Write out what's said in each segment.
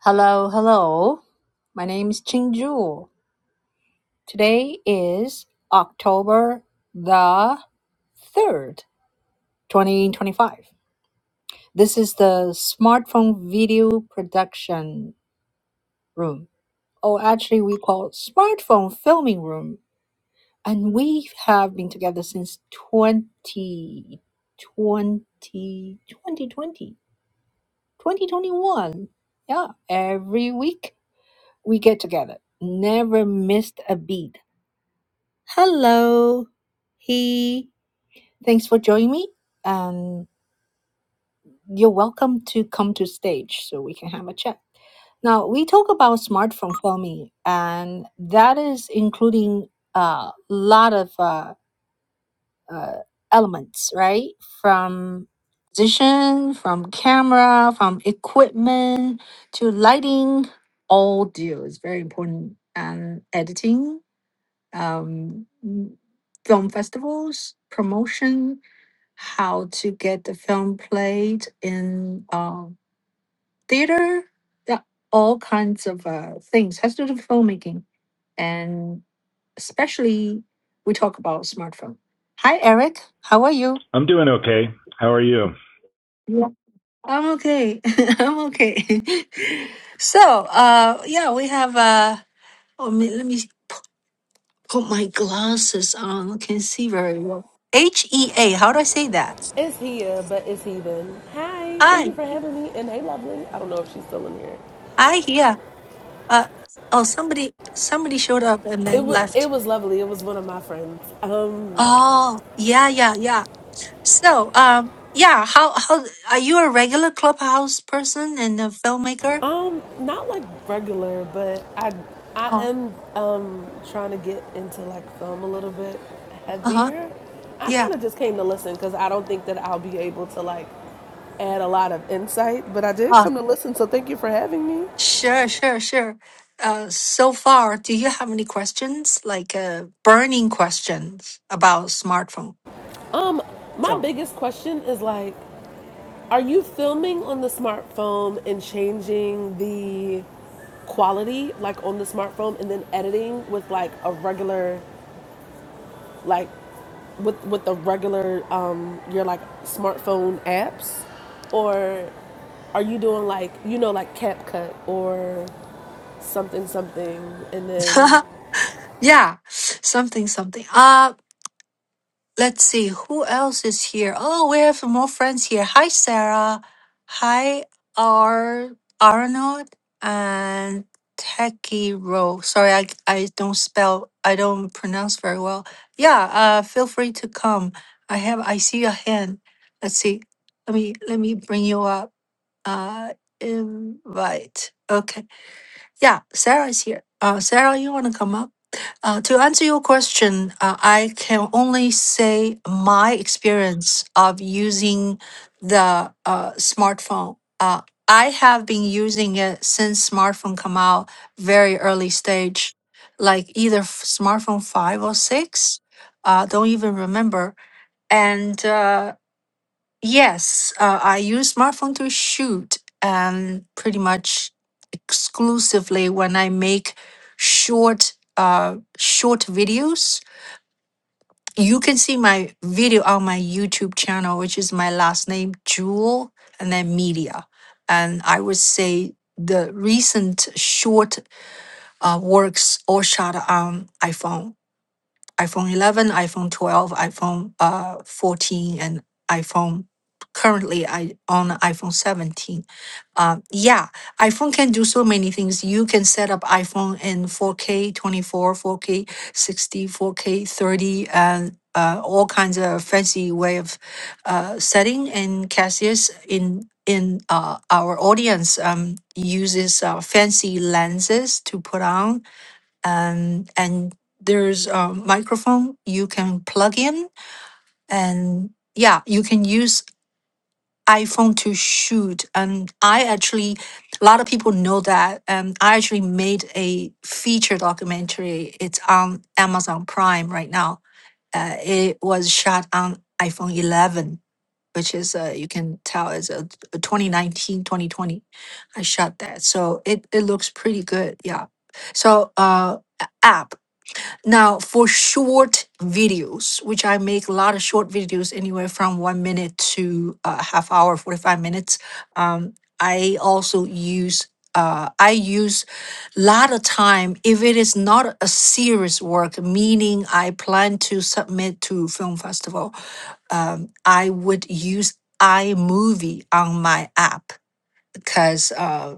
Hello, hello. My name is Chingju. Today is October the 3rd, 2025. This is the smartphone video production room. Oh, actually, we call it smartphone filming room. And we have been together since twenty twenty twenty twenty twenty twenty-one. Yeah, every week we get together. Never missed a beat. Hello, he. Thanks for joining me. Um, you're welcome to come to stage so we can have a chat. Now we talk about smartphone filming, and that is including a lot of uh, uh, elements, right? From position, from camera, from equipment to lighting. Audio is very important, and editing um, film festivals, promotion, how to get the film played in uh, theater, yeah, all kinds of uh, things has to do with filmmaking. And especially, we talk about smartphone. Hi, Eric. How are you? I'm doing okay. How are you? Yeah. I'm okay. I'm okay. so, uh, yeah, we have. Uh, oh, me- let me put my glasses on. I can see very well. H E A. How do I say that? It's here, but it's heathen. Hi, thank Hi, you for having me. And hey, lovely. I don't know if she's still in here. hi, yeah. Uh, oh, somebody, somebody showed up and It then was it left. was lovely. It was one of my friends. Um, Oh, yeah, yeah, yeah. So, um, yeah. How how are you a regular clubhouse person and a filmmaker? um, not like regular, but I I Oh, am um trying to get into like film a little bit uh huh. heavier. I Yeah. kind of just came to listen because I don't think that I'll be able to like add a lot of insight, but I did Uh, come to listen. So thank you for having me. sure, sure, sure. Uh, so far, do you have any questions, like uh, burning questions about smartphone Um, my film? biggest question is like Are you filming on the smartphone and changing the quality like on the smartphone and then editing with like a regular like with with the regular um your like smartphone apps or are you doing like you know like CapCut or something something and then Yeah, something, something. Uh, let's see who else is here. Oh, we have more friends here. Hi, Sarah. Hi, Ar Arnold and Techie Row. Sorry, I I don't spell. I don't pronounce very well. Yeah. Uh, feel free to come. I have. I see your hand. Let's see. Let me let me bring you up. Uh, invite. Okay. Yeah, Sarah is here. Uh, Sarah, you want to come up? Uh, to answer your question, uh, I can only say my experience of using the uh, smartphone. Uh, I have been using it since smartphone come out, very early stage, like either f- smartphone five or six. Uh, don't even remember. And uh, yes, uh, I use smartphone to shoot and pretty much exclusively when I make short uh short videos. You can see my video on my YouTube channel, which is my last name, Jewel, and then media. And I would say the recent short uh, works all shot on iPhone iPhone 11, iPhone 12, iPhone uh, 14, and iPhone. Currently, I own iPhone 17. Uh, yeah, iPhone can do so many things. You can set up iPhone in 4K, 24, 4K, sixty, four k 30, and uh, all kinds of fancy way of uh, setting. And Cassius in in uh, our audience um, uses uh, fancy lenses to put on um, and there's a microphone you can plug in and yeah you can use iphone to shoot and i actually a lot of people know that um, i actually made a feature documentary it's on amazon prime right now uh, it was shot on iphone 11 which is uh, you can tell is a a 2019 2020 i shot that so it, it looks pretty good yeah so uh, app. Now, for short videos, which I make a lot of short videos, anywhere from one minute to a half hour, 45 minutes, um, I also use, uh, I use a lot of time if it is not a serious work, meaning I plan to submit to film festival, um, I would use iMovie on my app because uh,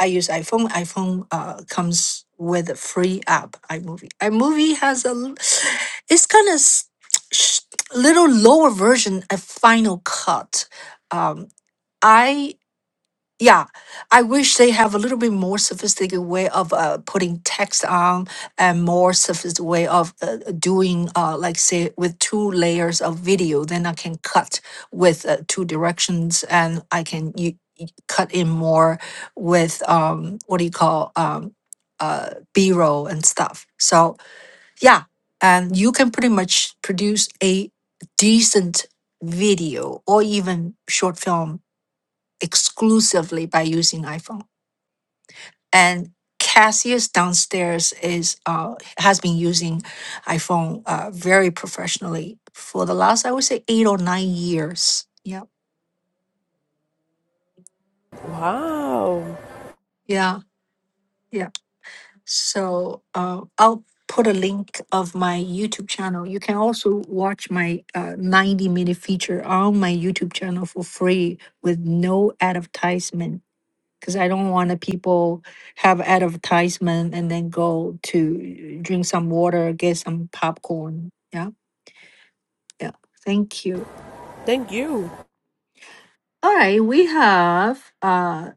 I use iPhone. iPhone uh, comes with a free app, iMovie. iMovie has a, l- it's kind of little lower version of Final Cut. Um, I yeah, I wish they have a little bit more sophisticated way of uh, putting text on and more sophisticated way of uh, doing, uh, like say, with two layers of video. Then I can cut with uh, two directions, and I can you, cut in more with um, what do you call um, uh, B roll and stuff. So yeah, and you can pretty much produce a decent video or even short film exclusively by using iPhone. And Cassius downstairs is uh, has been using iPhone uh, very professionally for the last I would say eight or nine years. Yeah, wow yeah, yeah. So uh, I'll put a link of my YouTube channel. You can also watch my uh, ninety minute feature on my YouTube channel for free with no advertisement because I don't want the people have advertisement and then go to drink some water, get some popcorn. Yeah, yeah. Thank you. thank you All right, we have uh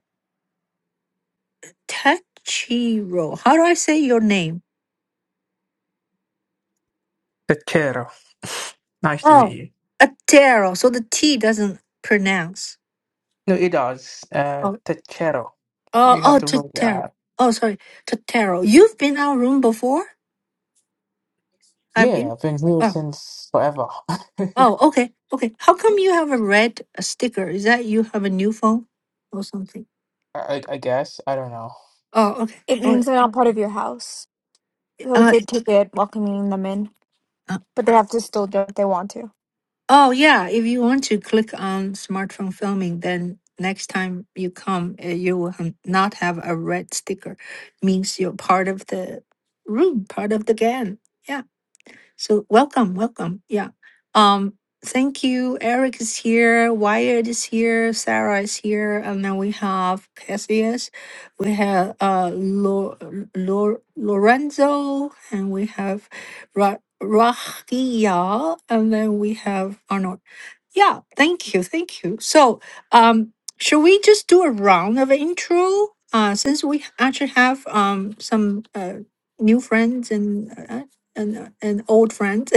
Tachiro. How do I say your name? Techero. Nice to meet Oh, you. Atero. So the T doesn't pronounce. No, it does. Uh, Oh, Techero. oh, You have oh, to roll the wrong app. Tatero. Oh, sorry, Tatero. You've been our room before, have Yeah, you? I've been here Oh, since forever. oh, okay, okay. How come you have a red uh, sticker? Is that you have a new phone or something? I, I guess. I don't know. Oh, okay. It Oh, means they're not part of your house. So it's uh, a ticket welcoming them in, uh, but they have to still do it if they want to. oh, yeah. If you want to click on smartphone filming, then next time you come, uh, you will ha- not have a red sticker. Means you're part of the room, part of the gang. Yeah. So welcome, welcome. Yeah. Um, thank you. Eric is here. Wyatt is here. Sarah is here. And then we have Cassius. We have uh Lo- Lo- Lorenzo, and we have Ra- Rahia, and then we have Arnold. Yeah, thank you, thank you. So, um, should we just do a round of intro? Uh, since we actually have um some uh new friends and uh, and uh, and old friends.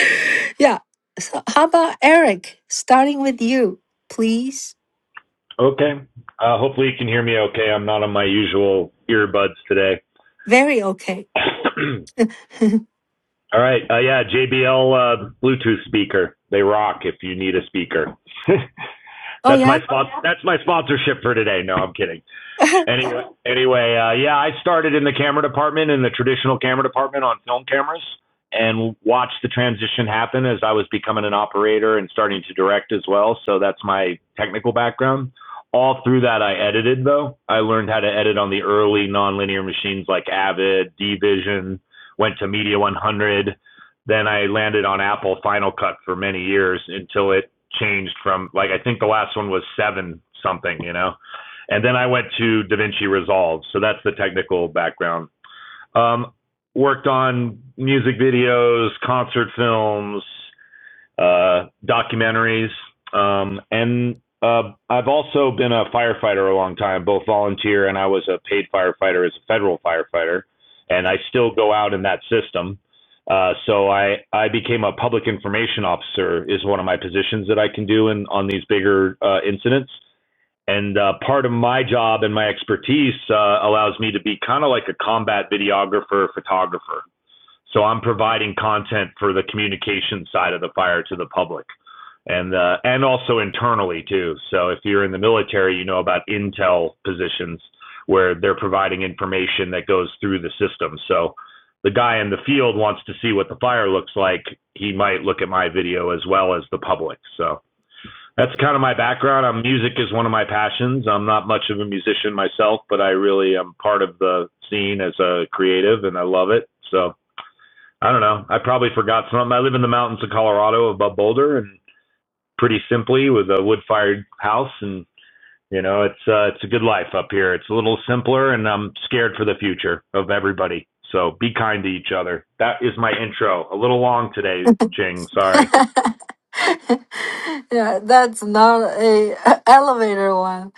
yeah. So, how about Eric? Starting with you, please. Okay. Uh, hopefully you can hear me okay. I'm not on my usual earbuds today. Very okay. All right. Uh, yeah, JBL uh, Bluetooth speaker. They rock if you need a speaker. Oh That's yeah. my spot. Oh, yeah. That's my sponsorship for today. No, I'm kidding. Anyway, anyway, uh, yeah, I started in the camera department in the traditional camera department on film cameras and watched the transition happen as I was becoming an operator and starting to direct as well. So that's my technical background. All through that, I edited though. I learned how to edit on the early nonlinear machines like Avid, D Vision, Went to Media 100. Then I landed on Apple Final Cut for many years until it changed from like I think the last one was seven something, you know. And then I went to DaVinci Resolve. So that's the technical background. Um, worked on music videos, concert films, uh, documentaries. Um, and uh, I've also been a firefighter a long time, both volunteer and I was a paid firefighter as a federal firefighter. And I still go out in that system. Uh, so I, I became a public information officer is one of my positions that I can do in on these bigger uh, incidents. And uh, part of my job and my expertise uh, allows me to be kind of like a combat videographer, photographer. So I'm providing content for the communication side of the fire to the public, and uh, and also internally too. So if you're in the military, you know about intel positions where they're providing information that goes through the system. So the guy in the field wants to see what the fire looks like. He might look at my video as well as the public. So that's kind of my background. Um, music is one of my passions. I'm not much of a musician myself, but I really am part of the scene as a creative, and I love it. So I don't know. I probably forgot something. I live in the mountains of Colorado, above Boulder, and pretty simply with a wood-fired house, and you know, it's uh, it's a good life up here. It's a little simpler, and I'm scared for the future of everybody. So be kind to each other. That is my intro. A little long today, Ching. Sorry. yeah, that's not a elevator one.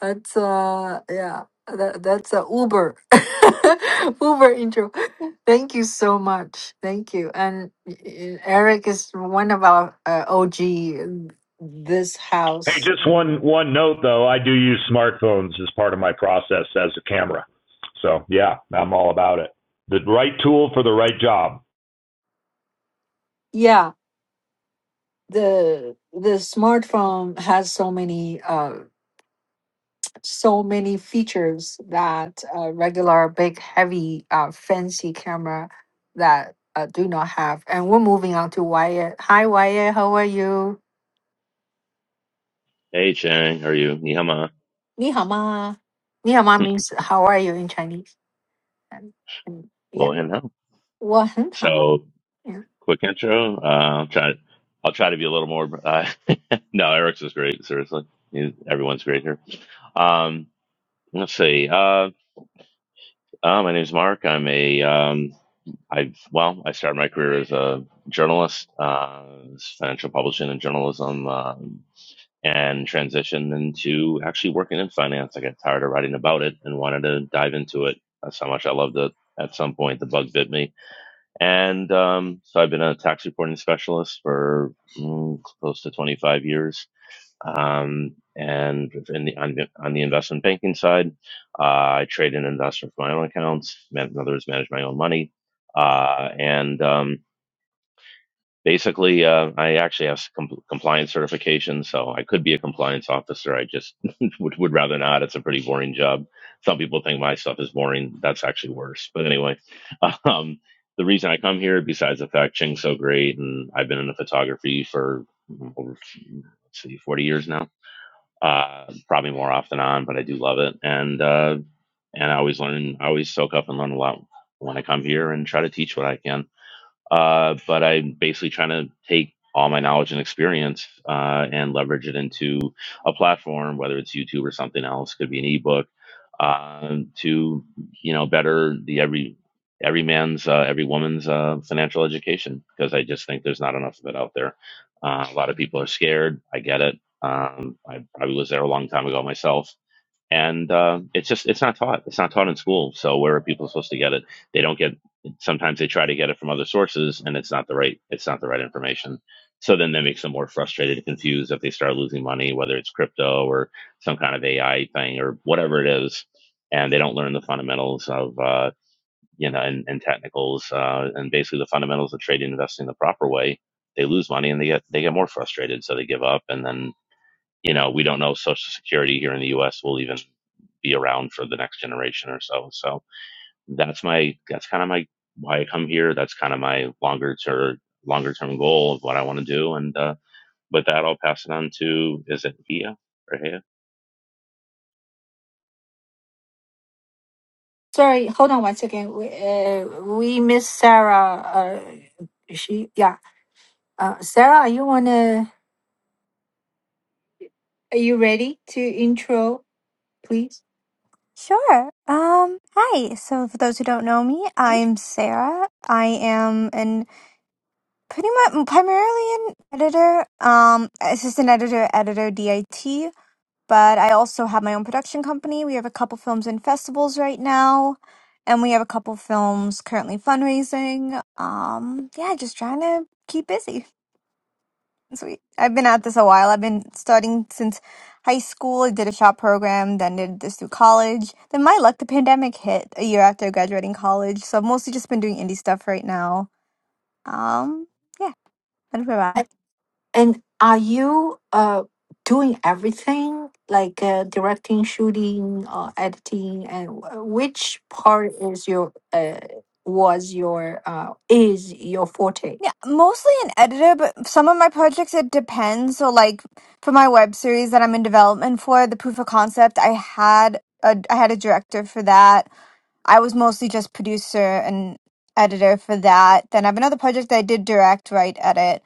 That's uh yeah, that, that's a Uber. Uber intro. Thank you so much. Thank you. And y- Eric is one of our uh, OG in this Hey, house. just And one one note though. I do use smartphones as part of my process as a camera. So yeah, I'm all about it. The right tool for the right job. yeah, the the smartphone has so many uh so many features that a regular big heavy uh, fancy camera that uh, do not have and we're moving on to wyatt hi wyatt how are you Hey Chang, how are you? Nihama. 你好吗?你好吗 means how are you in chinese and, and yeah Well, and how? 我很好 So, yeah. quick intro. Uh, I'll try. I'll try to be a little more. Uh, no, Eric's is great. Seriously, He- everyone's great here. Um, let's see. Uh, uh, my name's Mark. I'm a. Um, I well, I started my career as a journalist, uh, financial publishing and journalism, um, and transitioned into actually working in finance. I got tired of writing about it and wanted to dive into it. That's how much I loved it. At some point, the bug bit me, And um, so I've been a tax reporting specialist for mm, close to 25 years. Um, and in the, on, the, on the investment banking side, uh, I trade and invest with my own accounts. in other words, manage my own money. Uh, and um, basically, uh, I actually have some compliance certification, so I could be a compliance officer. I just would, would rather not. It's a pretty boring job. Some people think my stuff is boring. That's actually worse. But anyway, um, the reason I come here, besides the fact Ching's so great, and I've been in the photography for mm, over let's see, 40 years now. Uh, probably more off than on, but I do love it, and uh, and I always learn. I always soak up and learn a lot when I come here, and try to teach what I can. Uh, but I'm basically trying to take all my knowledge and experience uh, and leverage it into a platform, whether it's YouTube or something else, could be an ebook, um, to you know better the every every man's uh, every woman's uh, financial education because I just think there's not enough of it out there. Uh, a lot of people are scared. I get it. Um, I probably was there a long time ago myself and uh, it's just it's not taught it's not taught in school so where are people supposed to get it they don't get sometimes they try to get it from other sources and it's not the right it's not the right information so then that makes them more frustrated and confused if they start losing money whether it's crypto or some kind of ai thing or whatever it is and they don't learn the fundamentals of uh, you know and, and technicals uh, and basically the fundamentals of trading and investing the proper way they lose money and they get they get more frustrated so they give up and then you know, we don't know if Social Security here in the U.S. will even be around for the next generation or so. So that's my that's kind of my why I come here. That's kind of my longer term longer term goal of what I want to do. And uh, with that, I'll pass it on to is it Hia or Hia? sorry hold on one second we, uh, we miss sarah uh, she yeah uh, sarah you wanna are you ready to intro please Sure. Um, hi. So for those who don't know me, I'm Sarah. I am an pretty much primarily an editor, um, assistant editor, editor DIT, but I also have my own production company. We have a couple films in festivals right now, and we have a couple films currently fundraising. Um, yeah, just trying to keep busy. Sweet. I've been at this a while. I've been studying since high school. I did a shop program, then did this through college. Then my luck, the pandemic hit a year after graduating college. So I've mostly just been doing indie stuff right now. Um, yeah, that's about it. And are you uh doing everything like uh, directing, shooting, uh, editing, and wh- which part is your uh was your uh is your forte? Yeah, mostly an editor, but some of my projects it depends. So like for my web series that I'm in development for, the proof of concept, I had a I had a director for that. I was mostly just producer and editor for that. Then I have another project that I did direct, write, edit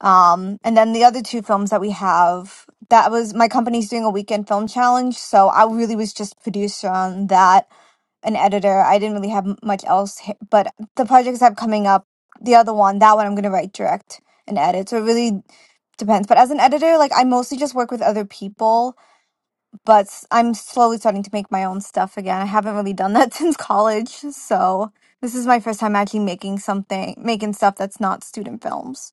Um, and then the other two films that we have, that was my company's doing a weekend film challenge. So I really was just producer on that, an editor. I didn't really have m- much else. h- But the projects I have coming up, the other one, that one I'm going to write, direct, and edit. So it really depends. But as an editor, like I mostly just work with other people, but s- I'm slowly starting to make my own stuff again. I haven't really done that since college. So this is my first time actually making something, making stuff that's not student films.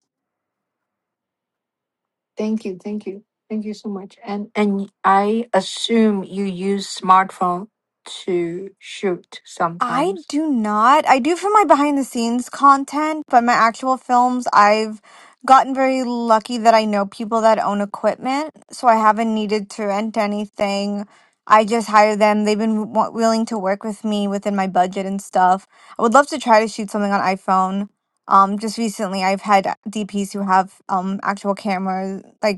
Thank you, thank you, thank you so much. And and I assume you use smartphone to shoot I sometimes. do not. I do for my behind the scenes content, but my actual films, I've gotten very lucky that I know people that own equipment, so I haven't needed to rent anything. I just hire them. They've been w- willing to work with me within my budget and stuff. I would love to try to shoot something on iPhone. Um, just recently, I've had DPs who have um actual cameras, like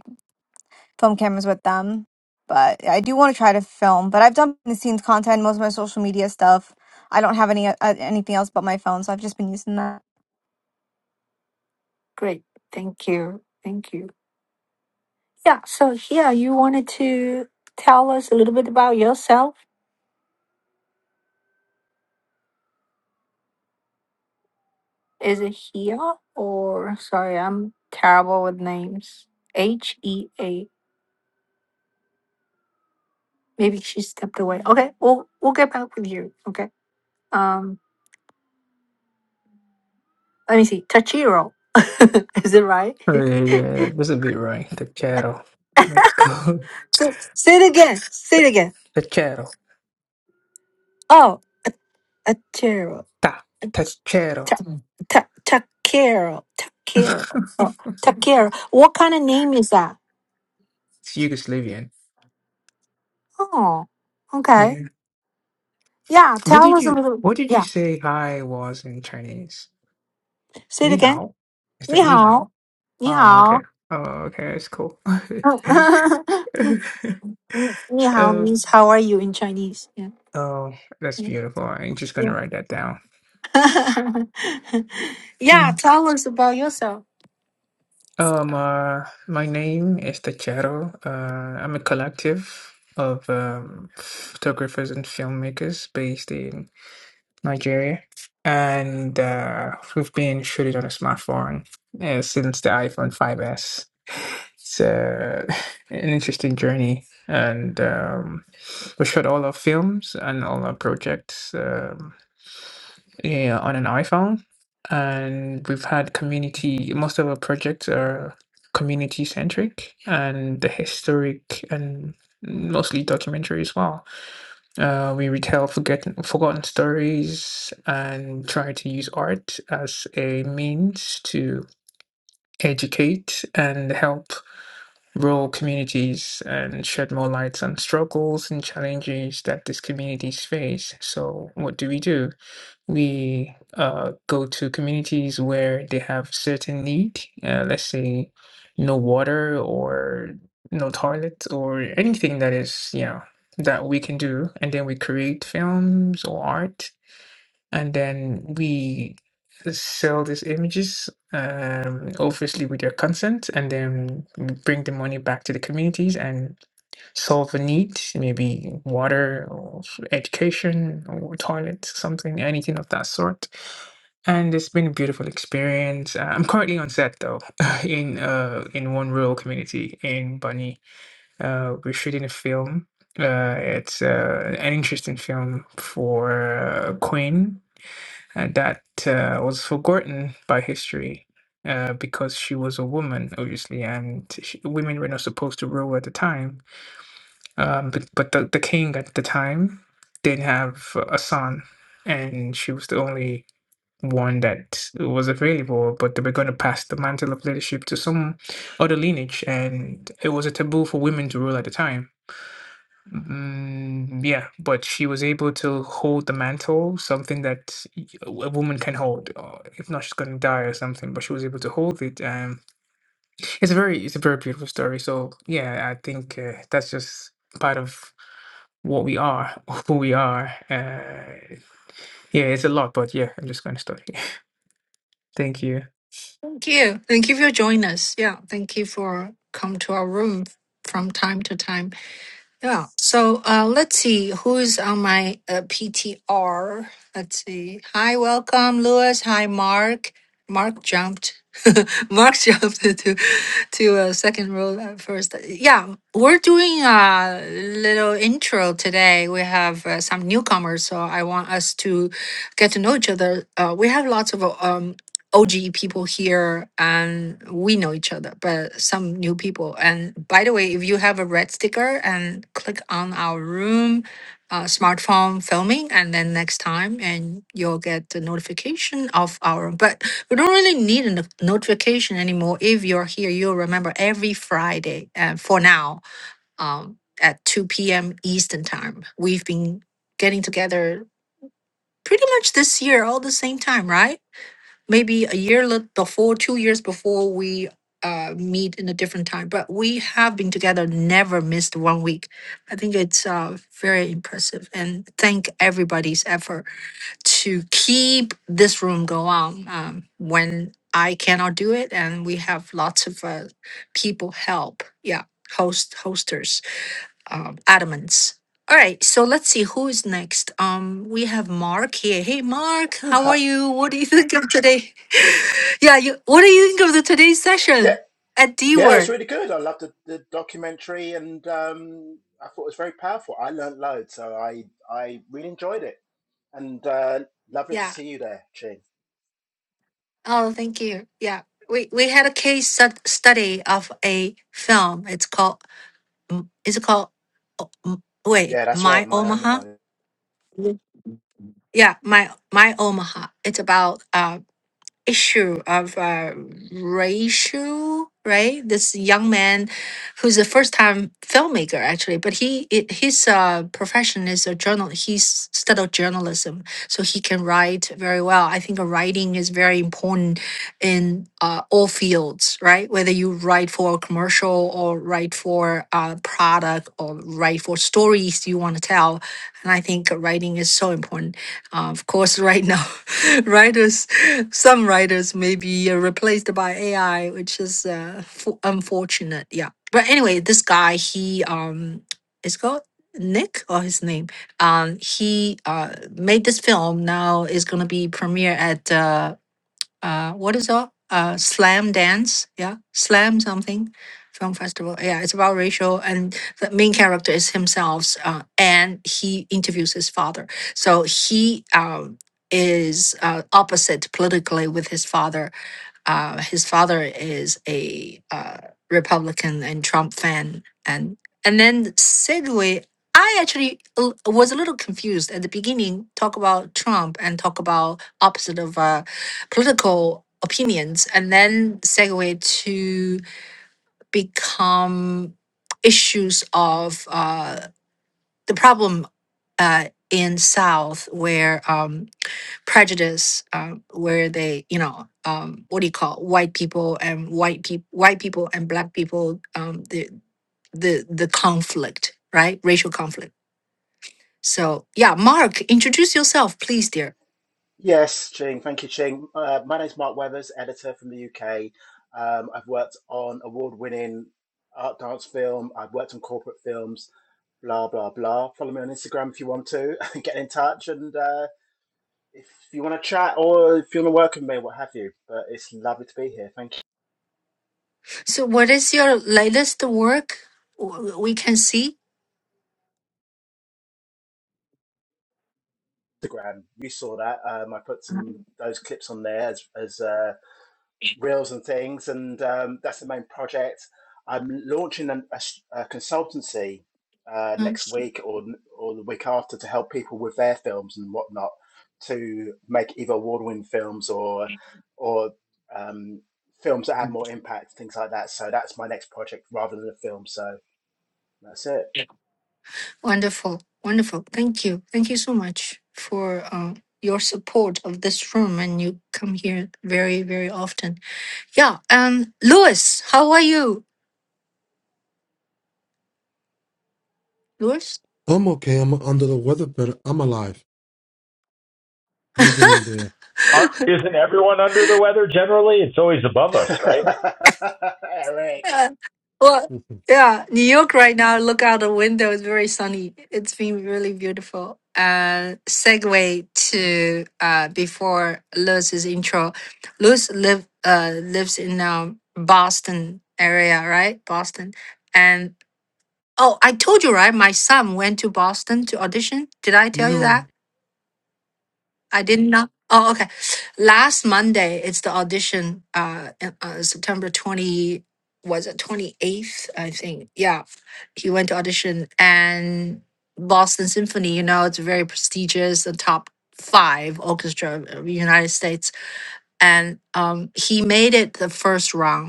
film cameras with them. But I do want to try to film. But I've done behind the scenes content, most of my social media stuff. I don't have any uh, anything else but my phone, so I've just been using that. Great, thank you, thank you. Yeah, so here you wanted to tell us a little bit about yourself. Is it here or sorry, I'm terrible with names. H E A. Maybe she stepped away. Okay, we'll we'll get back with you. Okay. Um let me see. Tachiro. Is it right? Uh, yeah, it was a bit right. Techero. Let's go. say, say it again. Say it again. Techero. Oh, a a Tachiro. Ta. A ch- Techero. ta- ta- Takiro. Takiro. it's Oh, Takiro. What kind of name is that? Yugoslavian. Oh. Okay. Yeah. Yeah, What tell did us a you little. What did you Yeah, say hi was in Chinese? say it Ni again. hao. Is that ni hao? 你好,你好. Oh, okay. 你好 Oh, okay. It's cool. 你好 Oh, means how are you in Chinese. Yeah. oh, that's beautiful. I'm just gonna Yeah. write that down. yeah, Mm. tell us about yourself. Um, uh, my name is The Shadow. Uh, I'm a collective of um, photographers and filmmakers based in Nigeria, and uh, we've been shooting on a smartphone uh, since the iPhone 5S. It's uh, an interesting journey, and um, We shot all our films and all our projects um, yeah, on an iPhone, and we've had community. Most of our projects are community centric and the historic and mostly documentary as well. Uh, we retell forgotten forgotten stories and try to use art as a means to educate and help rural communities and shed more light on struggles and challenges that these communities face. So, what do we do? We uh, go to communities where they have certain need, uh, let's say no water or no toilet or anything that is, you know, that we can do. And then we create films or art and then we sell these images um obviously with their consent and then we bring the money back to the communities and solve a need maybe water or f- education or toilet something anything of that sort and it's been a beautiful experience Uh, i'm currently on set though in uh in one rural community in bunny uh we're shooting a film uh it's uh, an interesting film for uh, queen and that uh, was forgotten by history uh, because she was a woman, obviously, and she, women were not supposed to rule at the time. Um, but but the, the king at the time didn't have a son, and she was the only one that was available. But they were going to pass the mantle of leadership to some other lineage, and it was a taboo for women to rule at the time Mm, yeah, but she was able to hold the mantle, something that y- a a woman can hold. uh, If not, she's gonna die or something. But she was able to hold it. Um, it's a very, it's a very beautiful story. So yeah, I think uh, that's just part of what we are, who we are. Uh, yeah, it's a lot, but yeah, I'm just gonna stop here. Thank you. Thank you. Thank you for joining us. Yeah, thank you for come to our room from time to time. Yeah. So uh, let's see who's on my uh, PTR. Let's see. Hi, welcome, Lewis. Hi, Mark. Mark jumped. Mark jumped to to a second row at first. Yeah, we're doing a little intro today. We have uh, some newcomers, so I want us to get to know each other. Uh, we have lots of um, OG people here and we know each other, but some new people. And by the way, if you have a red sticker and click on our room, uh, smartphone filming, and then next time, and you'll get the notification of our. But we don't really need a no- notification anymore. If you're here, you'll remember every Friday. And for now, um, at 2 p.m. Eastern time, we've been getting together pretty much this year all the same time, right? maybe a year li- before, two years before we uh, meet in a different time. But we have been together, never missed one week. I think it's uh, very impressive, and thank everybody's effort to keep this room go on um, when I cannot do it, and we have lots of uh, people help. Yeah, host hosters um, adamants. All right, so let's see who is next. Um, we have Mark here. Hey, Mark, how Uh-huh. are you? What do you think of today? yeah, you. What do you think of the today's Yeah, session at D yeah, it was Word? really good. I loved the, the documentary, and um, I thought it was very powerful. I learnt loads, so I I really enjoyed it, and uh, lovely to Yeah. see you there, Ching. Oh, thank you. Yeah, we we had a case stud- study of a film. It's called. mm, Is it called. oh, mm, Wait, Yeah, that's right, My my own Omaha. home. Yeah, Yeah, my my Omaha. It's about. uh, issue of uh, racial right this young man who's a first time filmmaker actually but he it, his uh, profession is a journal he's studied journalism so he can write very well i think writing is very important in uh, all fields right whether you write for a commercial or write for a product or write for stories you want to tell and i think writing is so important uh, of course right now writers Some writers may be uh, replaced by AI, which is uh, fu- unfortunate. Yeah. But anyway, this guy, he um, is called Nick or his name. Um, he uh made this film. Now it's gonna be premiere at uh, uh, what is it? Uh, slam dance, yeah, slam something, film festival. Yeah, it's about racial, and the main character is himself, uh, and he interviews his father. So he um, is uh, opposite politically with his father, uh, his father is a uh, Republican and Trump fan, and and then segue. I actually l- was a little confused at the beginning. Talk about Trump and talk about opposite of uh, political opinions, and then segue to become issues of uh, the problem uh, in South where. Um, prejudice um, where they you know um, what do you call white people and white people white people and black people um, the the the conflict right racial conflict so yeah mark introduce yourself please dear Yes, Ching. Thank you, Ching. Uh, my name's Mark Weathers, editor from the UK. Um, I've worked on award-winning art dance film. I've worked on corporate films. Blah blah blah. Follow me on Instagram if you want to. Get in touch and. Uh, If you want to chat or if you want to work with me, what have you. But it's lovely to be here. Thank you. So, what is your latest work? W- We can see. Instagram, you saw that. Um, I put some those clips on there as as uh, reels and things, and um, that's the main project. I'm launching a a, s- a consultancy uh, Mhm. next week or or the week after to help people with their films and whatnot to make either award-winning films or or um, films that have more impact, things like that. So that's my next project rather than a film. So that's it. Wonderful, wonderful. Thank you, thank you so much for uh, your support of this room, and you come here very, very often. Yeah. Um, Louis, how are you, Louis? I'm okay. I'm under the weather, but I'm alive. Hanging in there. Aren't, isn't everyone under the weather generally? It's always above us, right? Eric. Yeah. Well, Mhm. yeah, New York right now, look out the window, it's very sunny. It's been really beautiful. Uh, segue to uh, before Lewis's intro. Lewis live uh lives in um Boston area, right? Boston. And oh, I told you, right? My son went to Boston to audition. Did I tell you no, that? I did not. Oh, okay. Last Monday, it's the audition. Uh, uh September twenty was it twenty eighth? I think. Yeah, he went to audition and Boston Symphony. You know, it's very prestigious, the top five orchestra of the United States, and um, he made it the first round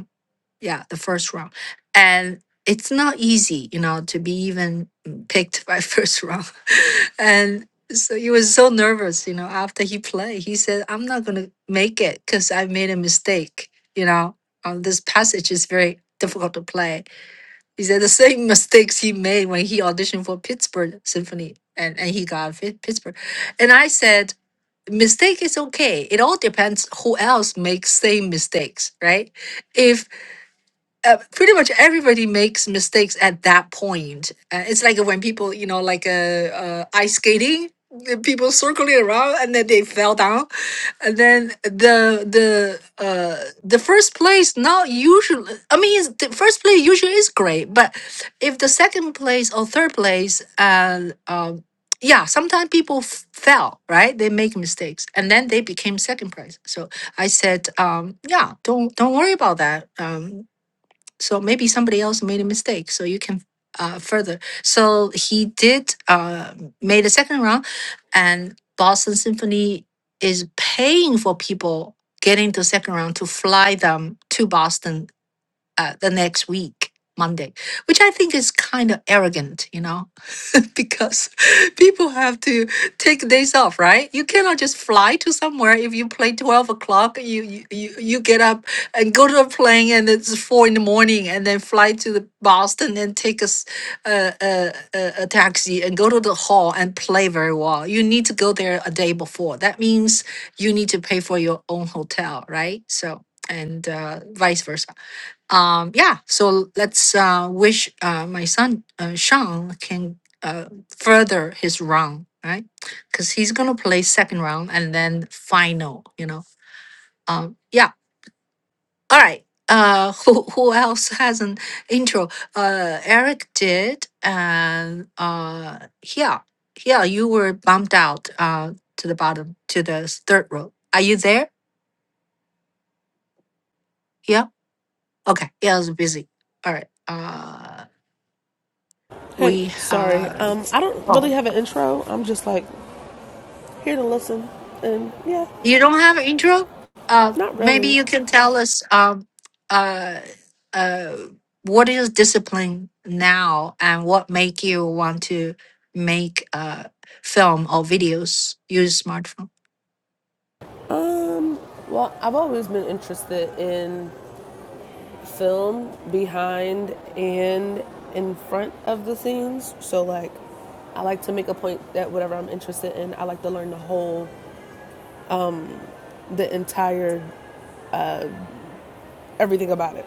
yeah the first round and it's not easy you know to be even mm, picked by first round and so he was so nervous you know after he played he said i'm not gonna make it because i made a mistake you know um, this passage is very difficult to play he said the same mistakes he made when he auditioned for pittsburgh symphony and, and he got Fit- pittsburgh and i said mistake is okay it all depends who else makes same mistakes right If uh, pretty much everybody makes mistakes at that point. Uh, it's like when people, you know, like uh, uh, ice skating, the people circling around and then they fell down, and then the the uh, the first place not usually. I mean, it's- the first place usually is great, but if the second place or third place, and um, yeah, sometimes people f- fell, right? They make mistakes, and then they became second place. So I said, um, yeah, don't don't worry about that. Um, so maybe somebody else made a mistake. So you can uh, further. So he did uh, made a second round, and Boston Symphony is paying for people getting to second round to fly them to Boston uh, the next week, Monday, which I think is kind of arrogant, you know because people have to take days off, right? You cannot just fly to somewhere if you play 12 o'clock, you, you, you you get up and go to a plane and it's four in the morning and then fly to the Boston and take a, s- a, a, a a taxi and go to the hall and play very well. You need to go there a day before. That means you need to pay for your own hotel, right? So, and uh, vice versa um yeah so let's uh wish uh my son uh, sean can uh further his round right because he's gonna play second round and then final you know um yeah all right uh who, who else has an intro uh eric did and uh yeah yeah you were bumped out uh to the bottom to the third row are you there yeah okay yeah i was busy all right Uh. hey we sorry have. um I don't really Oh, have an intro I'm just like here to listen and yeah you don't have an intro? Uh, not maybe really you can tell us um, uh, uh, what is discipline now and what make you want to make uh, film or videos use smartphone? Um, well, I've always been interested in film behind and in front of the scenes. So like I like to make a point that whatever I'm interested in, I like to learn the whole the entire everything about it.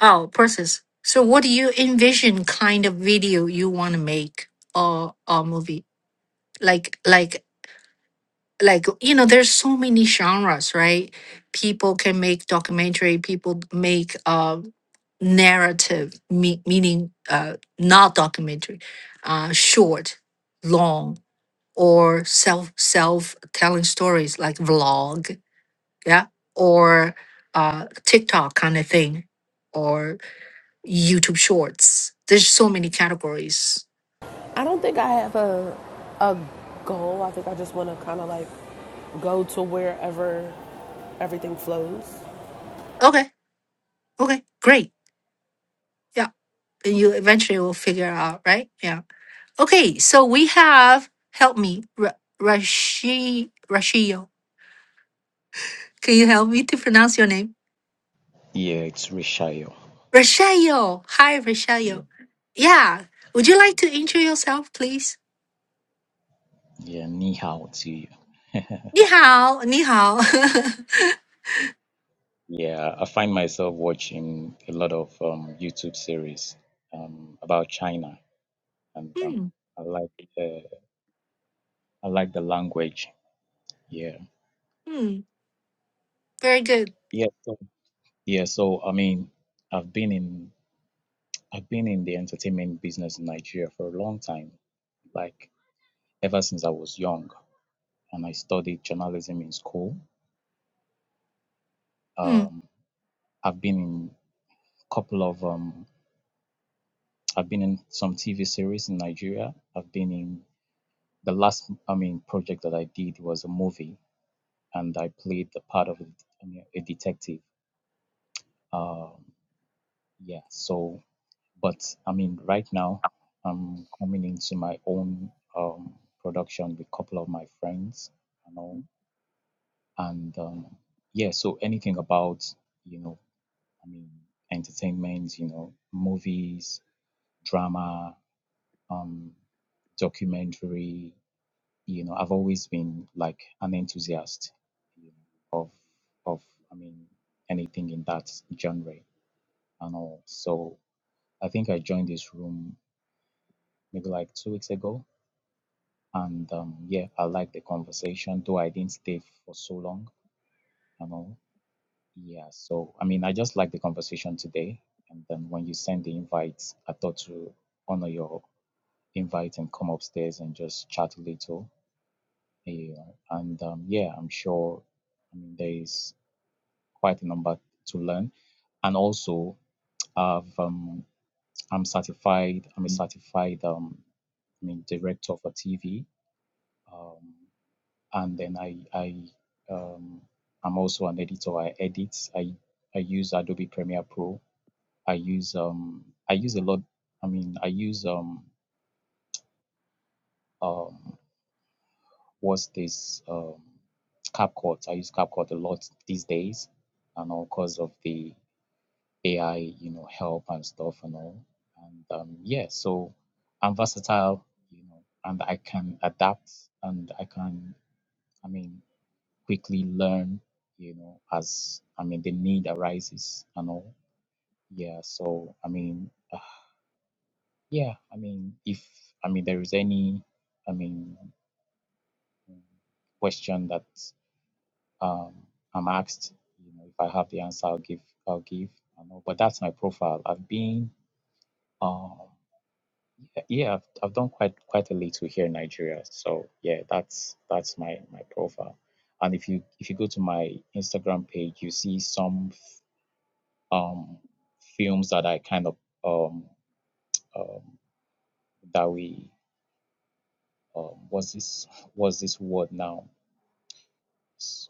Oh, process. So what do you envision kind of video you want to make or or movie? Like like like you know there's so many genres right people can make documentary people make uh narrative me- meaning uh not documentary uh short long or self self telling stories like vlog yeah or uh tiktok kind of thing or youtube shorts there's so many categories I don't think I have a a goal. I think I just want to kind of like go to wherever everything flows. okay okay great yeah you eventually will figure out right yeah Okay, so we have, help me, Ra- Rashi, Rashio. Can you help me to pronounce your name? Yeah, it's Rishayo. Rashio. Hi, Yeah, Rashio. Yeah, would you like to introduce yourself, please? yeah, ni hao to you. Ni hao, ni hao. Yeah, I find myself watching a lot of um, YouTube series um, about China, and um, Hmm, I like uh, I like the language. Yeah, hmm, very good. yeah, so, yeah. So I mean, I've been in I've been in the entertainment business in Nigeria for a long time, like ever since I was young, and I studied journalism in school. Hmm. Um, I've been in a couple of um, I've been in some TV series in Nigeria. I've been in the last, I mean, project that I did was a movie, and I played the part of I mean, a detective. Um, yeah. So, but I mean, right now I'm coming into my own um, production with a couple of my friends and all, and um, yeah. So anything about you know, I mean, entertainment, you know, movies, drama, um, documentary you know, I've always been like an enthusiast, you know, of of I mean anything in that genre and all. So I think I joined this room maybe like two weeks ago, and um, yeah, I like the conversation, though I didn't stay for so long and all. Yeah, so I mean, I just like the conversation today, and then when you send the invites, I thought to honor your invite and come upstairs and just chat a little. Yeah, and um, yeah, I'm sure I mean, there is quite a number to learn. And also, I've, um, I'm certified. I'm a certified. Um, I mean, director for TV. Um, and then I, I, um, I'm also an editor. I edit. I, I use Adobe Premiere Pro. I use, um, I use a lot. I mean, I use, um, um, what's this, um, CapCut. I use CapCut a lot these days, and all because of the AI, you know, help and stuff and all. And um, yeah, so I'm versatile, you know, and I can adapt and I can, I mean, quickly learn, you know, as I mean, the need arises and all. Yeah, so I mean, uh, yeah, I mean, if I mean, there is any, I mean, mm, question that um, I'm asked, you know, if I have the answer, I'll give, I'll give. I know, but that's my profile. I've been. um, Yeah, yeah, I've, I've done quite quite a little here in Nigeria. So yeah, that's that's my my profile. And if you if you go to my Instagram page, you see some f- um films that I kind of um um that we um was this was this word now S-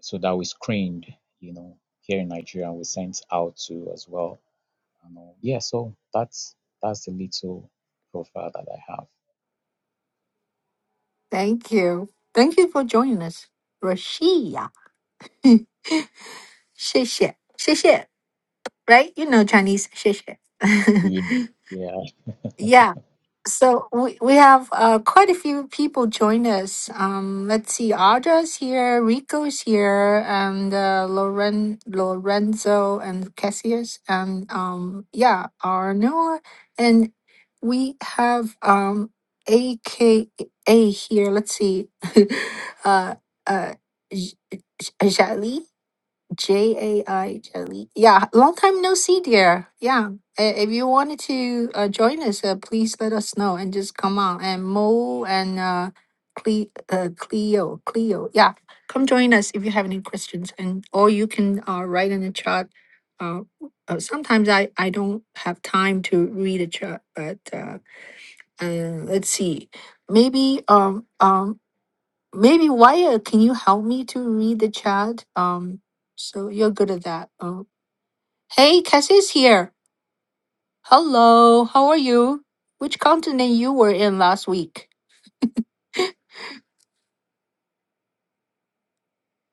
so that we screened, you know, here in Nigeria and we sent out to as well. And uh, yeah, so that's that's the little profile that I have. Thank you. Thank you for joining us, Rashia. 谢谢，谢谢. Right? You know Chinese, 谢谢. Yeah, yeah. So we, we have uh, quite a few people join us. Um, let's see, Audra's here, Rico's here, and uh, Loren, Lorenzo and Cassius, and um, yeah, Arnoa, and we have um, AKA here. Let's see, uh, uh, J- J- Jali. J A I Jelly. Yeah, long time no see, dear. Yeah, i- if you wanted to uh, join us, uh, please let us know and just come on. And Mo and uh, Cle- uh, Cleo, Cleo, yeah, come join us if you have any questions, and or you can uh, write in the chat. Uh, uh, sometimes I I don't have time to read a chat, but uh, uh, let's see. Maybe um um Maybe Wyatt, can you help me to read the chat? Um, so you're good at that. Oh, hey, Cassie's here. Hello, how are you? Which continent you were in last week?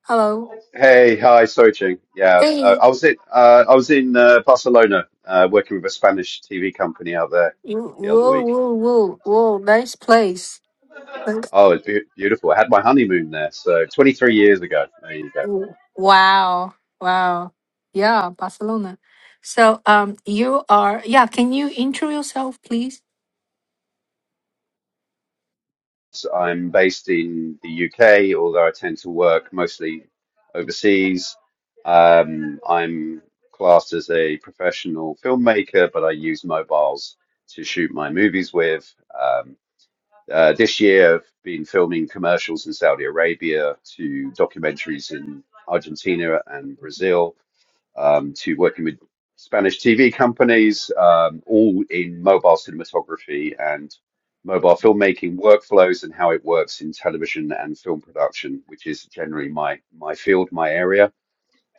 Hello. Hey, hi, Soy Ching. Yeah, uh, Hey. I was in uh, I was in uh, Barcelona uh, working with a Spanish TV company out there You- the other Whoa, week. whoa, whoa, whoa! Nice place. Nice. Oh, it's be beautiful. I had my honeymoon there, so 23 years ago. There you go. Whoa. Wow, wow. Yeah, Barcelona. So, um, you are. Yeah, can you intro yourself, please? So I'm based in the UK, although I tend to work mostly overseas. Um, I'm classed as a professional filmmaker, but I use mobiles to shoot my movies with. Um, Uh, this year, I've been filming commercials in Saudi Arabia to documentaries in Argentina and Brazil um, to working with Spanish TV companies, um, all in mobile cinematography and mobile filmmaking workflows and how it works in television and film production, which is generally my, my field, my area.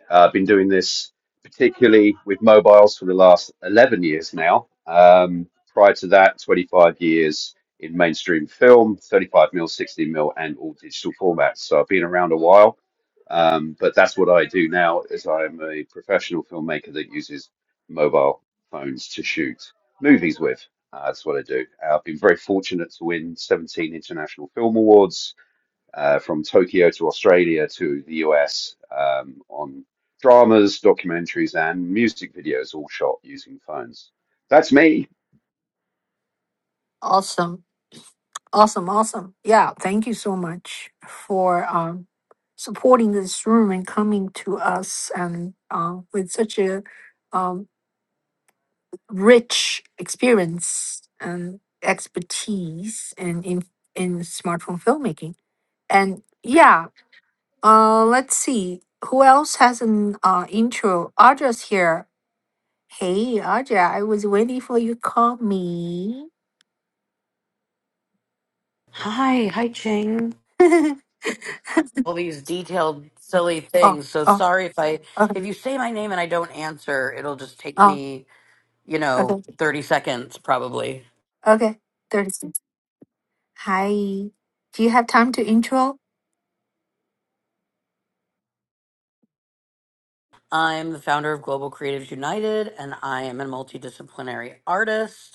Uh, I've been doing this particularly with mobiles for the last 11 years now. Um, prior to that, 25 years in mainstream film, 35 mil, 16 mil, and all digital formats. So I've been around a while, um, but that's what I do now. Is I'm a professional filmmaker that uses mobile phones to shoot movies with. Uh, that's what I do. Uh, I've been very fortunate to win 17 international film awards uh, from Tokyo to Australia to the US um, on dramas, documentaries, and music videos, all shot using phones. That's me. Awesome. Awesome, awesome. Yeah, thank you so much for um, supporting this room and coming to us and um, with such a um, rich experience and expertise in, in in smartphone filmmaking. And yeah, uh, let's see who else has an uh, intro. Audrey's here. Hey, Audrey, I was waiting for you. to Call me. Hi, hi, Ching. oh, All these detailed, silly oh, things. So sorry if I, okay, if you say my name and I don't answer, it'll just take oh, me, you know, okay. 30 seconds probably. Okay, 30 seconds. Hi. Do you have time to intro? I'm the founder of Global Creatives United and I am a multidisciplinary artist.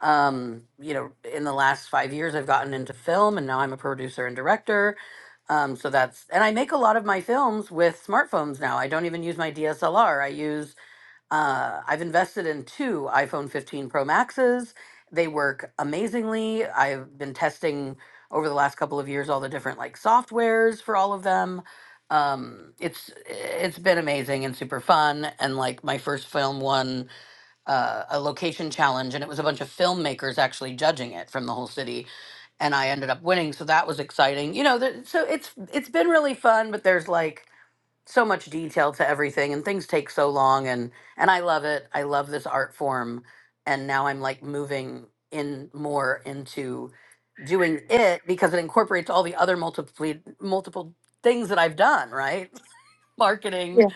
Um, you know, in the last five years, I've gotten into film, and now I'm a producer and director. Um, so that's and I make a lot of my films with smartphones now. I don't even use my DSLR. I use uh, I've invested in two iPhone 15 Pro Maxes. They work amazingly. I've been testing over the last couple of years all the different like softwares for all of them. Um, it's it's been amazing and super fun. And like my first film won uh, a location challenge, and it was a bunch of filmmakers actually judging it from the whole city, and I ended up winning. So that was exciting, you know. Th- so it's it's been really fun, but there's like so much detail to everything, and things take so long, and and I love it. I love this art form, and now I'm like moving in more into doing it because it incorporates all the other multiple multiple things that I've done, right? Marketing, Yeah,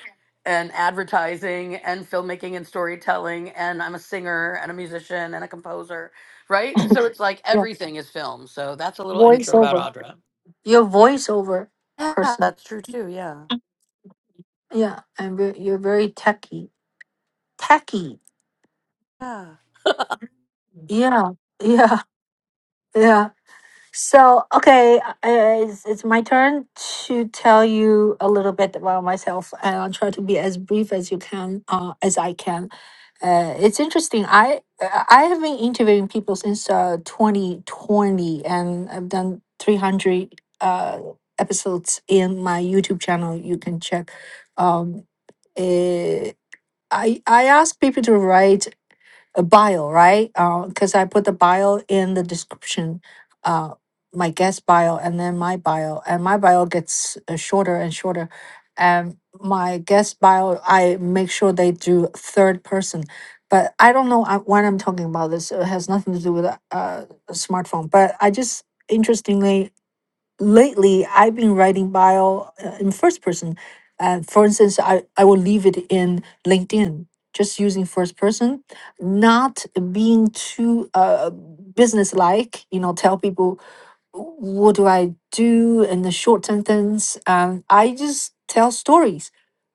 and advertising and filmmaking and storytelling and I'm a singer and a musician and a composer, right? So it's like yeah. everything is film. So that's a little intro about Voiceover. Audra. You're voiceover Yeah, person. that's true too. Yeah. Yeah, and ve- you're very techy. Techy. Yeah. Yeah, yeah, yeah. So, okay, uh, it's, it's my turn to tell you a little bit about myself, and I'll try to be as brief as you can, uh, as I can. Uh, it's interesting. I uh, I have been interviewing people since uh, 2020, and I've done 300 uh, episodes in my YouTube channel. You can check. Um, eh, I I ask people to write a bio, right? Because I put the bio in the description, uh, my guest bio, and then my bio, and my bio gets uh, shorter and shorter. And my guest bio, I make sure they do third person. But I don't know uh, when I'm talking about this. It has nothing to do with a uh, a smartphone. But I just interestingly lately I've been writing bio uh, in first person. Uh, for instance, I, I will leave it in LinkedIn, just using first person, not being too uh, business like, you know, tell people what do I do in the short sentence? Um, I just tell stories.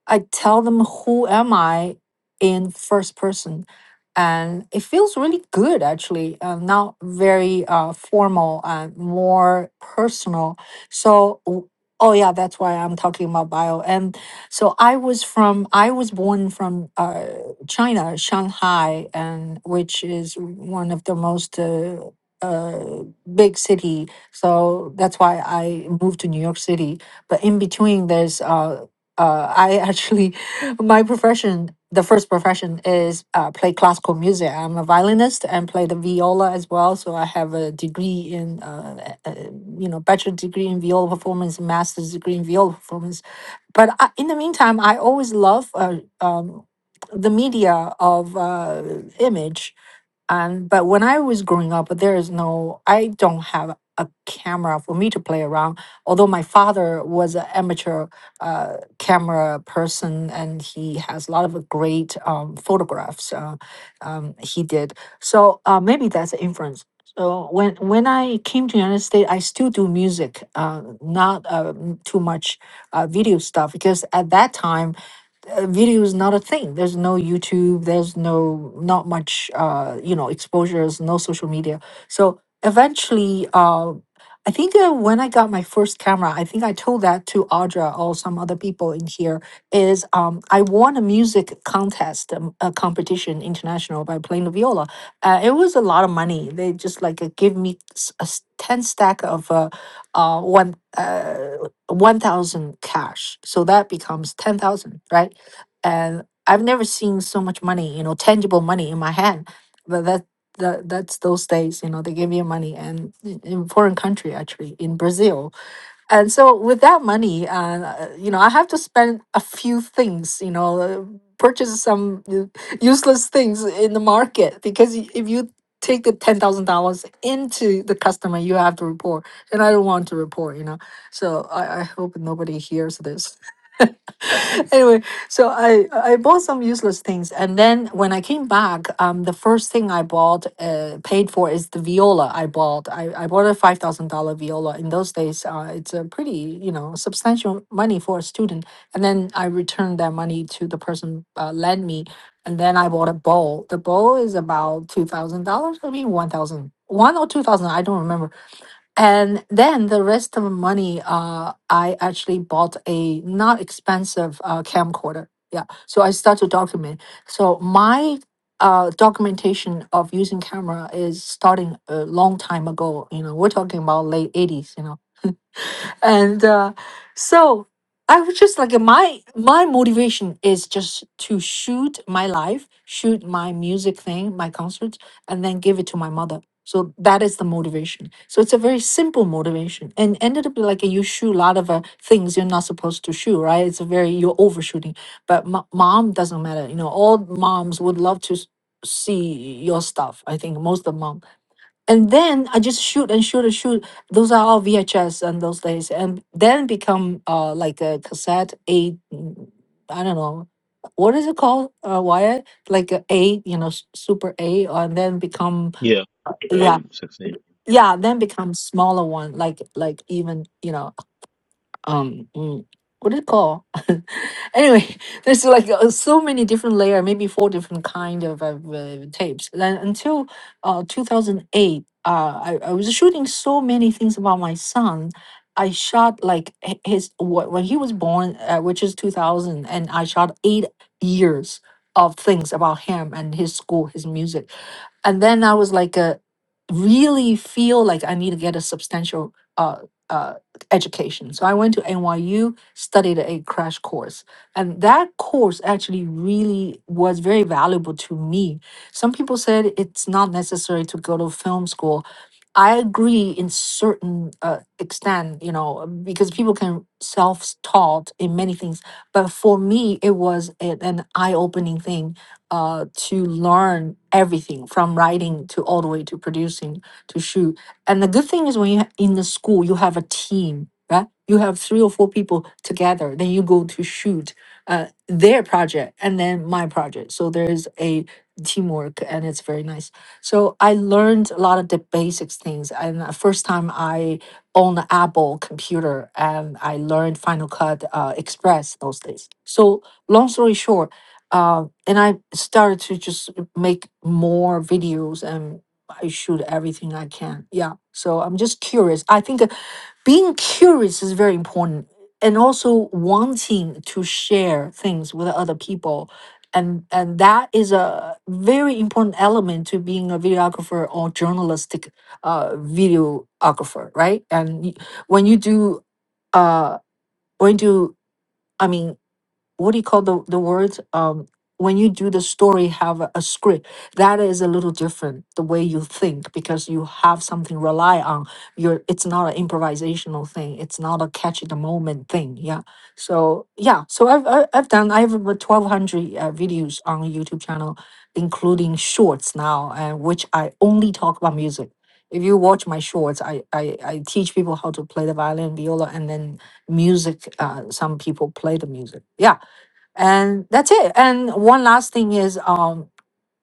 I tell them who am I in first person, and it feels really good actually. Uh, not very uh, formal and more personal. So. w- Oh yeah, that's why I'm talking about bio. And so I was from, I was born from uh, China, Shanghai, and which is one of the most uh, uh, big city so that's why I moved to New York City. But in between, there's uh, uh, I actually my profession, the first profession is uh, play classical music. I'm a violinist and play the viola as well. So I have a degree in uh, uh, you know bachelor degree in viola performance, master's degree in viola performance. But I, in the meantime, I always love uh, um, the media of uh, image um, but when I was growing up, there is no, I don't have a camera for me to play around. Although my father was an amateur uh, camera person and he has a lot of great um, photographs uh, um, he did. So uh, maybe that's an influence. So when when I came to United States, I still do music, uh, not uh, m- too much uh, video stuff because at that time uh, video is not a thing. There's no YouTube. There's no not much uh, you know exposures. No social media. So eventually, uh, I think uh, when I got my first camera, I think I told that to Audra or some other people in here. Is um, I won a music contest, um, a competition international by playing the viola. Uh, it was a lot of money. They just like uh, give me s- a s- ten stack of uh, uh, one uh, one thousand cash. So that becomes ten thousand, right? and I've never seen so much money, you know, tangible money in my hand. But that that that's those days, you know, they give you money and in in foreign country actually in Brazil. And so with that money, uh, uh, you know, I have to spend a few things, you know, uh, purchase some uh, useless things in the market because y- if you take the ten thousand dollars into the customer, you have to report, and I don't want to report, you know. So I, I hope nobody hears this. anyway, so I I bought some useless things, and then when I came back, um, the first thing I bought, uh, paid for is the viola I bought. I, I bought a five thousand dollar viola. In those days, uh, it's a pretty you know substantial money for a student. And then I returned that money to the person uh, lent me, and then I bought a bowl. The bowl is about two thousand dollars. I mean one thousand one or two thousand. I don't remember and then the rest of the money, uh, I actually bought a not expensive uh, camcorder. Yeah. So I start to document. So my uh, documentation of using camera is starting a long time ago. You know, we're talking about late 80s, you know and uh, so I was just like my my motivation is just to shoot my life, shoot my music thing, my concert, and then give it to my mother. So that is the motivation. So it's a very simple motivation, and ended up like you shoot a lot of uh, things you're not supposed to shoot, right? It's a very you're overshooting. But mo- mom doesn't matter. You know, all moms would love to s- see your stuff. I think most of mom and then I just shoot and shoot and shoot. Those are all VHS and those days, and then become uh like a cassette eight. mm, I don't know what is it called, uh, Wyatt? Like a eight, you know, s- super eight, and then become Yeah, uh, yeah, grade 16. yeah, then become smaller one, like like even you know um mm, what do you call anyway there's like uh, so many different layer maybe four different kind of uh, uh, tapes then until uh 2008 uh I, I was shooting so many things about my son i shot like h- his wh- when he was born uh, which is 2000 and i shot eight years of things about him and his school his music and then I was like, uh, really feel like I need to get a substantial uh, uh, education. So I went to NYU, studied a crash course, and that course actually really was very valuable to me. Some people said it's not necessary to go to film school. I agree in certain uh, extent, you know, because people can self-taught in many things. But for me, it was a- an eye-opening thing uh, to learn everything from writing to all the way to producing to shoot. And the good thing is when you ha- in the school you have a team, right? You have three or four people together. Then you go to shoot uh, their project and then my project. So there is a teamwork and it's very nice. So I learned a lot of the basics things. And the first time I owned an Apple computer and I learned Final Cut uh, Express those days. So long story short. um, and I started to just make more videos and I shoot everything I can. Yeah. So I'm just curious. I think uh, being curious is very important and also wanting to share things with other people. And, and that is a very important element to being a videographer or journalistic uh, videographer, right? And y- when you do, uh, when you do, I mean, what do you call the the words um when you do the story have a, a script that is a little different the way you think because you have something rely on you're it's not an improvisational thing it's not a catch the moment thing yeah so yeah so i've I- i've done i have over 1200 uh, videos on youtube channel including shorts now and which i only talk about music if you watch my shorts I, I i teach people how to play the violin viola and then music uh some people play the music yeah and that's it and one last thing is um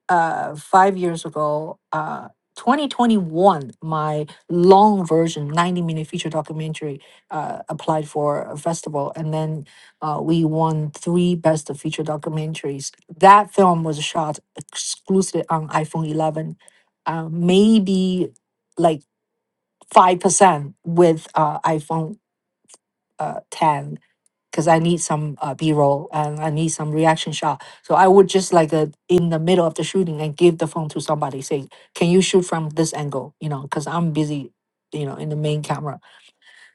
uh five years ago uh 2021 my long version 90 minute feature documentary uh applied for a festival and then uh, we won three best of feature documentaries that film was shot exclusively on iphone 11 uh, maybe like 5% with uh, iphone uh, 10 because I need some uh, B roll and I need some reaction shot. So I would just like uh, in the middle of the shooting and give the phone to somebody, say, "Can you shoot from this angle?" You know, because I'm busy, you know, in the main camera.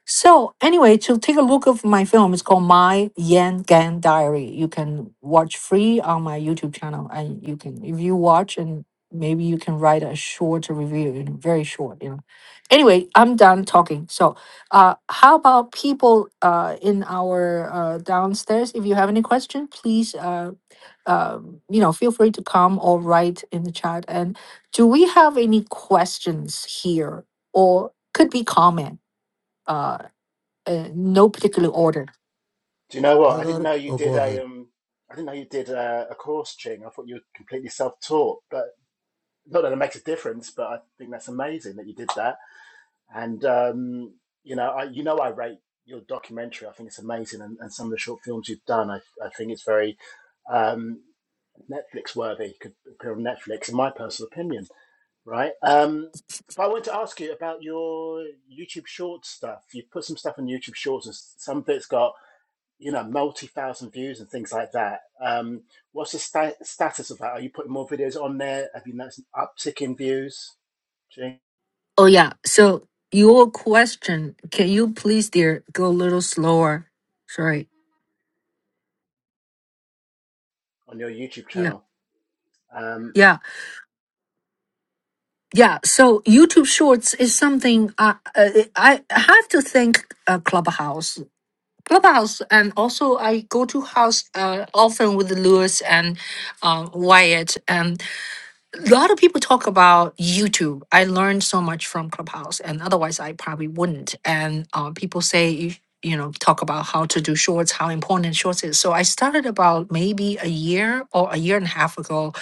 So anyway, to take a look of my film, it's called My Yan Gan Diary. You can watch free on my YouTube channel, and you can if you watch and maybe you can write a short review, you know, very short, you know. Anyway, I'm done talking. So, uh, how about people uh in our uh downstairs? If you have any question, please uh. Um, you know, feel free to come or write in the chat. And do we have any questions here, or could be comment? Uh, uh, no particular order. Do you know what? I I got didn't know it. you Oh, go did a ahead. um. I didn't know you did a, a course, Ching. I thought you were completely self-taught, but not that it makes a difference. But I think that's amazing that you did that. And um, you know, I you know I rate your documentary. I think it's amazing, and, and some of the short films you've done. I I think it's very um, Netflix worthy. Could appear on Netflix, in my personal opinion. right? Um, but I want to ask you about your YouTube Shorts stuff. You put some stuff on YouTube Shorts, and some of it's got you know multi thousand views and things like that. Um, what's the sta- status of that? Are you putting more videos on there? Have you noticed an uptick in views Oh yeah. So your question, can you please, dear, go a little slower? Sorry. on your YouTube Yeah. channel? Um, Yeah. Yeah. So YouTube Shorts is something I I, I have to thank uh, Clubhouse. Clubhouse, and also I go to house uh, often with Lewis and uh, Wyatt. a lot of people talk about YouTube. I learned so much from Clubhouse, and otherwise I probably wouldn't. And uh, people say you you know talk about how to do shorts, how important shorts is. So I started about maybe a year or a year and a half ago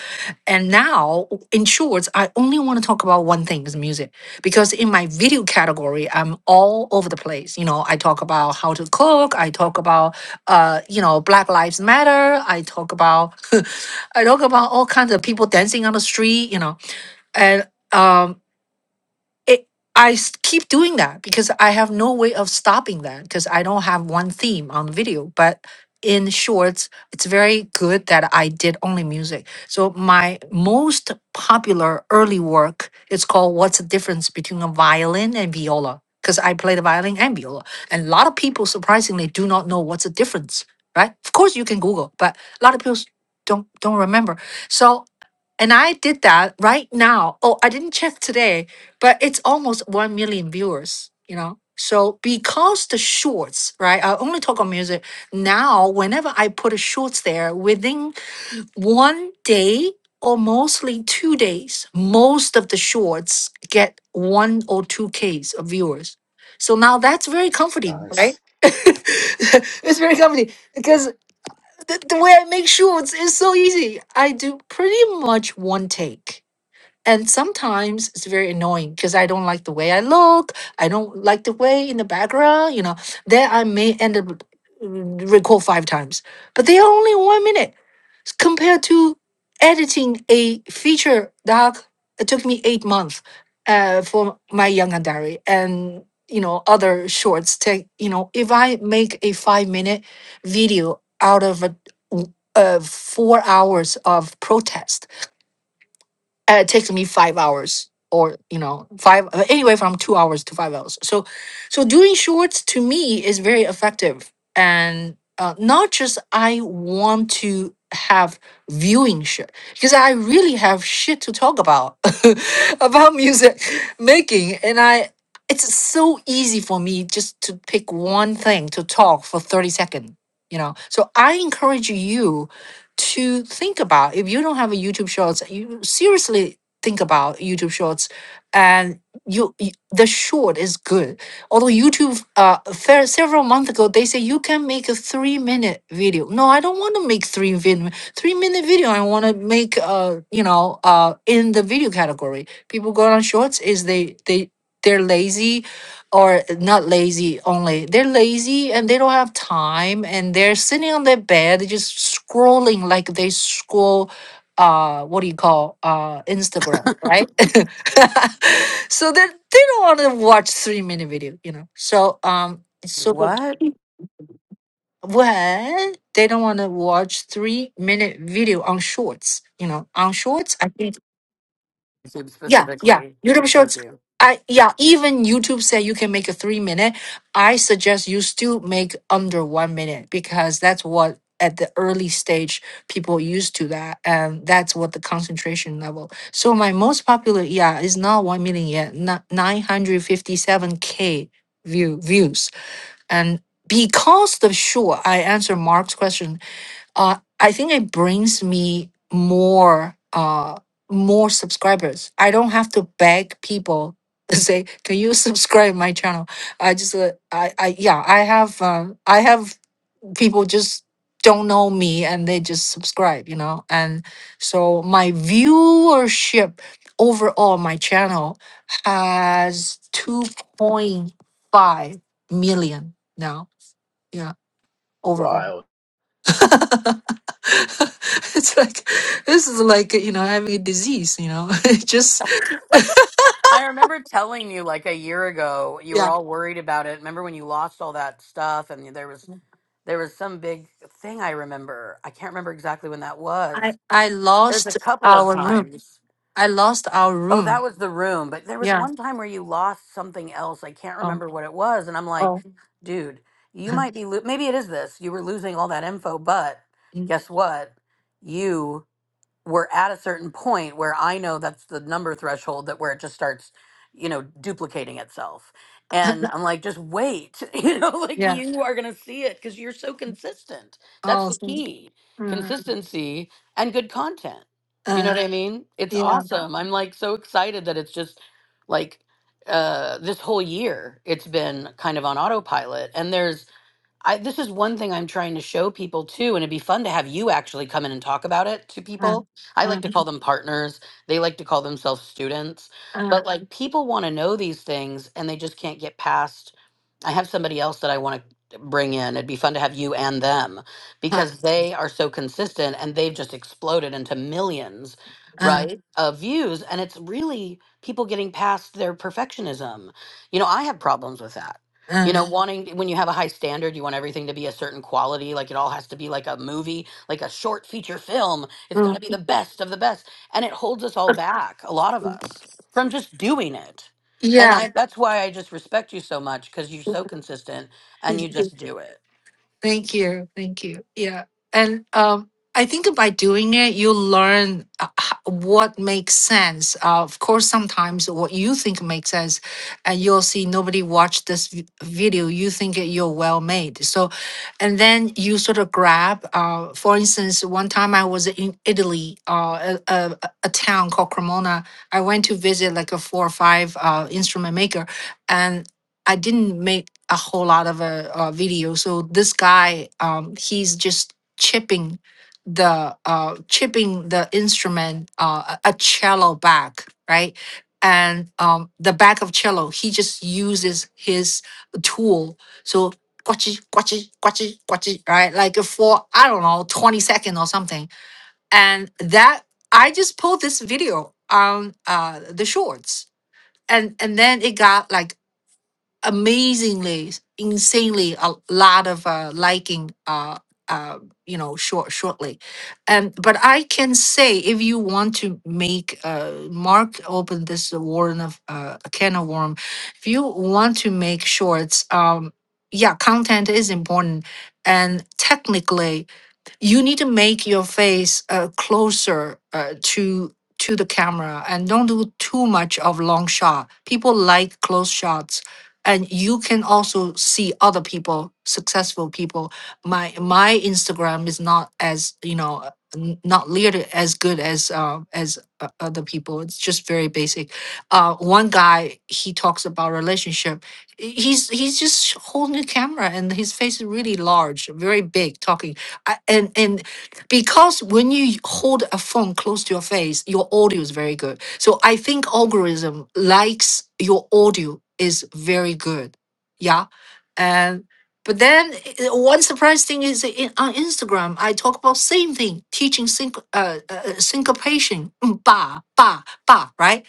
and now, in shorts, I only want to talk about one thing is music. Because in my video category, I'm all over the place. You know, I talk about how to cook, I talk about uh, you know, Black Lives Matter, I talk about I talk about all kinds of people dancing on the street, you know. And um it I s- keep doing that because I have no way of stopping that because I don't have one theme on video. But in shorts, it's very good that I did only music. So my most popular early work is called "What's the Difference Between a Violin and Viola?" Because I play the violin and viola, and a lot of people surprisingly do not know what's the difference. Right? Of course, you can Google, but a lot of people s- don't don't remember. So and I did that right now. Oh, I didn't check today, but it's almost 1 million viewers, you know? So because the shorts, right? I only talk on music. Now, whenever I put a shorts there, within one day or mostly two days, most of the shorts get one or two Ks of viewers. So now that's very comforting, right? nice, it's very comforting because the, the way I make shorts is so easy. I do pretty much one take. And sometimes it's very annoying because I don't like the way I look. I don't like the way in the background, you know. Then I may end up mm, record five times, but they are only one minute s- compared to editing a feature doc. It took me eight months uh, for my Young Diary and you know other shorts. Take you know if I make a five minute video out of a, w- uh, four hours of protest uh, it takes me five hours or you know five uh, anyway from two hours to five hours so so doing shorts to me is very effective and uh, not just i want to have viewing shit because i really have shit to talk about about music making and i it's so easy for me just to pick one thing to talk for 30 seconds you know so i encourage you to think about if you don't have a youtube shorts you seriously think about youtube shorts and you, you the short is good although youtube uh fair, several months ago they say you can make a three minute video no i don't want to make three video three minute video i want to make uh you know uh in the video category people go on shorts is they they they're lazy or not lazy only they're lazy and they don't have time and they're sitting on their bed just scrolling like they scroll uh what do you call uh instagram right so they they don't want to watch three minute video you know so um it's super What? what they don't want to watch three minute video on shorts you know on shorts i think YouTube yeah, yeah. specifically. YouTube Thank Shorts. you. I yeah, even YouTube said you can make a three minute. I suggest you still make under one minute because that's what at the early stage people used to that and that's what the concentration level. So my most popular yeah is not one million yet, not nine hundred fifty seven K view views. And because the sure I answer Mark's question uh, I think it brings me more uh, more subscribers. I don't have to beg people to say, "Can you subscribe my channel?" I just uh, I I yeah I have uh, I have people just don't know me and they just subscribe, you know, and so my viewership overall my channel has 2.5 million now yeah overall wild. it's like this is like you know having a disease you know it just I remember telling you like a year ago, you were yeah all worried about it. Remember when you lost all that stuff and there was there was some big thing I remember. I can't remember exactly when that i was. i There's a lost couple of our room times. i lost our Oh, that room was the room. But there was yeah one time where you lost something else. I can't oh remember what it was. And I'm like, oh dude, you might be, lo- maybe it is this. You were losing all that info, but Mm. guess what? You we're at a certain point where I know that's the number threshold that where it just starts, you know, duplicating itself. And I'm like, just wait, you know, like yeah you are going to see it because you're so consistent. That's oh the thank key uh, consistency and good content. You know uh, what I mean? It's yeah awesome. I'm like so excited that it's just like uh, this whole year, it's been kind of on autopilot. And there's I this is one thing I'm trying to show people too, and it'd be fun to have you actually come in and talk about it to uh, people. I uh, like to call them partners. They like to call themselves students. uh, But like people want to know these things and they just can't get past. I have somebody else that I want to bring in. It'd be fun to have you and them uh, because they are so consistent and they've just exploded into millions, uh, right? Of views. And it's really people getting past their perfectionism. You know, I have problems with that. You uh, know, wanting when you have a high standard, you want everything to be a certain quality. Like it all has to be like a movie, like a short feature film. It's got to mm. be the best of the best, and it holds us all back, a lot of us, from just doing it. And yeah I, Yeah. that's why I just respect you so much because you're so consistent and you just do it. Thank you. Thank you. Yeah. And um, I think by doing it, you learn uh, h- what makes sense. Uh, of course, sometimes what you think makes sense, and you'll see nobody watched this v- video. You think it- you're well made. So, and then you sort of grab, uh, for instance, one time I was in Italy, uh, a, a, a a town called Cremona. I went to visit like a four or five uh, instrument maker, and I didn't make a whole lot of a, uh uh, video. So this guy, um, he's just chipping the uh, chipping the instrument, uh, a a cello back, right? And um, the back of cello, he just uses his tool. So quachi, quachi, quachi, quachi, right? Like for I don't know, twenty second or something. And that I just pulled this video on uh, the shorts, and and then it got like amazingly, insanely a lot of uh, liking. Uh, uh, you know, short shortly, and but I can say if you want to make uh, Mark open this warren of uh, a can of worm, if you want to make shorts, um, yeah, content is important, and technically you need to make your face uh, closer uh, to to the camera and don't do too much of long shot people like close shots and you can also see other people successful people my my instagram is not as you know uh, n- not literally as good as uh, as uh, other people it's just very basic uh one guy he talks about relationship he's he's just holding the camera and his face is really large very big talking I, and and because when you hold a phone close to your face, your audio is very good. So I think algorithm likes your audio is very good. Yeah, and but then eh, one surprise thing is in, on Instagram, I talk about same thing, teaching sync, uh, uh, syncopation, mm, ba ba ba, right?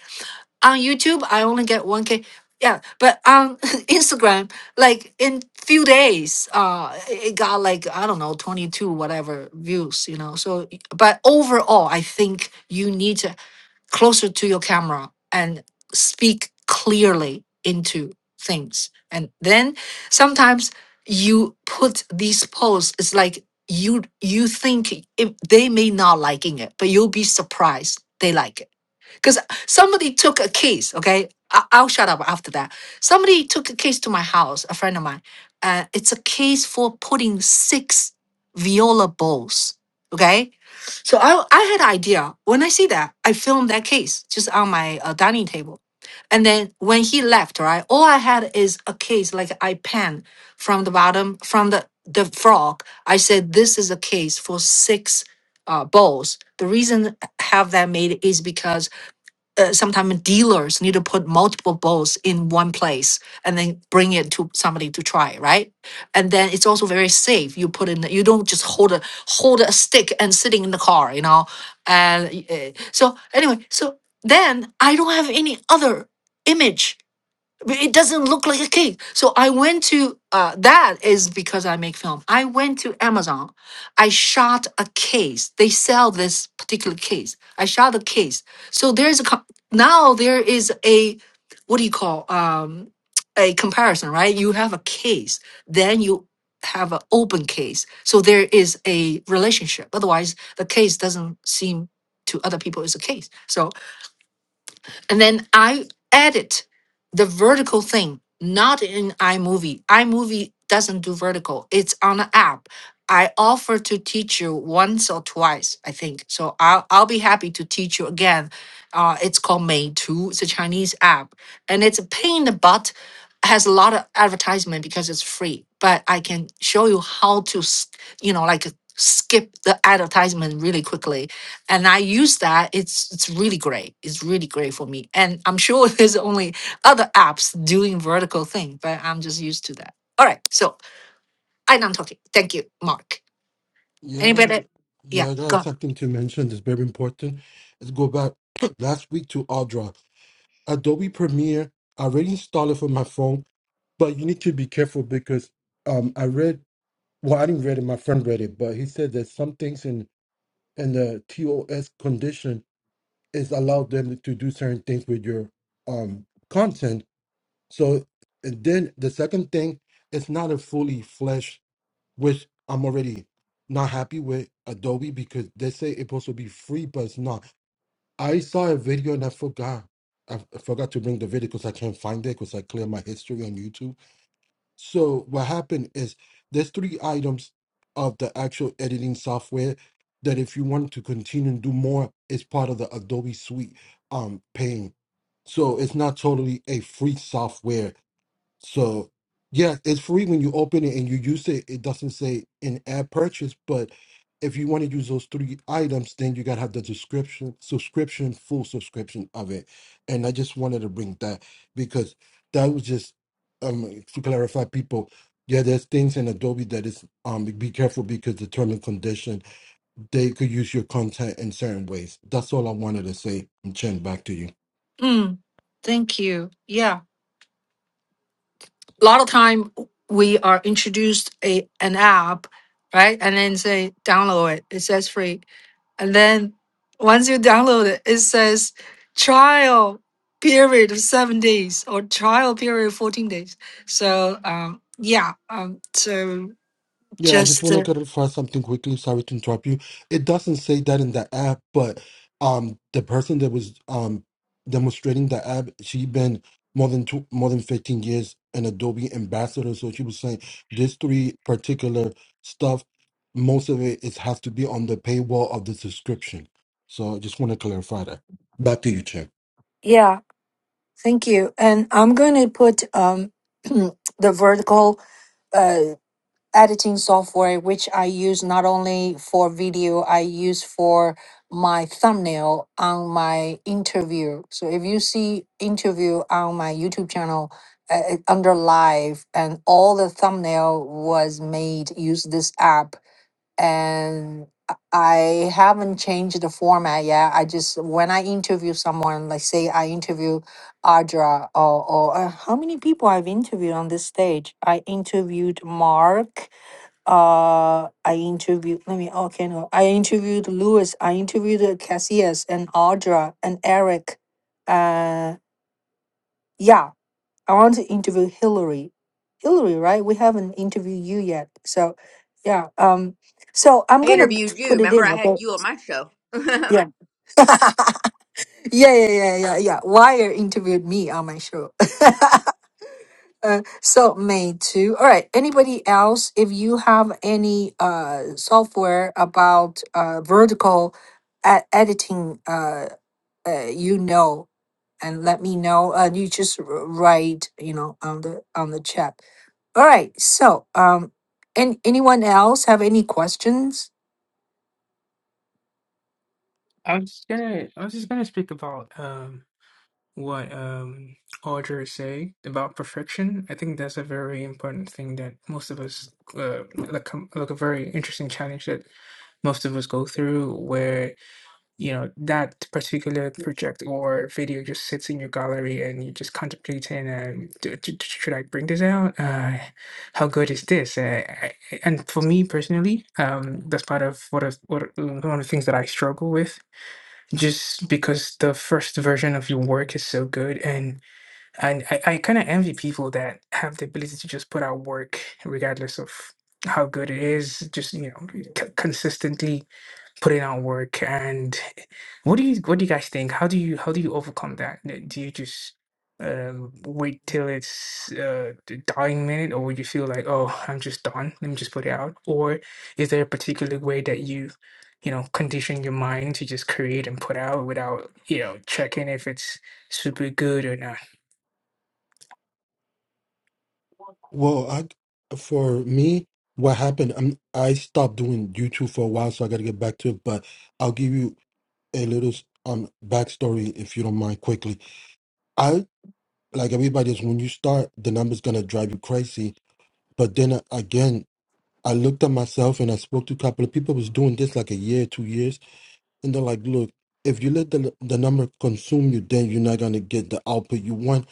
on YouTube, I only get 1K. Yeah, but on Instagram, like in few days, uh, it got like I don't know, 22 whatever views, you know. So, y- but overall, I think you need to closer to your camera and speak clearly into things. And then sometimes you put these posts, it's like you you think it, they may not liking it, but you'll be surprised they like it because somebody took a case, okay? I- I'll shut up after that. Somebody took a case to my house, a friend of mine. Uh, it's a case for putting six viola bowls, okay? So I, I had idea. When I see that, I filmed that case just on my uh, dining table. And then when he left, right, all I had is a case like I pen from the bottom, from the, the frog. I said, this is a case for six uh, bowls. The reason I have that made is because uh, sometimes dealers need to put multiple balls in one place and then bring it to somebody to try, right? And then it's also very safe. You put in, you don't just hold a hold a stick and sitting in the car, you know. And uh, so anyway, so then I don't have any other image but it doesn't look like a cake. So I went to uh, that is because I make film. I went to Amazon. I shot a case. They sell this particular case. I shot a case. So there's a co- now there is a what do you call um a comparison, right? You have a case, then you have an open case. So there is a relationship. Otherwise, the case doesn't seem to other people is a case. So. And then I edit the vertical thing, not in iMovie. iMovie doesn't do vertical, it's on an app. I offer to teach you once or twice, I think. So I'll, I'll be happy to teach you again. Uh, it's called Meitu. It's a Chinese app. And it's a pain in the butt, has a lot of advertisement because it's free. But I can show you how to, s- you know, like skip the advertisement really quickly and I use that. It's it's really great. It's really great for me. And I'm sure there's only other apps doing vertical thing, but I'm just used to that. All right. So I know I'm talking. Thank you, Mark. Yeah, I got Anybody? it. Yeah. Yeah, I Go. got on. something to mention that's very important. Let's go back last week to Audra. Adobe Premiere, I already installed it for my phone, but you need to be careful because um, I read, well, I didn't read it, my friend read it, but he said that some things in, in the TOS condition is allowed them to do certain things with your um, content So and then the second thing, it's not a fully fleshed, which I'm already not happy with Adobe because they say it's supposed to be free, but it's not. I saw a video and I forgot. I f- I forgot to bring the video because I can't find it because I clear my history on YouTube. So what happened is there's three items of the actual editing software that if you want to continue and do more, it's part of the Adobe Suite um paying. So it's not totally a free software so yeah, it's free when you open it and you use it. It doesn't say in ad purchase, but if you want to use those three items, then you gotta have the description, subscription, full subscription of it. And I just wanted to bring that because that was just um to clarify people. Yeah, there's things in Adobe that is um be careful because the term and condition they could use your content in certain ways. That's all I wanted to say. Chen, back to you. Mm, thank you. Yeah. A lot of time we are introduced a an app, right? And then say download it. It says free And then once you download it, it says trial period of seven days or trial period of 14 days. So, um, yeah, um, so Yeah, I just just, want to uh, clarify something quickly. Sorry to interrupt you. It doesn't say that in the app, but um, the person that was um demonstrating the app, she been more than two, more than fifteen years an Adobe ambassador. So she was saying this three particular stuff, most of it is has to be on the paywall of the subscription. So I just want to clarify that. Back to you, Chad. yeah, thank you. And I'm going to put um, the vertical. uh, editing software which I use not only for video, I use for my thumbnail on my interview. So if you see interview on my YouTube channel uh, uh, under live and all the thumbnail was made use this app and I I haven't changed the format yet. I just when I interview someone, like say I interview Audra or, or uh, how many people I've interviewed on this stage? I interviewed Mark uh I interviewed let me okay no I interviewed Lewis, I interviewed Cassius and Audra and Eric. Uh yeah, I want to interview Hillary. Hillary, right? We haven't interviewed you yet. So yeah, um so I'm I gonna p- interviewed you. put it Remember, in, I okay? had you on my show. Yeah. yeah, yeah, yeah, yeah, yeah. Wire interviewed me on my show. uh, so made too. All right. Anybody else? If you have any uh, software about uh, vertical e- editing, uh, uh, you know, and let me know. Uh, you just r- write, you know, on the on the chat. All right. So, um, and anyone else have any questions? I was just gonna, I was just gonna speak about um. what um Audre say about perfection. I think that's a very important thing that most of us uh, like com- like a very interesting challenge that most of us go through where you know that particular project or video just sits in your gallery and you just contemplating um, d- d- d- should i bring this out uh, how good is this uh, I, and for me personally um, that's part of what, is, what uh, one of the things that i struggle with just because the first version of your work is so good and and i, I kind of envy people that have the ability to just put out work regardless of how good it is just you know c- consistently putting out work and what do you what do you guys think how do you how do you overcome that N- do you just um wait till it's uh the dying minute or would you feel like oh i'm just done let me just put it out or is there a particular way that you you know condition your mind to just create and put out without you know checking if it's super good or not Well, I for me, what happened? i I stopped doing YouTube for a while, so I got to get back to it, but. I'll give you. a little um backstory if you don't mind quickly i like everybody else when you start the numbers gonna drive you crazy but then a- again i looked at myself and i spoke to a couple of people who was doing this like a year two years and they're like look if you let the the number consume you then you're not gonna get the output you want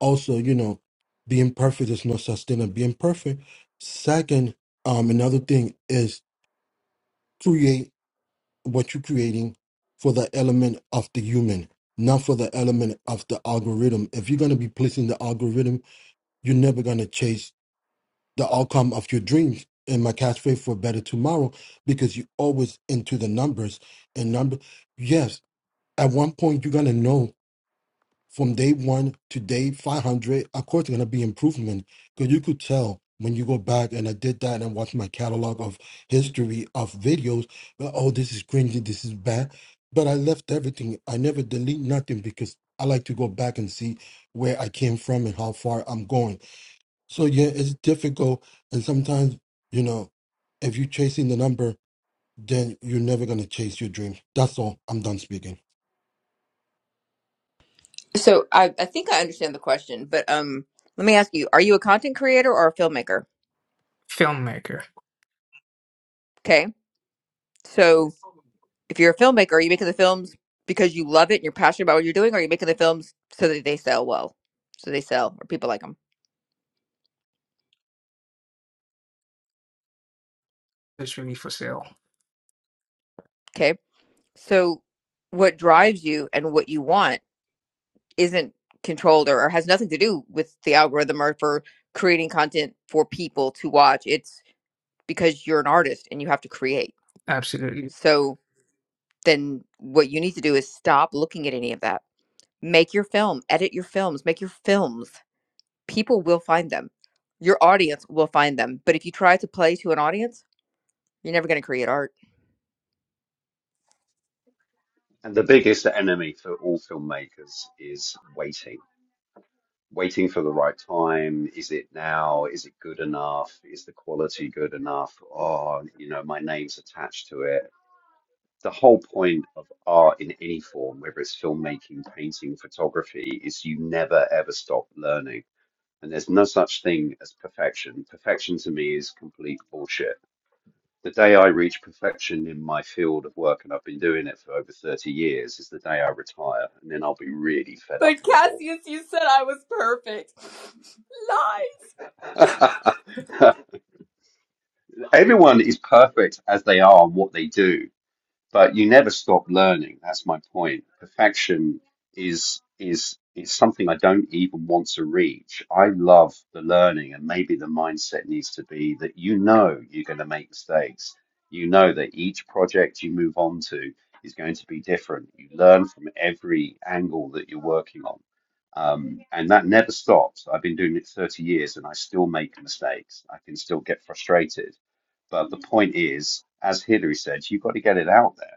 also you know being perfect is not sustainable being perfect second um another thing is create what you're creating for the element of the human, not for the element of the algorithm. If you're going to be placing the algorithm, you're never going to chase the outcome of your dreams. And my catchphrase for better tomorrow, because you're always into the numbers and number. Yes, at one point you're going to know from day one to day 500, of course, there's going to be improvement because you could tell when you go back and I did that and I watched my catalog of history of videos. But, oh, this is cringy, this is bad. But I left everything. I never delete nothing because I like to go back and see where I came from and how far I'm going. So yeah, it's difficult. And sometimes, you know, if you're chasing the number, then you're never gonna chase your dream. That's all. I'm done speaking. so I, I think I understand the question, but um, let me ask you: Are you a content creator or a filmmaker? filmmaker Okay, so if you're a filmmaker, are you making the films because you love it and you're passionate about what you're doing, or are you making the films so that they sell well, so they sell or people like them? It's really for sale. Okay, so what drives you and what you want isn't controlled or, or has nothing to do with the algorithm or for creating content for people to watch. It's because you're an artist and you have to create. Absolutely. So then what you need to do is stop looking at any of that. Make your film, edit your films, make your films. People will find them. Your audience will find them. But if you try to play to an audience, you're never going to create art. And the biggest enemy for all filmmakers is waiting. Waiting for the right time. Is it now? Is it good enough? Is the quality good enough? Oh, you know, my name's attached to it. The whole point of art in any form, whether it's filmmaking, painting, photography, is you never ever stop learning and there's no such thing as perfection. Perfection to me is complete bullshit. The day I reach perfection in my field of work, and I've been doing it for over 30 years, is the day I retire, and then I'll be really fed up But Cassius, you said I was perfect. Lie. and bored. Everyone is perfect as they are and what they do. but you never stop learning. That's my point. Perfection is is is something I don't even want to reach. I love the learning, and maybe the mindset needs to be that you know you're going to make mistakes. You know that each project you move on to is going to be different. You learn from every angle that you're working on. Um, and that never stops. I've been doing it 30 years and I still make mistakes. I can still get frustrated. But the point is, as Hillary said, you've got to get it out there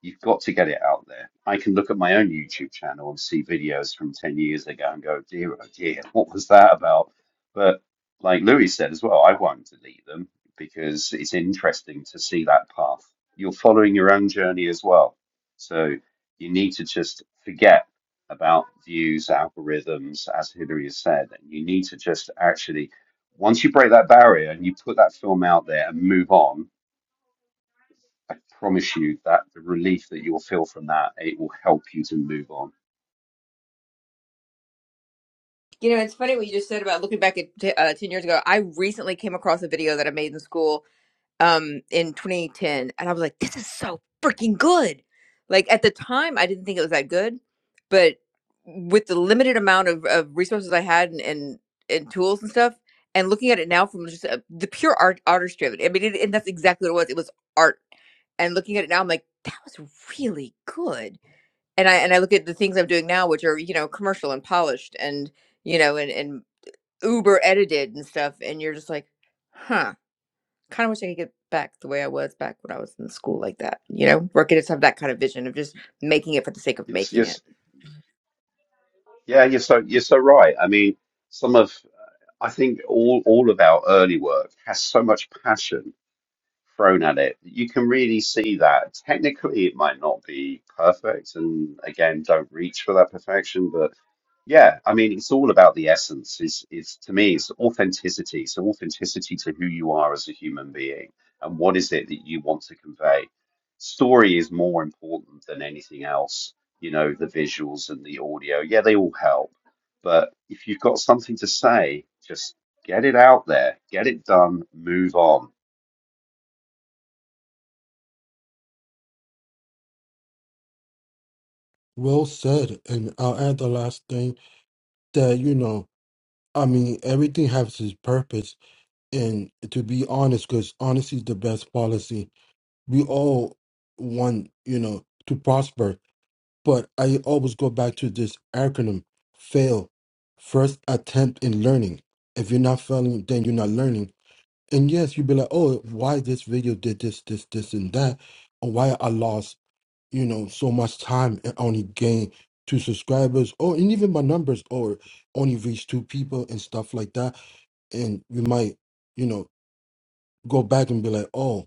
You've got to get it out there. I can look at my own YouTube channel and see videos from 10 years ago and go, dear, oh dear, what was that about? But like Louis said as well, I won't delete them because it's interesting to see that path. You're following your own journey as well. So you need to just forget about views, algorithms, as Hilary has said. And you need to just actually, once you break that barrier and you put that film out there and move on, I promise you that the relief that you'll feel from that, it will help you to move on. You know, it's funny what you just said about looking back at t- uh, 10 years ago. I recently came across a video that I made in school um in 2010 and i was like this is so freaking good like at the time i didn't think it was that good but with the limited amount of, of resources i had and, and and tools and stuff and looking at it now from just uh the pure art artistry of it i mean it, and that's exactly what it was it was art and looking at it now i'm like that was really good and i and i look at the things i'm doing now which are you know commercial and polished and you know and and uber edited and stuff and you're just like huh kind of wish I could get back the way I was back when I was in school like that. You know, where kids have that kind of vision of just making it for the sake of Yes, making yes, it. yeah, you're so you're so right. I mean, some of I think all all of our early work has so much passion thrown at it. You can really see that. Technically, it might not be perfect, and again, don't reach for that perfection. but. Yeah, I mean, it's all about the essence. Is is to me, it's authenticity. So authenticity to who you are as a human being, and what is it that you want to convey. Story is more important than anything else. You know, the visuals and the audio, yeah, they all help. But if you've got something to say, just get it out there, get it done, move on. Well said. And I'll add the last thing that you know i mean everything has its purpose and to be honest because honesty is the best policy we all want you know to prosper but i always go back to this acronym fail first attempt in learning if you're not failing then you're not learning and yes you'd be like oh why this video did this this this and that or why i lost you know so much time and only gain two subscribers or and even my numbers or only reach two people and stuff like that and you might you know go back and be like oh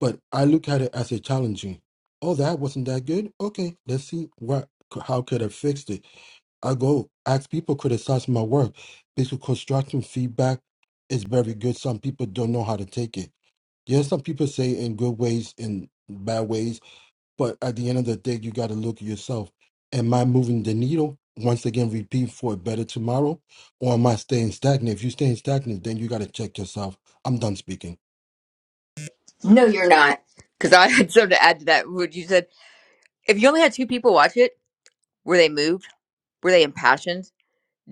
but i look at it as a challenging oh that wasn't that good okay let's see what how could i fix it i go ask people criticize my work because constructive feedback is very good some people don't know how to take it yes some people say in good ways and bad ways but at the end of the day, you got to look at yourself. Am I moving the needle? Once again, repeat for a better tomorrow, or am I staying stagnant? If you're staying stagnant, then you got to check yourself. I'm done speaking. No, you're not. Because I had something to add to that. Would you said if you only had two people watch it, were they moved? Were they impassioned?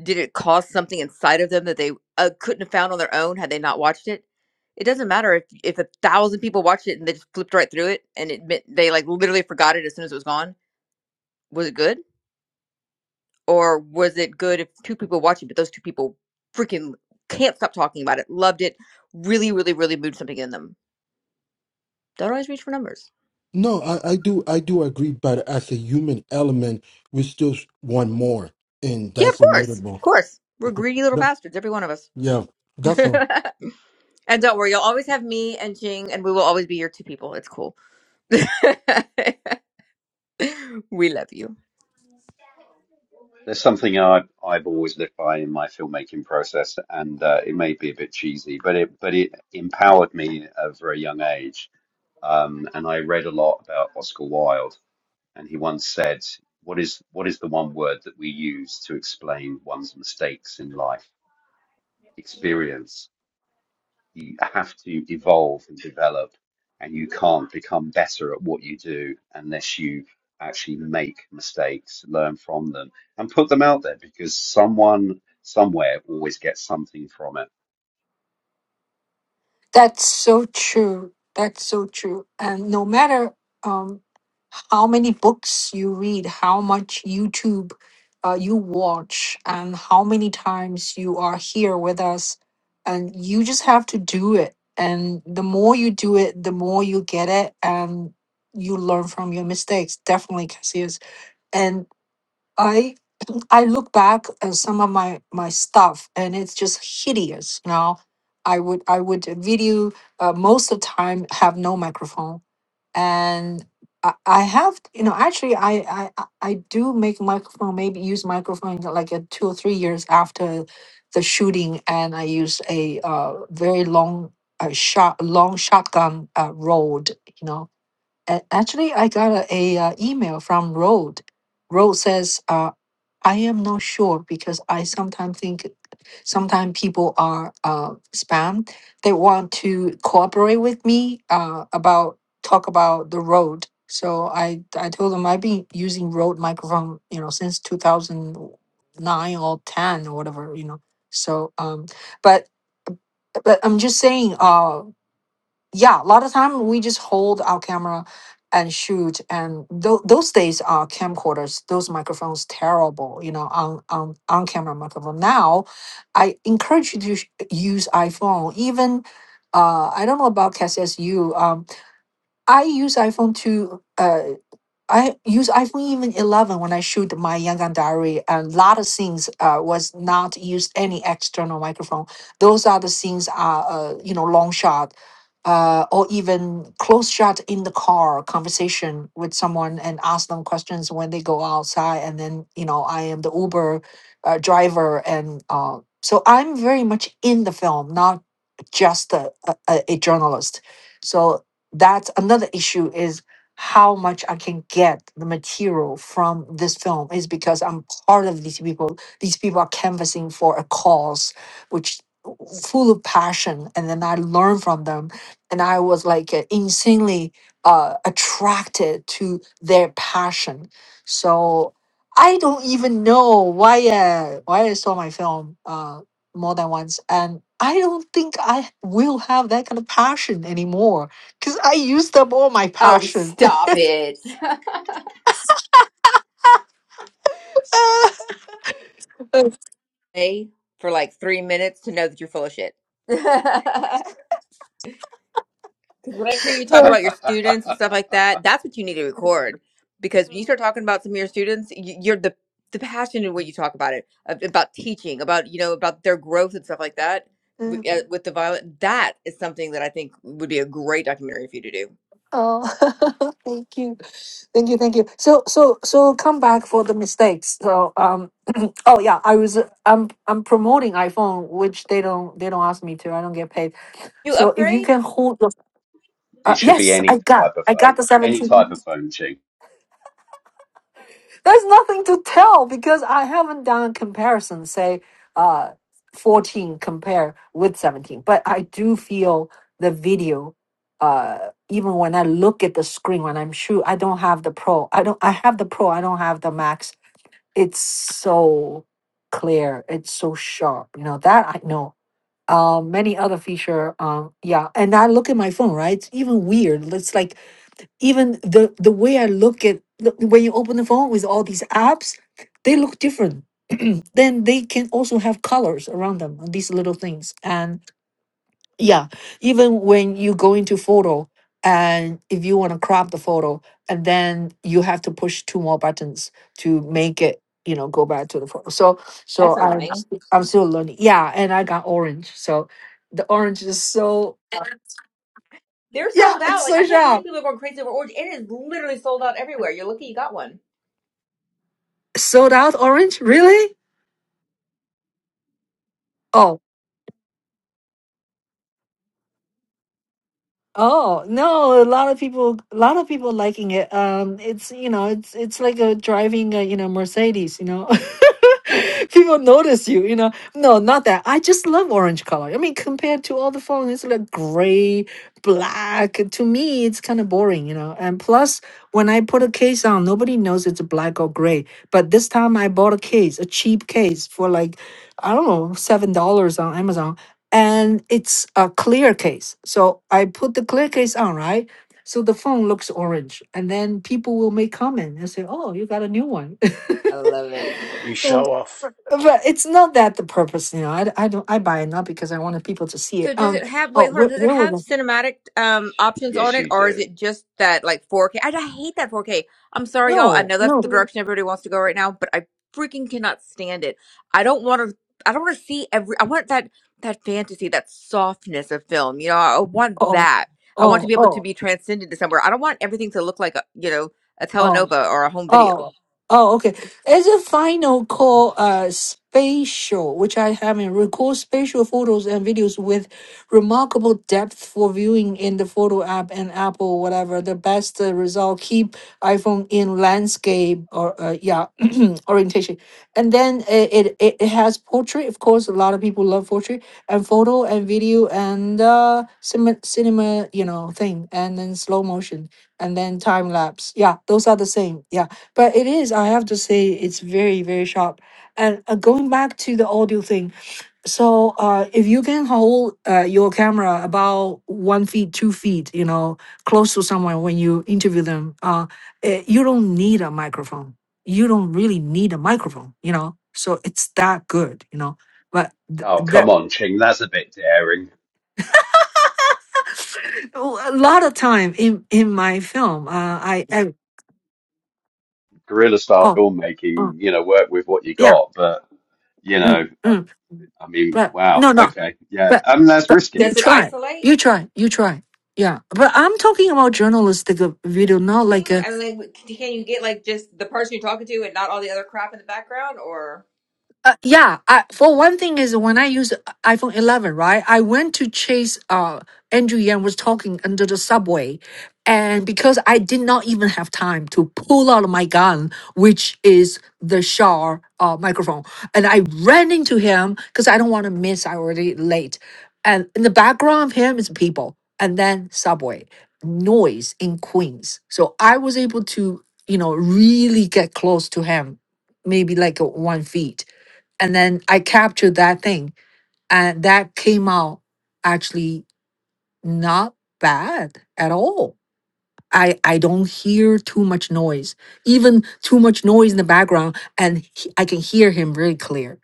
Did it cause something inside of them that they uh, couldn't have found on their own had they not watched it? It doesn't matter if if a thousand people watched it and they just flipped right through it and it meant they like literally forgot it as soon as it was gone. Was it good? or was it good if two people watch it but those two people freaking can't stop talking about it loved it really really really moved something in them don't always reach for numbers No, I, I do, I do agree. But as a human element, we still want more, and yeah of that's course of inevitable. course we're greedy little That- bastards every one of us yeah, that's all. and don't worry you'll always have me and jing and we will always be your two people it's cool we love you There's something I I've always lived by in my filmmaking process, and uh, it may be a bit cheesy, but it but it empowered me at a very young age um, and I read a lot about Oscar Wilde, and he once said, "What is what is the one word that we use to explain one's mistakes in life? Experience. You have to evolve and develop, and you can't become better at what you do unless you actually make mistakes, learn from them, and put them out there because someone somewhere always gets something from it." That's so true. That's so true. And no matter um, how many books you read, how much YouTube uh, you watch, and how many times you are here with us, and you just have to do it. And the more you do it, the more you get it, and you learn from your mistakes. Definitely, Cassius. And I I look back at some of my my stuff and it's just hideous. You know, I would I would video uh, most of the time have no microphone and. I I have, you know, actually, I, I I I do make microphone, maybe use microphone like uh, two or three years after the shooting, and I use a uh, very long uh, shot, long shotgun uh, Rode, you know. And actually, I got a, a uh, email from Rode. Rode says, uh, I am not sure because I sometimes think sometimes people are uh, spam. They want to cooperate with me uh, about talk about the road. So I I told them I've been using Rode microphone you know since two thousand nine or ten or whatever you know. So um, but but I'm just saying uh yeah a lot of time we just hold our camera and shoot and th- those days are camcorders those microphones terrible you know on on on camera microphone now i encourage you to sh- use iphone even uh, I don't know about CASSU. Um, I use iPhone to. Uh, I use iPhone even 11 when I shoot my Yangon Diary, a lot of scenes uh, was not use any external microphone. Those are the scenes are uh, you know long shot, uh, or even close shot in the car conversation with someone and ask them questions when they go outside, and then you know I am the Uber uh, driver, and uh, so I'm very much in the film, not just a, a, a a journalist. So that's another issue is how much I can get the material from this film is because I'm part of these people. These people are canvassing for a cause which full of passion and then I learned from them and I was like uh, insanely uh, attracted to their passion. So I don't even know why uh, why I saw my film uh, more than once and I don't think I will have that kind of passion anymore because I use them all my Oh, passion. stop it. oh, Stay for like three minutes to know that you're full of shit Because when I hear you talk about your students and stuff like that, that's what you need to record. Because when you start talking about some of your students, y- you're the the passion in what you talk about it ab- about teaching, about you know about their growth and stuff like that w- uh, with the violent. That is something that I think would be a great documentary for you to do. thank you, thank you, thank you. So, so, so, come back for the mistakes. So, um, oh yeah, I was, uh, I'm, I'm promoting iPhone, which they don't, they don't ask me to. I don't get paid. You So, if you upgrade? can hold the, it uh, should be yes, I any got, type of I got phone, the any seventeen. type of phone, Ching. There's nothing to tell because I haven't done a comparison, say uh, 14 compare with 17. But I do feel the video, uh, even when I look at the screen, when I'm sure I don't have the pro, I don't, I have the pro, I don't have the max. It's so clear, it's so sharp, you know, that I know. Uh, many other feature, um, yeah, and I look at my phone, right? It's even weird. It's like even the the way I look at look- when you open the phone with all these apps, they look different. then they can also have colors around them on these little things. And yeah, even when you go into photo and if you want to crop the photo, and then you have to push two more buttons to make it you know go back to the photo. So so That's I'm annoying. st- I'm still learning. Yeah, and I got orange. So the orange is so They're yeah, sold out. it's Like so I can't believe sharp. people are going crazy over orange. It is literally sold out everywhere. You're lucky you got one. Sold out orange, really? Oh. Oh, no, a lot of people a lot of people liking it. Um it's you know, it's it's like a driving a, you know, Mercedes, you know. People notice you, you know. No, not that. I just love orange color. I mean, compared to all the phones, it's like gray, black. To me, it's kind of boring, you know. And plus, when I put a case on, nobody knows it's black or gray. But this time I bought a case, a cheap case for like, I don't know, $7 on Amazon and it's a clear case. So I put the clear case on, right? So the phone looks orange, and then people will make comment and say, "Oh, you got a new one." I love it. You Yeah. show off. but it's not that the purpose, you know. I I d- I don't I buy it not because I wanted people to see So it. does Um. it have? Oh, Wait, hold on. where Does it where were have the cinematic um options on Yes, it, you or is do. it just that like 4K? I, I hate that 4K. I'm sorry, y'all. I no know that's the no direction everybody wants to go right now, but I freaking cannot stand it. I don't want to. I don't want to see every. I want that that fantasy, that softness of film. You know, I want oh that. I want to oh be able to oh be transcended to somewhere. I don't want everything to look like a, you know a oh. telenova or a home video. Oh, oh, okay. As a final call, uh, spatial, which I have in record spatial photos and videos with remarkable depth for viewing in the photo app and Apple, whatever. The best uh, result, keep iPhone in landscape or, uh, yeah, orientation. And then it, it, it it has portrait. Of course, a lot of people love portrait and photo and video and, uh, cinema, cinema, you know, thing, and then slow motion and then time lapse. Yeah, those are the same. Yeah. But it is, I have to say, it's very, very sharp. And uh, going back to the audio thing, so uh, if you can hold uh, your camera about one feet, two feet, you know, close to someone when you interview them, uh, eh, you don't need a microphone. You don't really need a microphone, you know. So it's that good, you know. But th- Oh, come that on, Ching. That's a bit daring. a lot of time in in my film, uh, I, I Guerrilla style oh, oh filmmaking, you know, work with what you yeah. got. But, you Mm, know, I, mm. I mean, But no, wow. no, Okay. Yeah. but I mean, that's but you risky. Does it try isolate you try you try yeah but i'm talking about journalistic video not like teaching? a. I mean, like, can you get like just the person you're talking to and not all the other crap in the background? Or Uh, yeah, I, for one thing is when I use iPhone 11, right? I went to chase uh Andrew Yang was talking under the subway, and because I did not even have time to pull out my gun, which is the Shure uh, microphone, and I ran into him because I don't want to miss. I already late, and in the background of him is people, and then subway noise in Queens. So I was able to, you know, really get close to him, maybe like uh, one feet and then I captured that thing, and that came out actually not bad at all. I I don't hear too much noise, even too much noise in the background, and he- I can hear him really clear.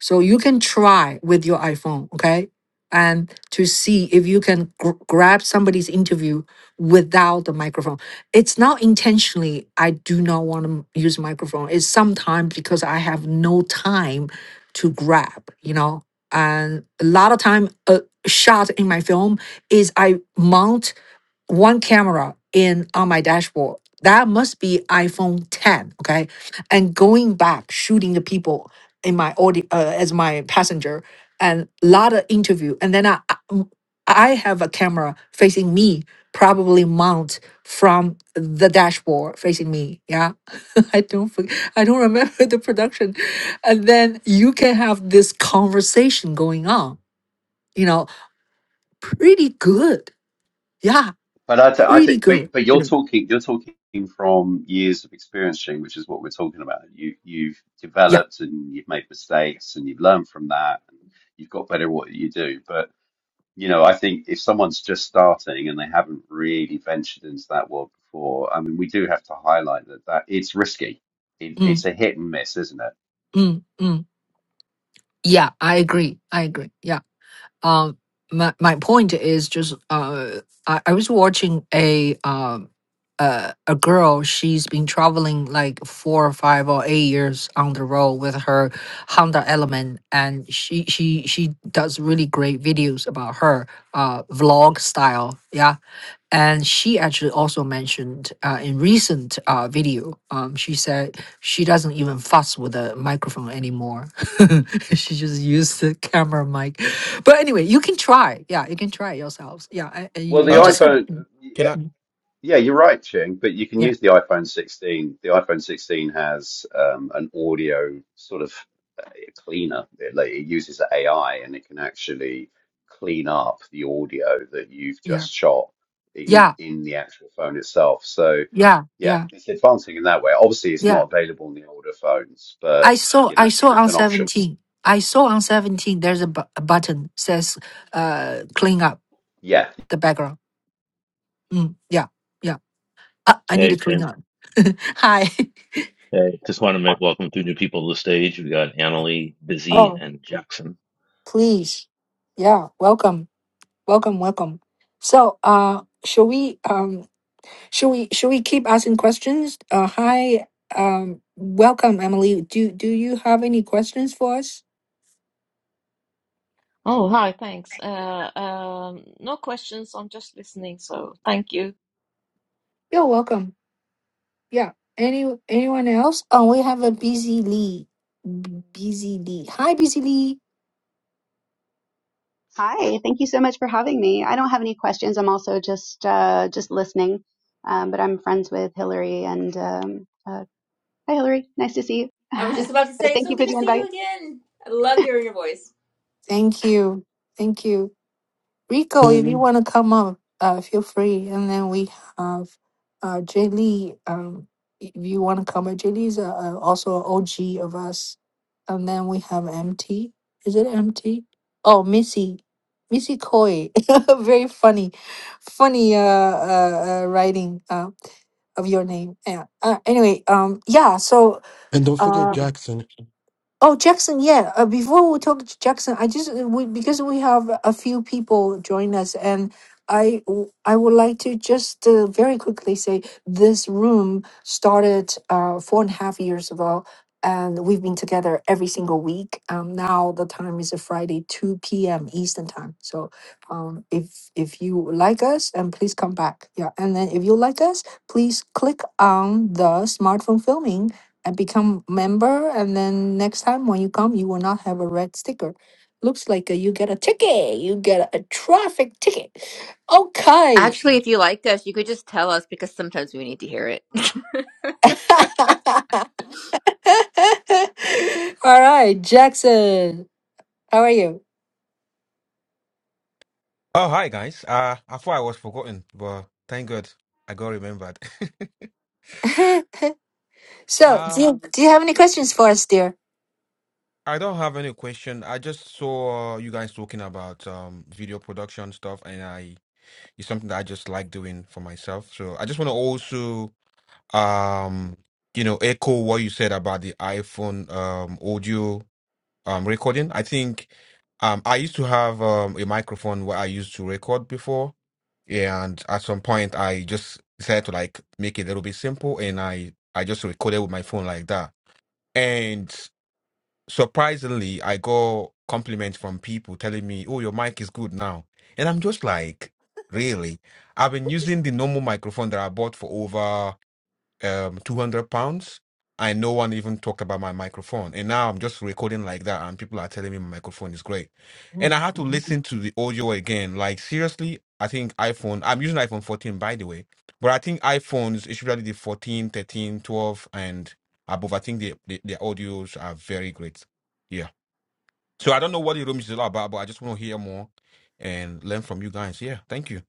So you can try with your iPhone, okay, and to see if you can gr- grab somebody's interview without the microphone. It's not intentionally. I do not want to use microphone. It's sometimes because I have no time to grab, you know, and a lot of time a shot in my film is I mount one camera in on my dashboard. That must be iPhone 10, okay? And going back, shooting the people in my audio uh, as my passenger, and a lot of interview. And then I, I mm, I have a camera facing me, probably mount from the dashboard facing me. Yeah, I don't forget, I don't remember the production. And then you can have this conversation going on. You know, pretty good. Yeah, But I, th- I pretty think, good. but, but You you're know, talking, you're talking from years of experience, Ching, which is what we're talking about. You, you've Yeah developed and you've made mistakes and you've learned from that and you've got better at what you do. but. you know, I think if someone's just starting and they haven't really ventured into that world before, I mean, we do have to highlight that that it's risky. It, it's Mm, a hit and miss, isn't it? mm, mm. Yeah, I agree. I agree. Yeah. Um, my my point is just uh, I, I was watching a um uh, a girl. She's been traveling like four or five or eight years on the road with her Honda Element, and she she she does really great videos about her uh vlog style. Yeah And she actually also mentioned uh, in recent uh, video, um, she said she doesn't even fuss with the microphone anymore. she just used the camera mic. But anyway, you can try. Yeah, you can try yourselves. Yeah, and- and you, Well, the you Um, just have- iPhone. mm, can I? mm, Yeah, you're right, Ching, but you can yeah, use the iPhone 16. The iPhone 16 has um, an audio sort of uh, cleaner. It, like, it uses AI and it can actually clean up the audio that you've yeah, just shot in yeah, in the actual phone itself. So, yeah, yeah, yeah, it's advancing in that way. Obviously, it's yeah. not available on the older phones, but I saw you I know, saw it's on an option. seventeen. I saw on seventeen. There's a, bu- a button says uh, clean up Yeah, the background. Mm, yeah, yeah. Uh, I need Hey, to clean Finn. up. Hi. Hey, just want to make welcome two new people to the stage. We got Annalie, Busy, Oh. and Jackson. please. Yeah, welcome, welcome, welcome. So, uh, shall we um, shall we shall we keep asking questions? Uh, hi, um, welcome, Emily. Do do you have any questions for us? Oh, hi, thanks. Uh, um, no questions. I'm just listening, so thank you. You're welcome. Yeah. Any anyone else? Oh, we have a busy Lee. B- Busy Lee. Hi, busy Lee. Hi, thank you so much for having me. I don't have any questions. I'm also just uh, just listening, um, but I'm friends with Hillary. And um, uh, hi, Hillary. Nice to see I was you. just about to So say, it's thank so you good for to the see you invite. again. I love hearing your voice. Thank you. Thank you. Rico, if you And, want to come up, uh, feel free. And then we have uh, Jay Lee. Um, if you want to come up, Jay Lee's uh, uh, also an OG of us. And then we have MT. Is it MT? Oh, Missy. Missy Coy. Very funny. Funny uh, uh, uh, writing uh, of your name. Yeah. Uh, anyway, um, yeah, so. and don't uh, forget Jackson. Oh, Jackson, yeah. Uh, before we talk to Jackson, I just uh, we, because we have a few people join us, and I w- I would like to just uh, very quickly say this room started uh, four and a half years ago, and we've been together every single week. Um, now the time is a Friday, two p.m. Eastern time. So, um, if if you like us, and please come back. Yeah, and then if you like us, please click on the smartphone filming and become member and then next time when you come you will not have a red sticker looks like uh, you get a ticket you get a, a traffic ticket okay Actually, if you liked us, you could just tell us because sometimes we need to hear it. all right jackson how are you Oh, hi guys. Uh, I thought I was forgotten, but thank God I got remembered. so do Um, you do you have any questions for us dear I don't have any question. I just saw you guys talking about um video production stuff, and I it's something that I just like doing for myself. So I just want to also um you know echo what you said about the iPhone um audio um recording. I think um I used to have um a microphone where I used to record before, Yeah, and at some point I just decided to like make it a little bit simple and I I just recorded with my phone like that. And surprisingly, I got compliments from people telling me, "Oh, your mic is good now." And I'm just like, "Really? I've been using the normal microphone that I bought for over um, 200 pounds. And no one even talked about my microphone. And now I'm just recording like that, and people are telling me my microphone is great. And I had to listen to the audio again. Like, seriously, I think iPhone, I'm using iPhone 14, by the way, but I think iPhones, especially the 14, 13, 12, and above, I think the, the, the audios are very great. Yeah. So I don't know what the room is all about, but I just want to hear more and learn from you guys. Yeah. Thank you.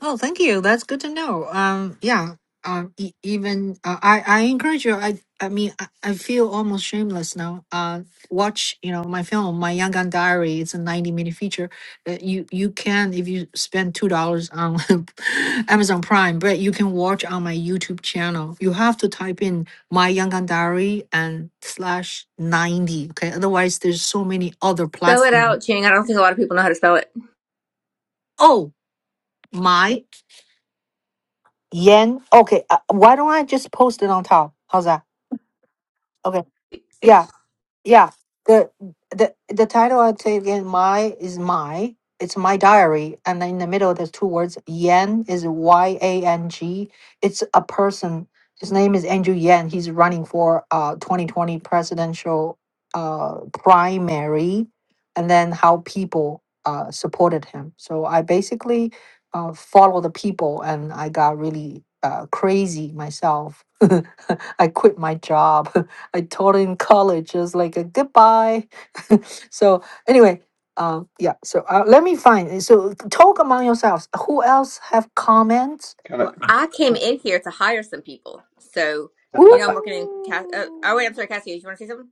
Oh, thank you. That's good to know. Um, yeah. Um, e- even uh, I, I encourage you. I, I mean, I, I feel almost shameless now. Uh, watch, you know, my film, my Yangon Diary. It's a ninety-minute feature. Uh, you, you can if you spend two dollars on Amazon Prime, but you can watch on my YouTube channel. You have to type in my Yangon Diary and slash ninety. Okay, otherwise there's so many other Spell it platforms. out, Ching. I don't think a lot of people know how to spell it. Oh, my Yen. Okay. Uh, why don't I just post it on top? How's that? Okay. Yeah. Yeah, the the the title I'd say again, my is my. It's my diary, and in the middle there's two words. Yan is Y A N G. It's a person. His name is Andrew Yan. He's running for uh 2020 presidential uh primary, and then how people uh supported him. So I basically uh follow the people, and I got really uh crazy myself. I quit my job I taught in college. It was like a goodbye. so anyway, um, yeah. So uh, let me find. So talk among yourselves. Who else have comments? kind of Well, I came in here to hire some people. So, you know, I'm working in Cass. Uh, oh, wait, Ooh. I'm sorry, Cassie. You want to say something?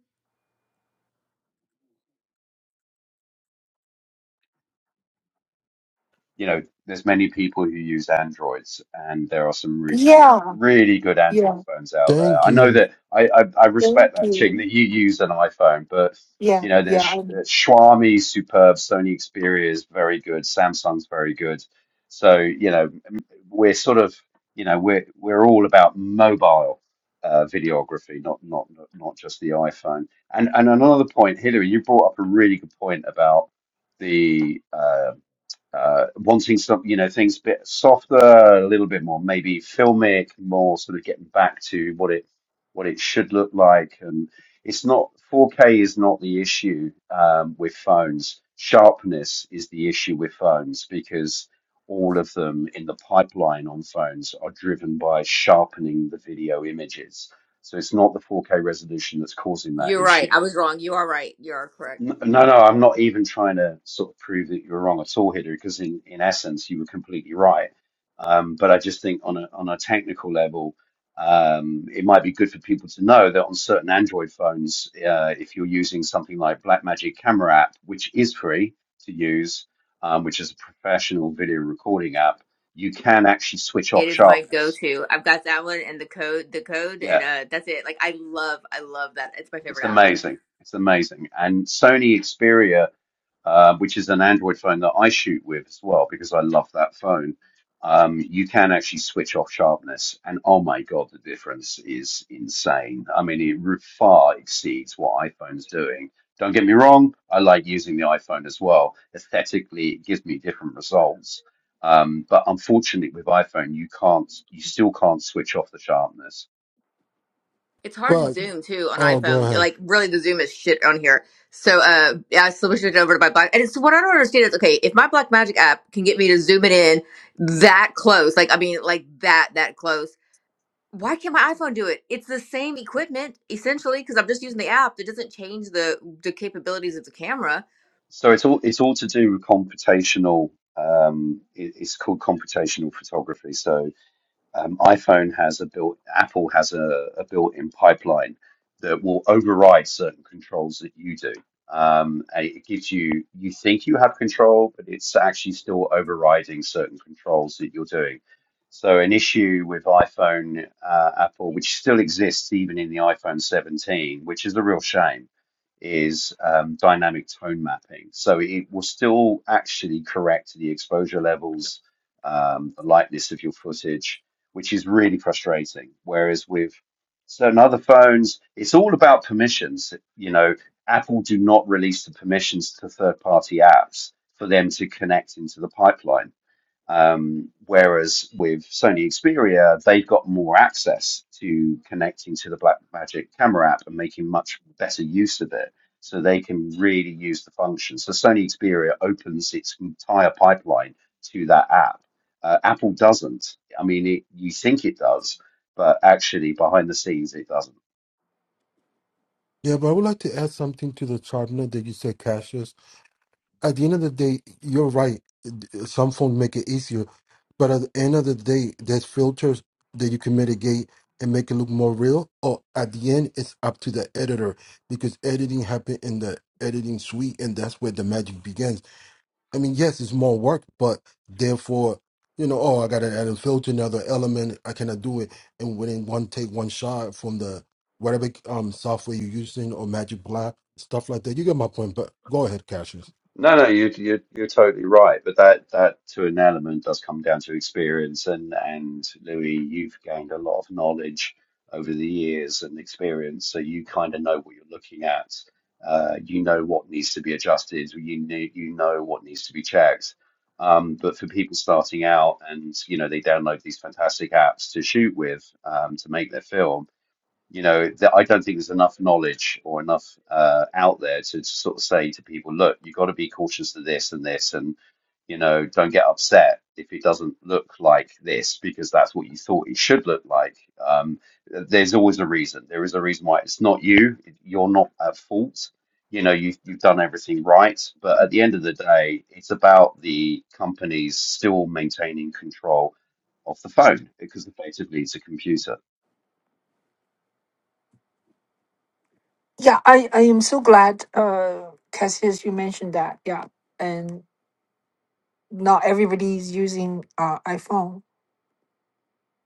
you know, there's many people who use Androids, and there are some really good, Yeah. really good Android Yeah. phones out there. Thank I know you. that I I, I Thank respect that Ching you. that you use an iPhone, but Yeah. you know, Yeah. there's Sh- I- uh, Xiaomi, superb, Sony Xperia is very good, Samsung's very good. So you know, m- we're sort of you know we're we're all about mobile uh, videography, not not not just the iPhone. And and another point, Hillary, you brought up a really good point about the uh, uh, wanting some, you know, things a bit softer, a little bit more maybe filmic, more sort of getting back to what it what it should look like. And it's not 4K is not the issue um, with phones. Sharpness is the issue with phones because all of them in the pipeline on phones are driven by sharpening the video images. So it's not the 4K resolution that's causing that You're right. issue I was wrong. You are right. You are correct. N- No, no, I'm not even trying to sort of prove that you're wrong at all, Hider, because in, in essence you were completely right. Um, but I just think on a on a technical level, um, it might be good for people to know that on certain Android phones, uh, if you're using something like Blackmagic Camera app, which is free to use, um, which is a professional video recording app, you can actually switch It off is my sharpness. go-to. I've got that one and the code, the code, and Yeah, uh, that's it. Like, I love, I love that. It's my it's favorite app. amazing. It's amazing. And Sony Xperia. um, which is an Android phone that I shoot with as well because I love that phone. Um, you can actually switch off sharpness, and oh my God, the difference is insane. I mean, it far exceeds what iPhone's doing. Don't get me wrong, I like using the iPhone as well. Aesthetically, it gives me different results. Um, but unfortunately, with iPhone, you can't, you still can't switch off the sharpness. It's hard to But zoom too on oh, go iPhone. ahead. Like, really, the zoom is shit on here. So, uh, yeah, I switched it over to my Black. And it's what I don't understand is okay, if my Black Magic app can get me to zoom it in that close, like, I mean, like that, that close why can't my iPhone do it? It's the same equipment essentially because I'm just using the app. It doesn't change the the capabilities of the camera. So it's all it's all to do with computational. Um, it, it's called computational photography. So um, iPhone has a built, Apple has a, a built-in pipeline that will override certain controls that you do. Um, and it gives you, you think you have control, but it's actually still overriding certain controls that you're doing. So an issue with iPhone, uh, Apple, which still exists even in the iPhone 17, which is a real shame, is um, dynamic tone mapping. So it will still actually correct the exposure levels, um, the lightness of your footage which is really frustrating. Whereas with certain other phones, it's all about permissions. You know, Apple do not release the permissions to third party apps for them to connect into the pipeline um, whereas with Sony Xperia, they've got more access to connecting to the Blackmagic camera app and making much better use of it. So they can really use the function. So Sony Xperia opens its entire pipeline to that app. Uh, Apple doesn't. I mean, it, you think it does, but actually behind the scenes, it doesn't. Yeah, but I would like to add something to the chart note that you said, Cassius. at the end of the day, you're right. Some phones make it easier, but at the end of the day, there's filters that you can mitigate and make it look more real. Or at the end, it's up to the editor because editing happened in the editing suite, and that's where the magic begins. I mean, yes, it's more work, but therefore, you know, oh, I got to add a filter, another element. I cannot do it, and within one take, one shot from the whatever um software you're using or Magic Black stuff like that. You get my point, but go ahead, Cassius. No, no, you're you're you're totally right, but that that to an element does come down to experience, and and Louis, you've gained a lot of knowledge over the years and experience, so you kind of know what you're looking at. Uh, you know what needs to be adjusted. You need you know what needs to be checked. Um, but for people starting out, and you know, they download these fantastic apps to shoot with um, to make their film you know, that I don't think there's enough knowledge or enough uh, out there to, to sort of say to people, look, you've got to be cautious of this and this, and you know, don't get upset if it doesn't look like this because that's what you thought it should look like. Um, there's always a reason. There is a reason why it's not you. You're not at fault. You know, you've you've done everything right, but at the end of the day, it's about the companies still maintaining control of the phone because effectively it's a computer Yeah. I, I am so glad, uh, Cassius, you mentioned that. Yeah. And not everybody is using uh, iPhone.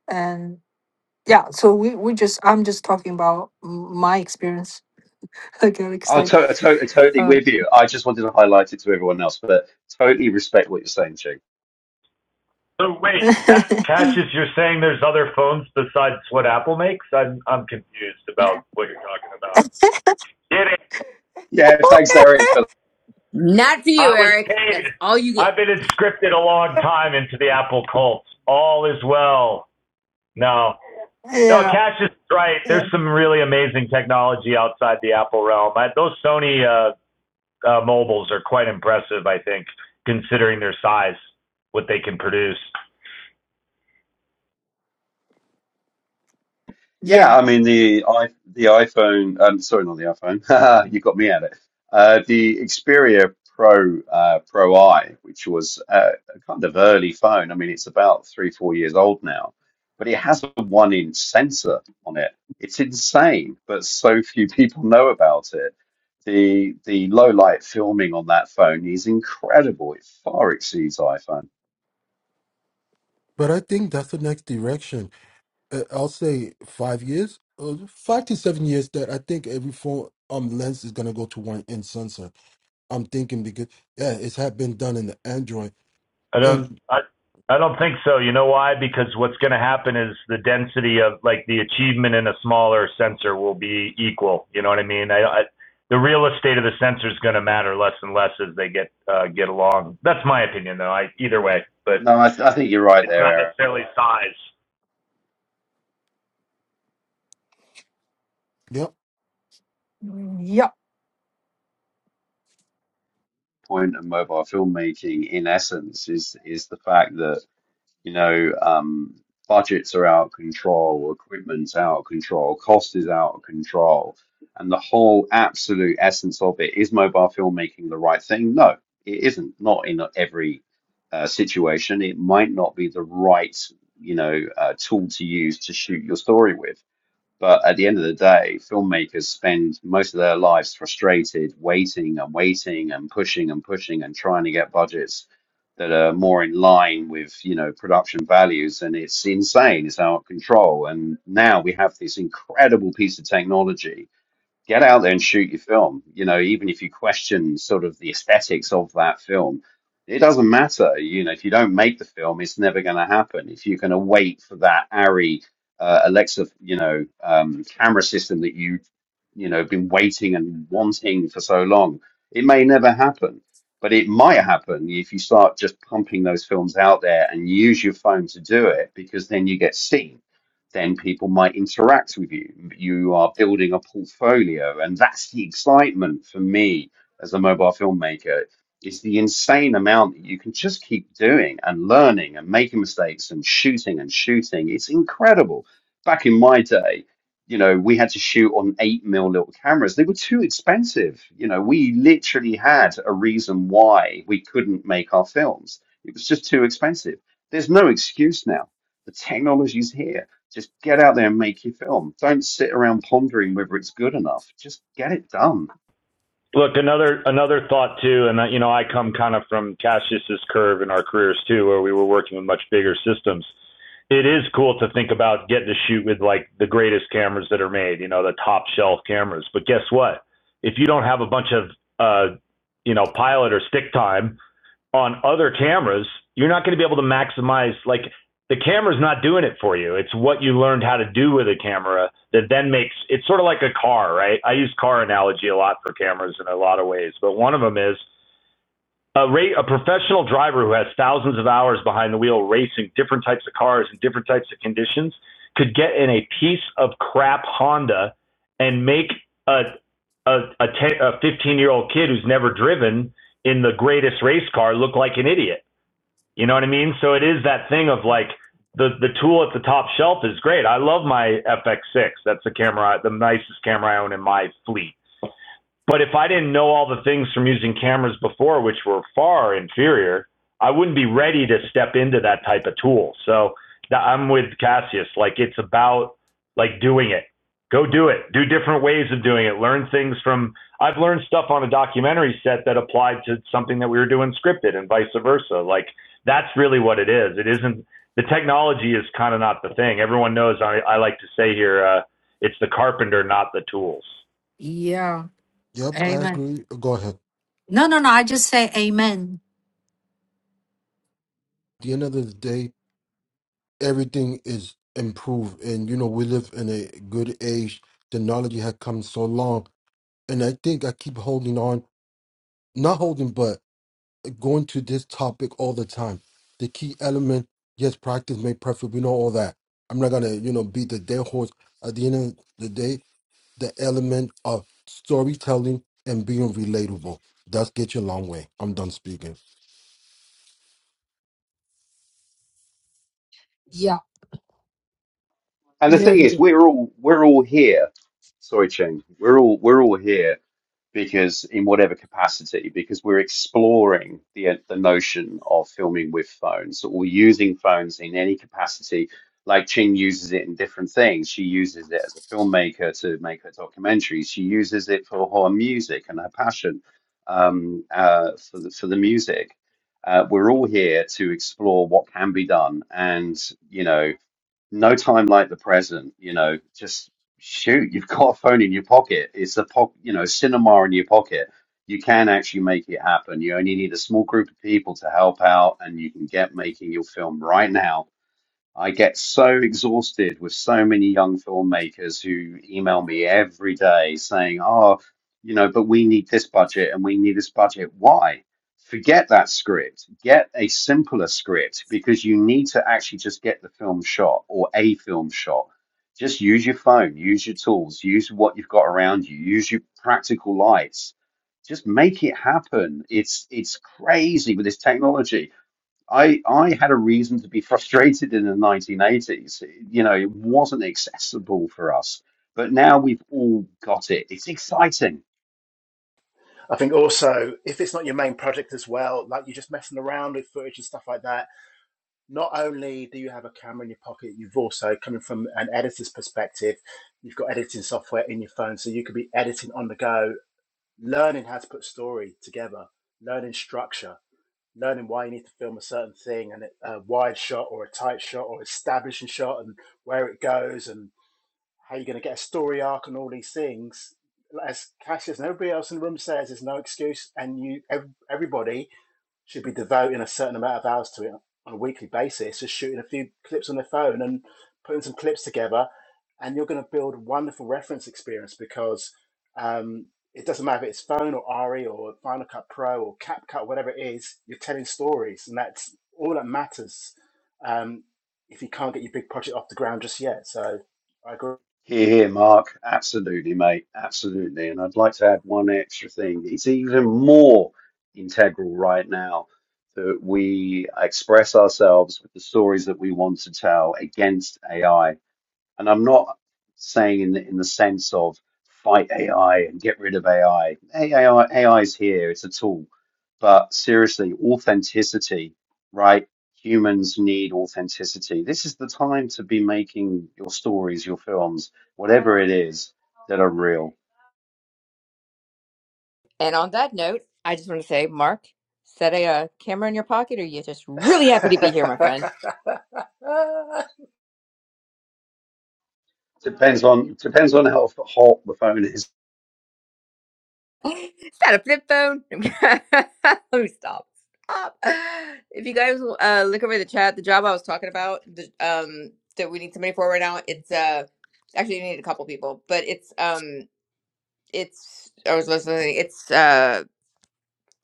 And yeah. So we, we just, I'm just talking about m- my experience I got Oh, excited. to- to- totally Um, with you. I just wanted to highlight it to everyone else, but totally respect what you're saying, Ching. So wait, Ca- Cassius, you're saying there's other phones besides what Apple makes? I'm I'm confused yeah. about what you're talking about. Did it? Yeah, thanks, Eric, for Not for I you, was Eric. paid. That's all you get. I've been inscripted a long time into the Apple cult. All is well. No, No, yeah. Cash is right. Yeah. There's some really amazing technology outside the Apple realm. I, those Sony uh, uh, mobiles are quite impressive, I think, considering their size, what they can produce. Yeah, Yeah. I mean the i the iPhone. Um, sorry, not the iPhone. You got me at it. Uh, the Xperia Pro uh, Pro I, which was uh, a kind of early phone. I mean, it's about three four years old now, but it has a one inch sensor on it. It's insane, but so few people know about it. The the low light filming on that phone is incredible. It far exceeds iPhone. But I think that's the next direction. Uh, I'll say five years, uh, five to seven years. That I think every phone um lens is gonna go to one in sensor. I'm thinking because yeah, it's had been done in the Android. I don't, And I, I don't think so. You know why? Because what's going to happen is the density of like the achievement in a smaller sensor will be equal. You know what I mean? I, I the real estate of the sensor is going to matter less and less as they get uh, get along. That's my opinion, though. I either way, but No, I, th I think you're right it's there, not necessarily size. yep, Yeah. point of mobile filmmaking, in essence, is is the fact that you know um, budgets are out of control, equipment's out of control, cost is out of control, and the whole absolute essence of it is mobile filmmaking the right thing? No, it isn't. Not in every uh, situation. It might not be the right you know uh, tool to use to shoot your story with but at the end of the day, filmmakers spend most of their lives frustrated, waiting and waiting and pushing and pushing and trying to get budgets that are more in line with, you know, production values. And it's insane. It's out of control. And now we have this incredible piece of technology get out there and shoot your film. You know, even if you question sort of the aesthetics of that film, it doesn't matter. You know, if you don't make the film, it's never going to happen. If you're going to wait for that Arri uh, Alexa, you know, um, camera system that you, you know, been waiting and wanting for so long, it may never happen. But it might happen if you start just pumping those films out there and use your phone to do it, because then you get seen then people might interact with you. You are building a portfolio, and that's the excitement for me as a mobile filmmaker. It's the insane amount that you can just keep doing and learning and making mistakes and shooting and shooting. It's incredible. Back in my day, you know, we had to shoot on eight mil little cameras. They were too expensive. You know, we literally had a reason why we couldn't make our films. It was just too expensive. There's no excuse now. The technology's here just get out there and make your film. Don't sit around pondering whether it's good enough. Just get it done. Look, another another thought too, and uh, you know, I come kind of from Cassius's curve in our careers too, where we were working with much bigger systems. It is cool to think about getting to shoot with like the greatest cameras that are made, you know, the top shelf cameras. But guess what? If you don't have a bunch of uh, you know, pilot or stick time, on other cameras, you're not going to be able to maximize like the camera's not doing it for you. It's what you learned how to do with a camera that then makes it's sort of like a car, right? I use car analogy a lot for cameras in a lot of ways, but one of them is a, ra- a professional driver who has thousands of hours behind the wheel racing different types of cars and different types of conditions could get in a piece of crap Honda and make a a a, ten, a 15 year old kid who's never driven in the greatest race car look like an idiot. You know what I mean? So it is that thing of like the the tool at the top shelf is great. I love my FX6. That's the camera, the nicest camera I own in my fleet. But if I didn't know all the things from using cameras before, which were far inferior, I wouldn't be ready to step into that type of tool. So th- I'm with Cassius. Like it's about like doing it. Go do it. Do different ways of doing it. Learn things from. I've learned stuff on a documentary set that applied to something that we were doing scripted, and vice versa. Like that's really what it is. It isn't the technology is kind of not the thing. Everyone knows I, I like to say here, uh, it's the carpenter, not the tools. Yeah. yep, I Amen. agree. Go ahead. No, no, no. I just say amen. At the end of the day, everything is improved, and you know we live in a good age. Technology had come so long, and I think I keep holding on, not holding, but. going to this topic all the time. The key element, yes, practice made perfect. We know all that. I'm not gonna, you know, beat the dead horse. At the end of the day, the element of storytelling and being relatable. does get you a long way. I'm done speaking. Yeah. And the thing Very is, good. we're all we're all here. Sorry, Cheng. We're all we're all here because in whatever capacity, because we're exploring the the notion of filming with phones or using phones in any capacity. Like Ching uses it in different things. She uses it as a filmmaker to make her documentaries. She uses it for her music and her passion um, uh, for the for the music. Uh, we're all here to explore what can be done, and you know no time like the present, you know, just shoot, you've got a phone in your pocket. It's a po you know, cinema in your pocket. You can actually make it happen. You only need a small group of people to help out, and you can get making your film right now I get so exhausted with so many young filmmakers who email me every day saying, oh, you know, but we need this budget and we need this budget. Why? Forget that script. Get a simpler script because you need to actually just get the film shot or a film shot. Just use your phone, use your tools, use what you've got around you, use your practical lights. Just make it happen. It's it's crazy with this technology I I had a reason to be frustrated in the 1980s. You know, it wasn't accessible for us, but now we've all got it. It's exciting. I think also if it's not your main project as well, like you're just messing around with footage and stuff like that not only do you have a camera in your pocket, you've also, coming from an editor's perspective, you've got editing software in your phone, so you could be editing on the go, learning how to put story together, learning structure, learning why you need to film a certain thing, and a wide shot or a tight shot or establishing shot, and where it goes, and how you're going to get a story arc, and all these things. As Cassius and everybody else in the room says, there's no excuse, and you, ev- everybody should be devoting a certain amount of hours to it on a weekly basis, just shooting a few clips on their phone and putting some clips together, and you're going to build a wonderful reference experience because um, it doesn't matter if it's phone or RE or Final Cut Pro or CapCut, whatever it is, you're telling stories, and that's all that matters. Um, if you can't get your big project off the ground just yet, so I agree. Here, here, Mark. Absolutely, mate. Absolutely. And I'd like to add one extra thing. It's even more integral right now that we express ourselves with the stories that we want to tell against AI And I'm not saying in the, in the sense of fight AI and get rid of AI. AI, AI is here, it's a tool. But seriously, authenticity, right? Humans need authenticity. This is the time to be making your stories, your films, whatever it is that are real. And on that note, I just want to say, Mark, is that a uh, camera in your pocket, or are you just really happy to be here, my friend? Depends on depends on how hot the phone is. is that a flip phone? Let me stop. Stop. If you guys uh, look over the chat, the job I was talking about, the, um, that we need somebody for right now, it's uh, actually you need a couple people, but it's um it's I was listening. It's uh,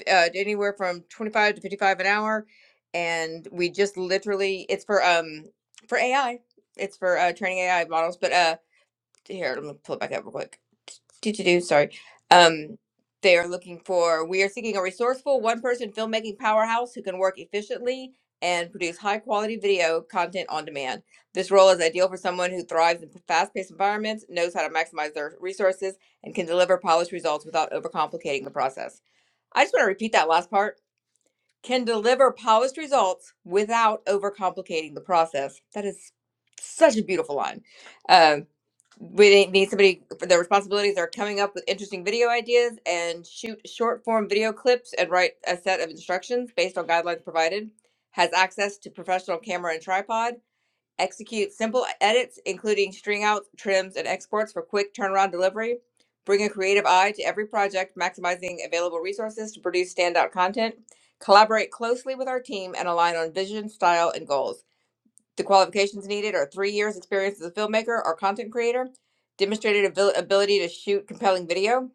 uh anywhere from twenty five to fifty five an hour, and we just literally it's for um for AI. It's for uh, training AI models, but uh here, let me pull it back up real quick. Do do do. Sorry. Um, they are looking for. We are seeking a resourceful one-person filmmaking powerhouse who can work efficiently and produce high-quality video content on demand. This role is ideal for someone who thrives in fast-paced environments, knows how to maximize their resources, and can deliver polished results without overcomplicating the process. I just want to repeat that last part can deliver polished results without overcomplicating the process. That is such a beautiful line. Um, we need somebody for their responsibilities are coming up with interesting video ideas and shoot short form video clips and write a set of instructions based on guidelines provided. Has access to professional camera and tripod Execute simple edits, including string outs, trims, and exports for quick turnaround delivery. Bring a creative eye to every project, maximizing available resources to produce standout content. Collaborate closely with our team and align on vision, style, and goals. The qualifications needed are three years' experience as a filmmaker or content creator, demonstrated abil- ability to shoot compelling video.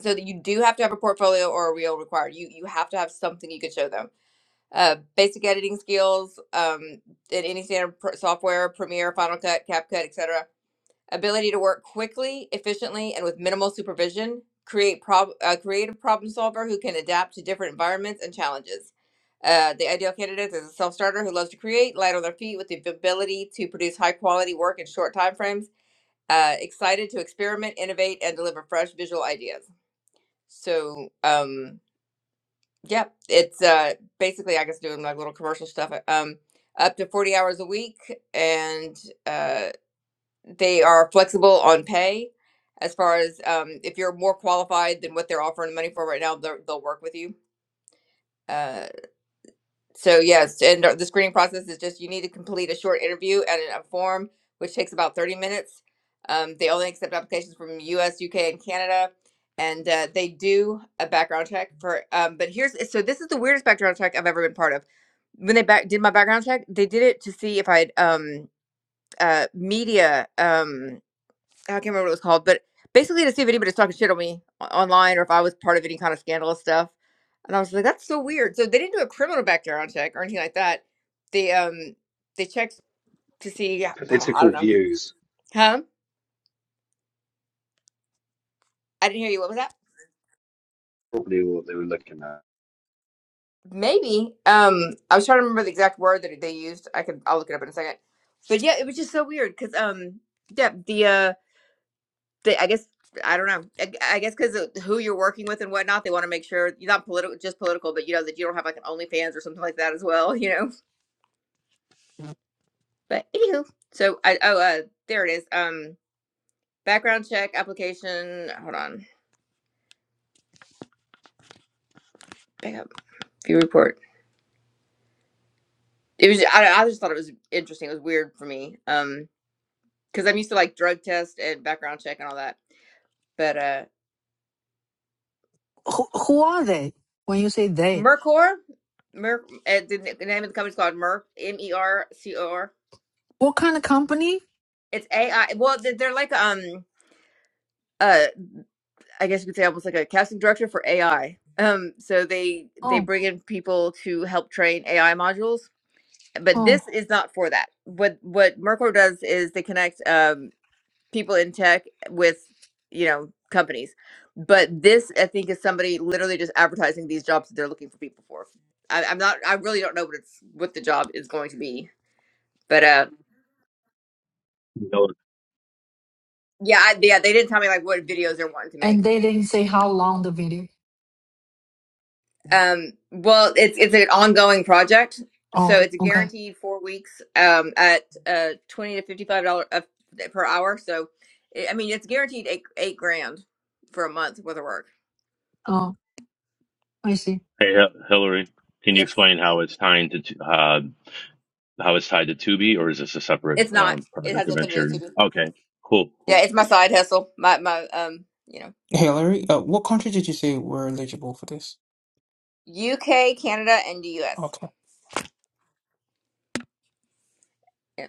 So that you do have to have a portfolio or a reel required. You you have to have something you could show them uh, basic editing skills um, in any standard pr- software, Premiere, Final Cut, CapCut, etc. Ability to work quickly, efficiently, and with minimal supervision. Create prob- a creative problem solver who can adapt to different environments and challenges. Uh, the ideal candidate is a self-starter who loves to create, light on their feet, with the ability to produce high-quality work in short timeframes. Uh, excited to experiment, innovate, and deliver fresh visual ideas. So, um, Yep, it's uh basically I guess doing like little commercial stuff. uh, Um, up to forty hours a week, and uh, they are flexible on pay. As far as um, if you're more qualified than what they're offering money for right now, they'll they'll work with you. Uh, so yes, and uh, the screening process is just you need to complete a short interview and a form, which takes about thirty minutes. Um, they only accept applications from U.S., U.K., and Canada, and uh, they do a background check for. Um, but here's so this is the weirdest background check I've ever been part of. When they back, did my background check, they did it to see if I had um, uh, media. um. I can't remember what it was called, but basically to see if anybody was talking shit on me o- online or if I was part of any kind of scandalous stuff. And I was like, that's so weird. So they didn't do a criminal background check or anything like that. They um they checked to see uh, I Political don't know. views, Huh? I didn't hear you. What was that? probably what they were looking at. Maybe. Um I was trying to remember the exact word that they used. I could I'll look it up in a second. But yeah, it was just so weird because um yeah, the uh they, I guess I don't know. I, I guess because of who you're working with and whatnot, they want to make sure you're not political, just political, but you know that you don't have like an OnlyFans or something like that as well. You know. But anywho, so I oh uh there it is. Um, background check application. Hold on, back up view report. It was I, I just thought it was interesting. It was weird for me. Um, because I'm used to like drug test and background check and all that. But uh, Who, who are they when you say they? Mercor, Mer, uh, the the name of the company's called Merc M E R C O R. What kind of company? It's AI. Well, they're like um. uh. I guess you could say almost like a casting director for AI. Um, so they they Oh, bring in people to help train AI modules, but oh. this is not for that. What what Merkle does is they connect um, people in tech with you know companies, but this I think is somebody literally just advertising these jobs that they're looking for people for. I, I'm not. I really don't know what it's what the job is going to be, but uh, Hil- yeah, I, yeah, they didn't tell me like what videos they're wanting to make. And they didn't say how long the video. Um, well, it's it's an ongoing project, so Oh, it's a okay. guaranteed four weeks um, at uh, twenty to fifty five dollars per hour. So, i mean, it's guaranteed eight eight grand for a month worth of work. Oh, I see. Hey, Hi- Hillary, can you Yes, explain how it's tying to t- uh, how it's tied to Tubi, or is this a separate it's not. um, It project has of nothing to do Enchiridion? with me. Okay, cool, Yeah, cool. it's my side hustle. My my um, you Hillary, uh, what country did you say were eligible for this? know, UK, Canada, and the US. Okay. Yeah.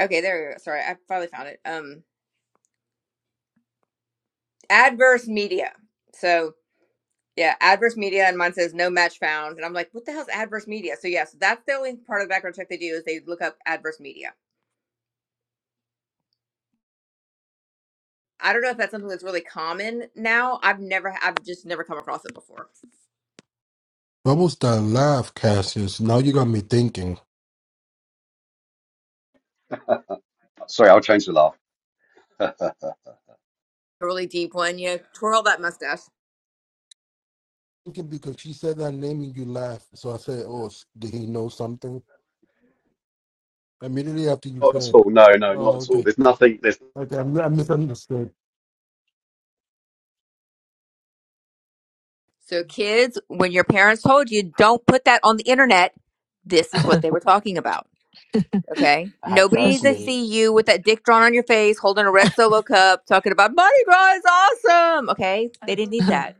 Okay, there we go. Sorry, I finally found it. Um, adverse media. So. Yeah, adverse media, and mine says no match found, and I'm like, what the hell's adverse media? So yes, that's the only part of the background check they do is they look up adverse media. I don't know if that's something that's really common now. I've never, I've just never come across it before. What was that laugh, Cassius? Now you got me thinking. Sorry, I'll change the laugh. Not A really deep one. You know, twirl that mustache. Thinking because she said that name and you laugh. So I said, oh, s- did he know something? Immediately after you at said, all. No, no, not oh, at all. okay. There's nothing. There's Okay, I I misunderstood. So kids, when your parents told you don't put that on the internet, this is what they were talking about. Okay, nobody Adverse needs to me, see you with that dick drawn on your face, holding a red solo cup, talking about Mardi Gras is awesome. Okay, they didn't need that.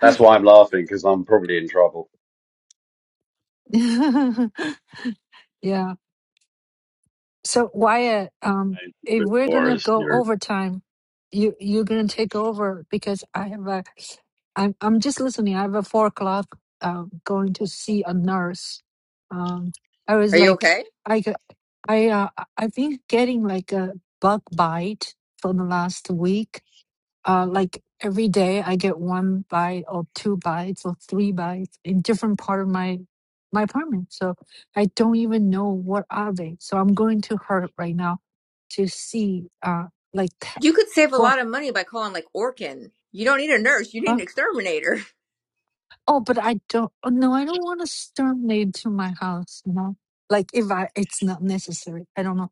That's why I'm laughing because I'm probably in trouble. yeah. So Wyatt, um, I if we're or gonna is go your overtime, you you're gonna take over because I have a, I'm I'm just listening. I have a four o'clock, uh, going to see a nurse. Um, I was Are you like, okay? I got- I uh, I- I've been getting like a bug bite for the last week, uh, like every day, I get one bite or two bites or three bites in different part of my my apartment. So I don't even know what are they. So I'm going to her right now to see, uh, like t- You could save a for lot of money by calling like Orkin. You don't need a nurse, you need her. an exterminator. Oh, but I don't. oh, No, I don't want to terminate to my house. You know, like if I, it's not necessary. I don't know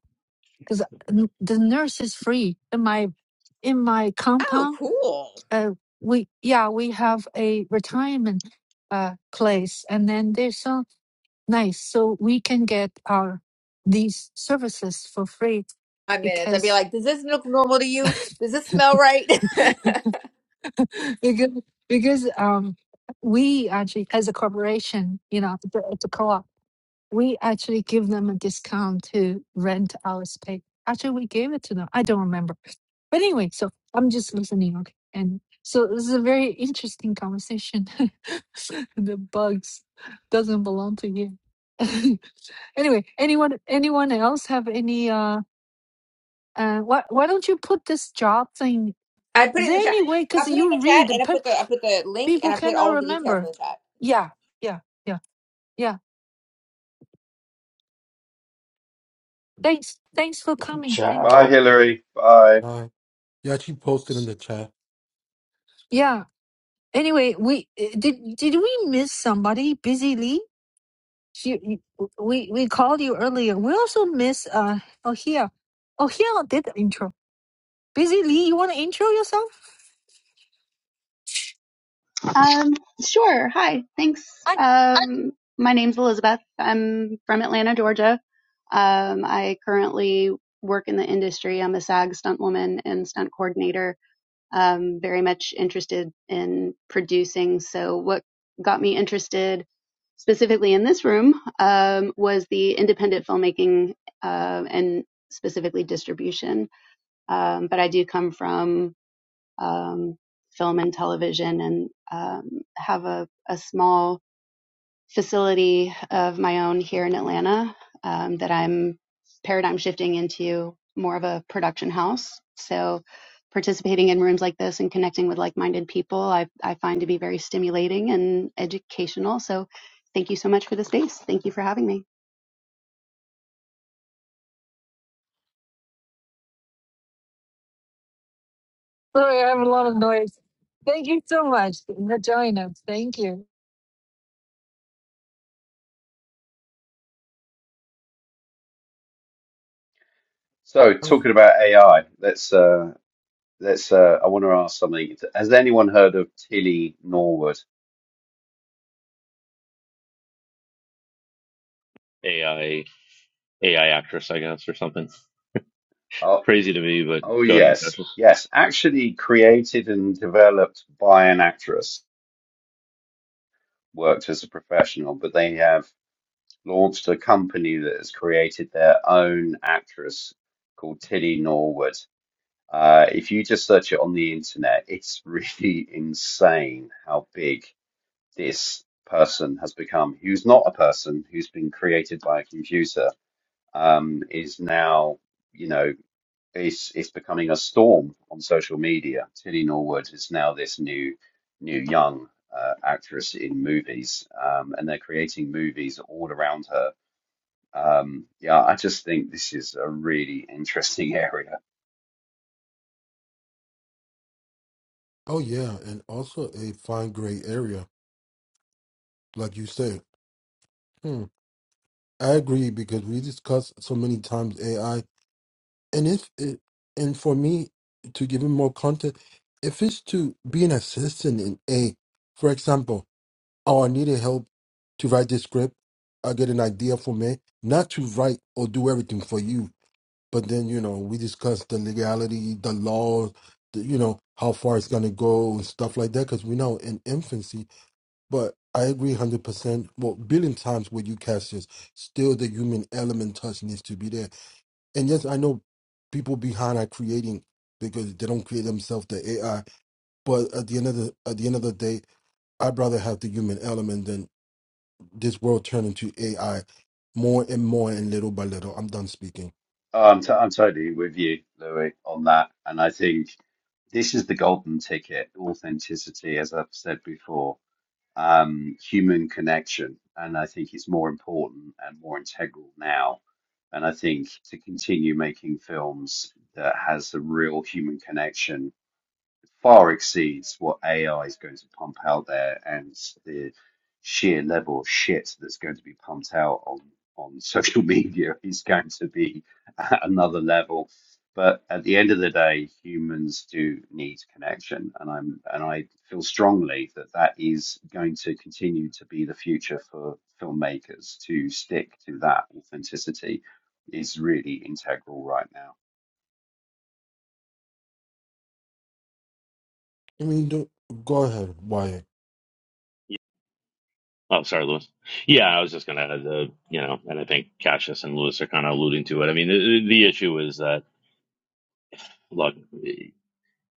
because the nurse is free in my in my Oh, compound cool. uh, we yeah we have a retirement uh, place and then they're so nice so we can get our these services for free Five minutes. I'd be because like, does this look normal to you? Does this smell right? I because because um we actually as a corporation you know the, the co-op we actually give them a discount to rent our space. Actually, we gave it to them. I don't remember. But anyway, so I'm just listening. Okay. And so this is a very interesting conversation. the bugs doesn't belong to you. anyway, anyone anyone else have any uh uh why why don't you put this job thing? put Is it in there the chat. any way I because put it in you the chat read and I pe- put the I put the link people and I put cannot all the details in remember. the chat. Yeah, yeah, yeah, yeah. Thanks. Thanks for coming. Thank Bye, ciao. Hillary. Bye. All right. Yeah, she posted in the chat. you. Yeah, Anyway, we eh, did. Did we miss somebody? Busy Lee. She, you- we we called you earlier. We also miss uh oh here, oh here did the intro. Busy Lee, you want to intro yourself? Um, sure. Hi. Thanks. I Um, my name's Elizabeth. I'm from Atlanta, Georgia. Um, I currently work in the industry. I'm a SAG stunt woman and stunt coordinator um, very much interested in producing. So, what got me interested specifically in this room um, was the independent filmmaking uh, and specifically distribution. Um, but I do come from um, film and television and um, have a, a small facility of my own here in Atlanta um, that I'm paradigm shifting into more of a production house. So participating in rooms like this and connecting with like-minded people, I, I find to be very stimulating and educational. So thank you so much for the space. Thank you for having me. sorry, I have a lot of noise. Thank you so much for joining us. Thank you. So, talking about AI, let's uh, let's. Uh, I want to ask something. Has anyone heard of Tilly Norwood? AI AI actress, I guess, or something Oh, crazy to me, but oh go ahead, yes, Cassius. yes. Actually, created and developed by an actress, worked as a professional, but they have launched a company that has created their own actress called Tilly Norwood. Uh, if you just search it on the internet, it's really insane how big this person has become, who's not a person, who's been created by a computer, um, is now, you know, it's it's becoming a storm on social media. Tilly Norwood is now this new new young uh, actress in movies, um, and they're creating movies all around her. Um, yeah, I just think this is a really interesting area. Oh yeah, and also a fine gray area, like you said. Hmm. I agree because we discussed so many times AI, and if it, and for me to give him more content, if it's to be an assistant in A, for example, oh I needed help to write this script, I get an idea for me, not to write or do everything for you, but then you know we discuss the legality, the laws, the, you know how far it's gonna go and stuff like that because we know in infancy But I agree 100%. Well, billion times with you, Cassius, still the human element touch needs to be there. And yes, I know people behind are creating because they don't create themselves the AI. But at the end of the at the end of the day, I'd rather have the human element than this world turn into AI more and more and little by little. I'm done speaking. Oh, I'm, t- I'm totally with you, Louis, on that. And I think this is the golden ticket, authenticity, as I've said before, um, human connection. And I think it's more important and more integral now. And I think to continue making films that has a real human connection far exceeds what AI is going to pump out there and the sheer level of shit that's going to be pumped out on, on social media is going to be at another level. But at the end of the day, humans do need connection, and I'm and I feel strongly that that is going to continue to be the future for filmmakers to stick to that authenticity is really integral right now. I mean, don't, go ahead, Wyatt. Yeah. Oh, sorry, Lewis. Yeah, I was just gonna add the you know, and I think Cassius and Lewis are kind of alluding to it. I mean, the, the issue is that look, you,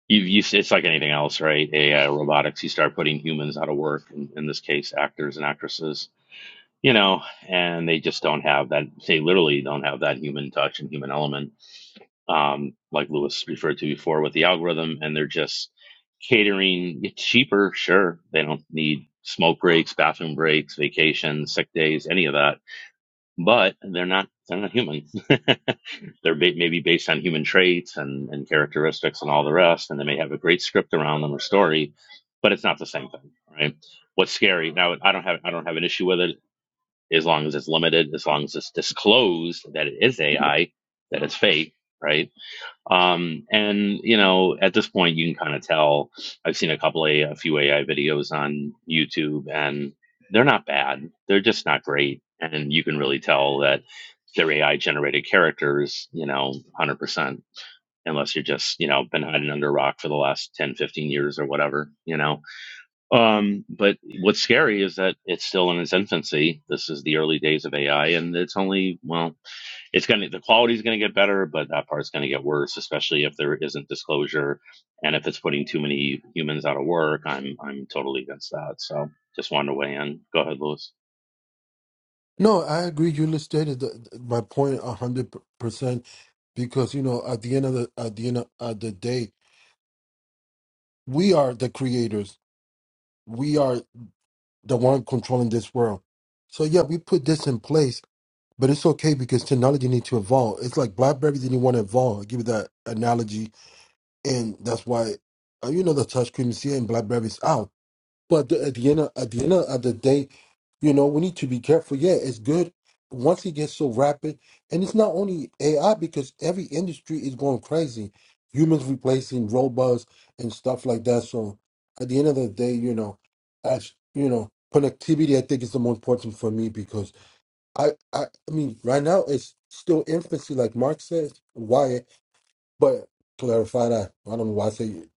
you it's like anything else, right? AI robotics, you start putting humans out of work. In, in this case, actors and actresses you know, and they just don't have that. They literally don't have that human touch and human element, um, like Lewis referred to before with the algorithm. And they're just catering it's cheaper. Sure, they don't need smoke breaks, bathroom breaks, vacations, sick days, any of that. But they're not they're not human. they're ba- maybe based on human traits and and characteristics and all the rest. And they may have a great script around them or story, but it's not the same thing, right? What's scary now? I don't have I don't have an issue with it as long as it's limited, as long as it's disclosed that it is AI, that it's fake, right? Um, and you know, at this point, you can kind of tell. I've seen a couple of a few AI videos on YouTube, and they're not bad. They're just not great, and you can really tell that they're AI generated characters. You know, one hundred percent. Unless you're just, you know, been hiding under a rock for the last 10, 15 years or whatever, you know. Um, but what's scary is that it's still in its infancy. This is the early days of AI, and it's only well, it's gonna the quality's gonna get better, but that part's gonna get worse, especially if there isn't disclosure and if it's putting too many humans out of work. I'm I'm totally against that. So just wanted to weigh in. Go ahead, Lewis. No, I agree. You illustrated the, the- my point 100% because, you know, at the end of the, at the end of, of the day, we are the creators. We are the one controlling this world. So yeah, we put this in place, but it's okay because technology needs to evolve. It's like BlackBerry didn't want to evolve. i give you that analogy, and that's why uh, you know the touch screen you see in BlackBerry's out. But the, at the end of, at the end of, the day, you know, we need to be careful. Yeah, it's good once it gets so rapid, and it's not only AI because every industry is going crazy. Humans replacing robots and stuff like that. So at the end of the day, you know, as you know, connectivity I think is the most important for me because I I, I mean right now it's still infancy, like Mark says. Why? But clarify that. I don't know why I say you,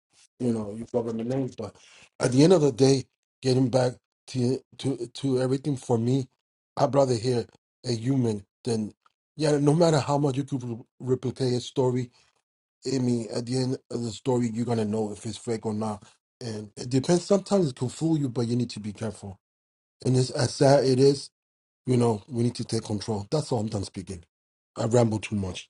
know you fuck up the names, but at the end of the day, getting back to to to everything for me, I'd rather hear a human than yeah. No matter how much you could re- replicate a story, I mean, at the end of the story, you're gonna know if it's fake or not. And it depends. Sometimes it can fool you, but you need to be careful. And it's, as sad it is, you know, we need to take control. That's all I'm done speaking. I ramble too much.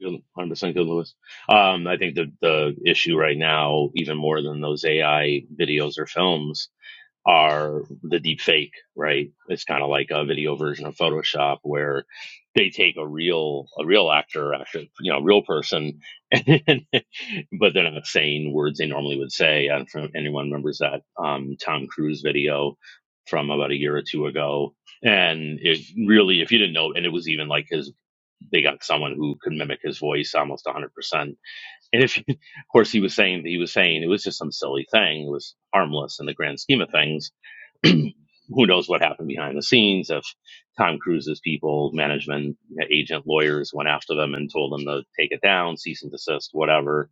Good- 100% good, Lewis. Um, I think the the issue right now, even more than those AI videos or films, are the deep fake, right? It's kind of like a video version of Photoshop where they take a real a real actor, actually, you know, a real person, and, but they're not saying words they normally would say. And if anyone remembers that um, Tom Cruise video from about a year or two ago, and it really, if you didn't know, and it was even like his, they got someone who could mimic his voice almost 100%. And if, of course, he was saying he was saying it was just some silly thing, it was harmless in the grand scheme of things who knows what happened behind the scenes if Tom Cruise's people, management, agent, lawyers went after them and told them to take it down, cease and desist, whatever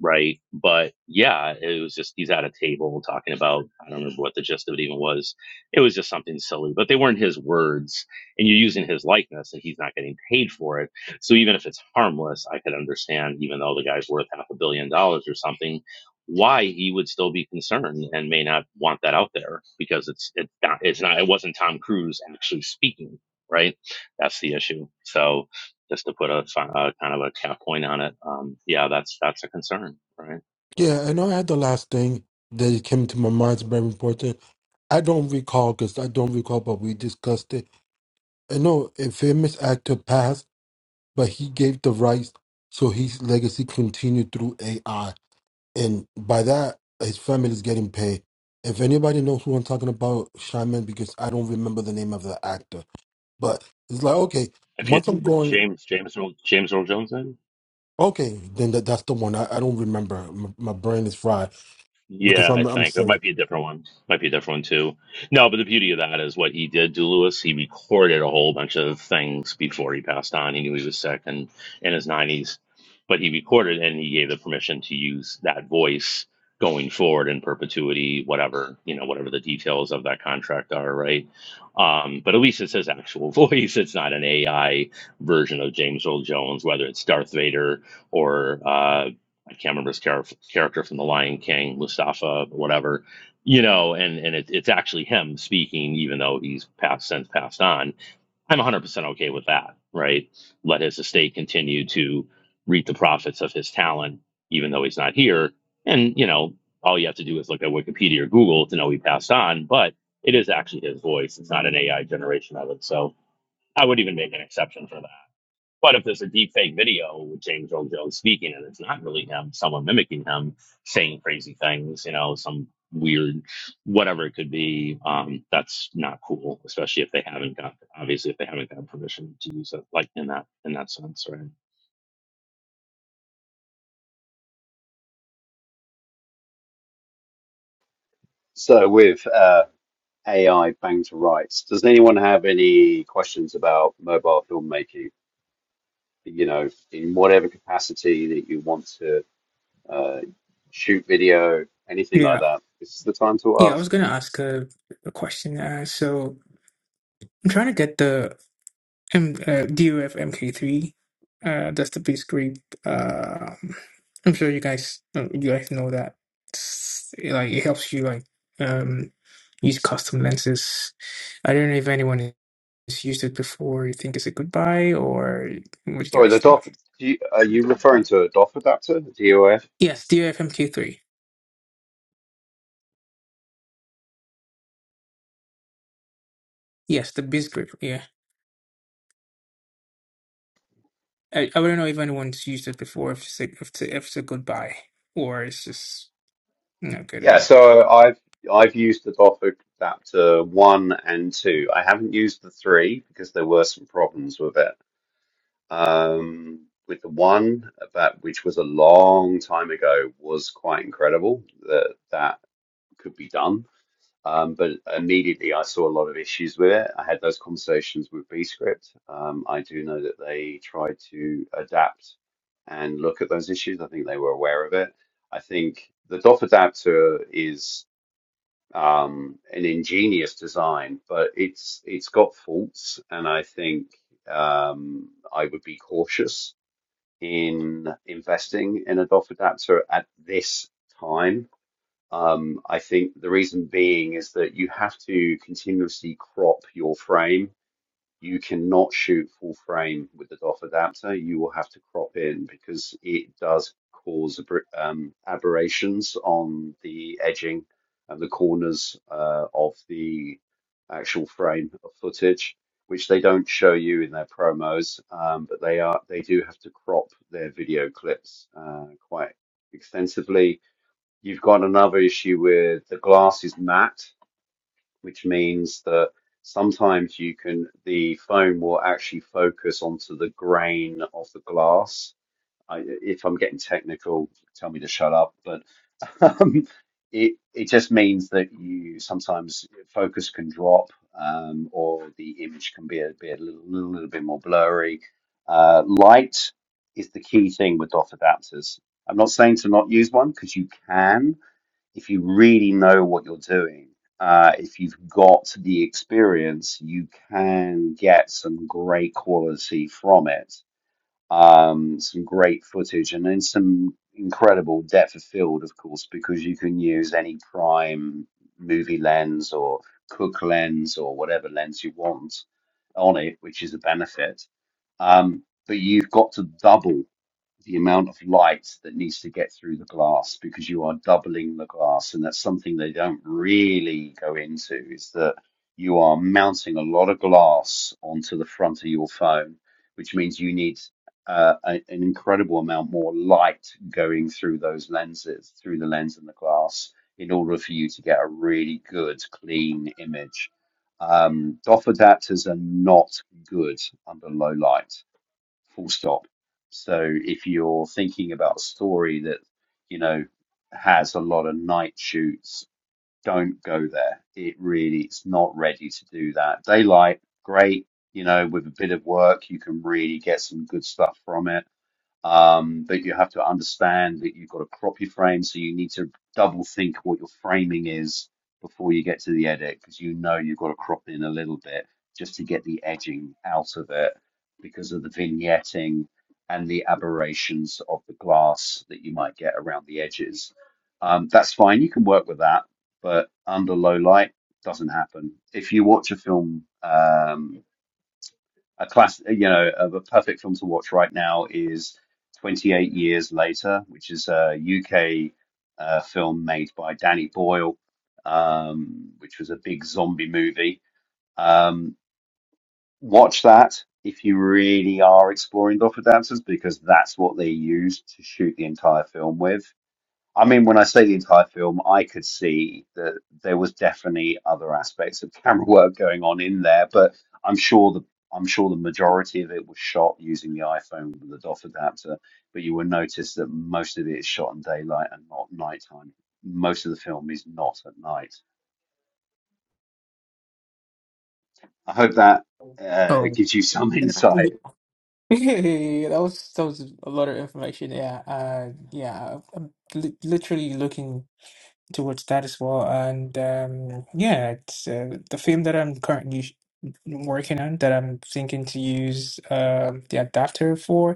right? But yeah, it was just he's at a table talking about I don't remember what the gist of it even was. It was just something silly, but they weren't his words, and you're using his likeness, and he's not getting paid for it. So even if it's harmless, I could understand, even though the guy's worth half a billion dollars or something, why he would still be concerned and may not want that out there because it's it's not it's not it wasn't Tom Cruise actually speaking, right? That's the issue. So just to put a, si, uh kind of a kind point on it, um, yeah, that's that's a concern, right? Yeah, and I had the last thing that came to my mind is very important. I don't recall because I don't recall, but we discussed it. I know a famous actor passed, but he gave the rights, so his legacy continued through AI, and by that, his family is getting paid. If anybody knows who I'm talking about, Shaman, because I don't remember the name of the actor, but it's like okay, If you once I'm think that going, James James Earl, James Earl Jones did, okay, then that, that's the one. I, I don't remember. My, my brain is fried because Yeah, I I'm I'm think it saying might be a different one. Might be a different one too. No, but the beauty of that is what he did to Lewis. He recorded a whole bunch of things before he passed on. He knew he was sick and in his nineties, but he recorded and he gave the permission to use that voice going forward in perpetuity, whatever you know, whatever the details of that contract are, right? Um, but at least it's his actual voice. It's not an AI version of James Earl Jones, whether it's Darth Vader or uh, I can't remember his char- character from The Lion King, Mustafa, whatever, you know, and, and it, it's actually him speaking, even though he's passed since passed on. I'm 100% okay with that, right? Let his estate continue to reap the profits of his talent, even though he's not here. And, you know, all you have to do is look at Wikipedia or Google to know he passed on, but it is actually his voice. It's not an AI generation of it. So I would even make an exception for that. But if there's a deep fake video with James Earl Jones speaking and it's not really him, someone mimicking him saying crazy things, you know, some weird whatever it could be, um, that's not cool, especially if they haven't got obviously if they haven't got permission to use it like in that in that sense, right? So with uh, AI bang to rights. Does anyone have any questions about mobile filmmaking? You know, in whatever capacity that you want to uh, shoot video, anything Yeah. like that. This is the time to Yeah, I ask. was gonna ask a, a question. Uh, so I'm trying to get the M, uh, DOF MK3. Uh, that's the base rate. Uh, I'm sure you guys uh, you guys know that. It's, like it helps you like um use custom lenses. I don't know if anyone has used it before. You think it's a good buy or what do you Sorry, guys the DOF. think? Do you, are you referring to a DOF adapter, a DOF? Yes, DOF MK3. Yes, the base grip. Yeah, I, I don't know if anyone's used it before. If it's a, if it's a, if it's a good buy or it's just. No good Yeah. enough. So I've I've used the DOF adapter one and two. I haven't used the three because there were some problems with it. um, with the one that which was a long time ago was quite incredible that that could be done. Um, but immediately I saw a lot of issues with it. I had those conversations with Bscript. Um, I do know that they tried to adapt and look at those issues. I think they were aware of it. I think the DOF adapter is um, an ingenious design, but it's it's got faults, and I think um, I would be cautious in investing in a DOF adapter at this time. Um, I think the reason being is that you have to continuously crop your frame you cannot shoot full frame with the DOF adapter. You will have to crop in because it does cause um, aberrations on the edging and the corners uh, of the actual frame of footage, which they don't show you in their promos, um, but they are they do have to crop their video clips uh, quite extensively. You've got another issue with the glass is matte, which means that sometimes you can the phone will actually focus onto the grain of the glass. I, if I'm getting technical, tell me to shut up. But um, it it just means that you sometimes focus can drop, um, or the image can be a, be a little, little bit more blurry. Uh, light is the key thing with DOF adapters. I'm not saying to not use one because you can, if you really know what you're doing, uh, if you've got the experience, you can get some great quality from it, um, some great footage, and then some incredible depth of field, of course, because you can use any prime movie lens or Cook lens or whatever lens you want on it, which is a benefit. Um, but you've got to double the amount of light that needs to get through the glass because you are doubling the glass. And that's something they don't really go into is that you are mounting a lot of glass onto the front of your phone, which means you need uh, a- an incredible amount more light going through those lenses, through the lens and the glass, in order for you to get a really good, clean image. Um, DOF adapters are not good under low light full stop. So if you're thinking about a story that, you know, has a lot of night shoots, don't go there. It really it's not ready to do that. Daylight, great, you know, with a bit of work you can really get some good stuff from it um, but you have to understand that you've got to crop your frame, so you need to double think what your framing is before you get to the edit, because you know you've got to crop in a little bit just to get the edging out of it because of the vignetting and the aberrations of the glass that you might get around the edges. Um, that's fine, you can work with that, but under low light doesn't happen. If you watch a film, um, a class, you know, of a perfect film to watch right now is 28 Years Later, which is a UK uh, film made by Danny Boyle, um, which was a big zombie movie. Um, watch that if you really are exploring Doffer dancers, because that's what they used to shoot the entire film with. I mean, when I say the entire film, I could see that there was definitely other aspects of camera work going on in there, but I'm sure the I'm sure the majority of it was shot using the iPhone with the DOF adapter. But you will notice that most of it is shot in daylight and not nighttime. Most of the film is not at night. I hope that uh, Oh, gives you some yeah, insight. that was that was a lot of information. Yeah, uh, yeah, I'm li literally looking towards that as well. And um, yeah, it's uh, the film that I'm currently sh- working on that I'm thinking to use um the adapter for.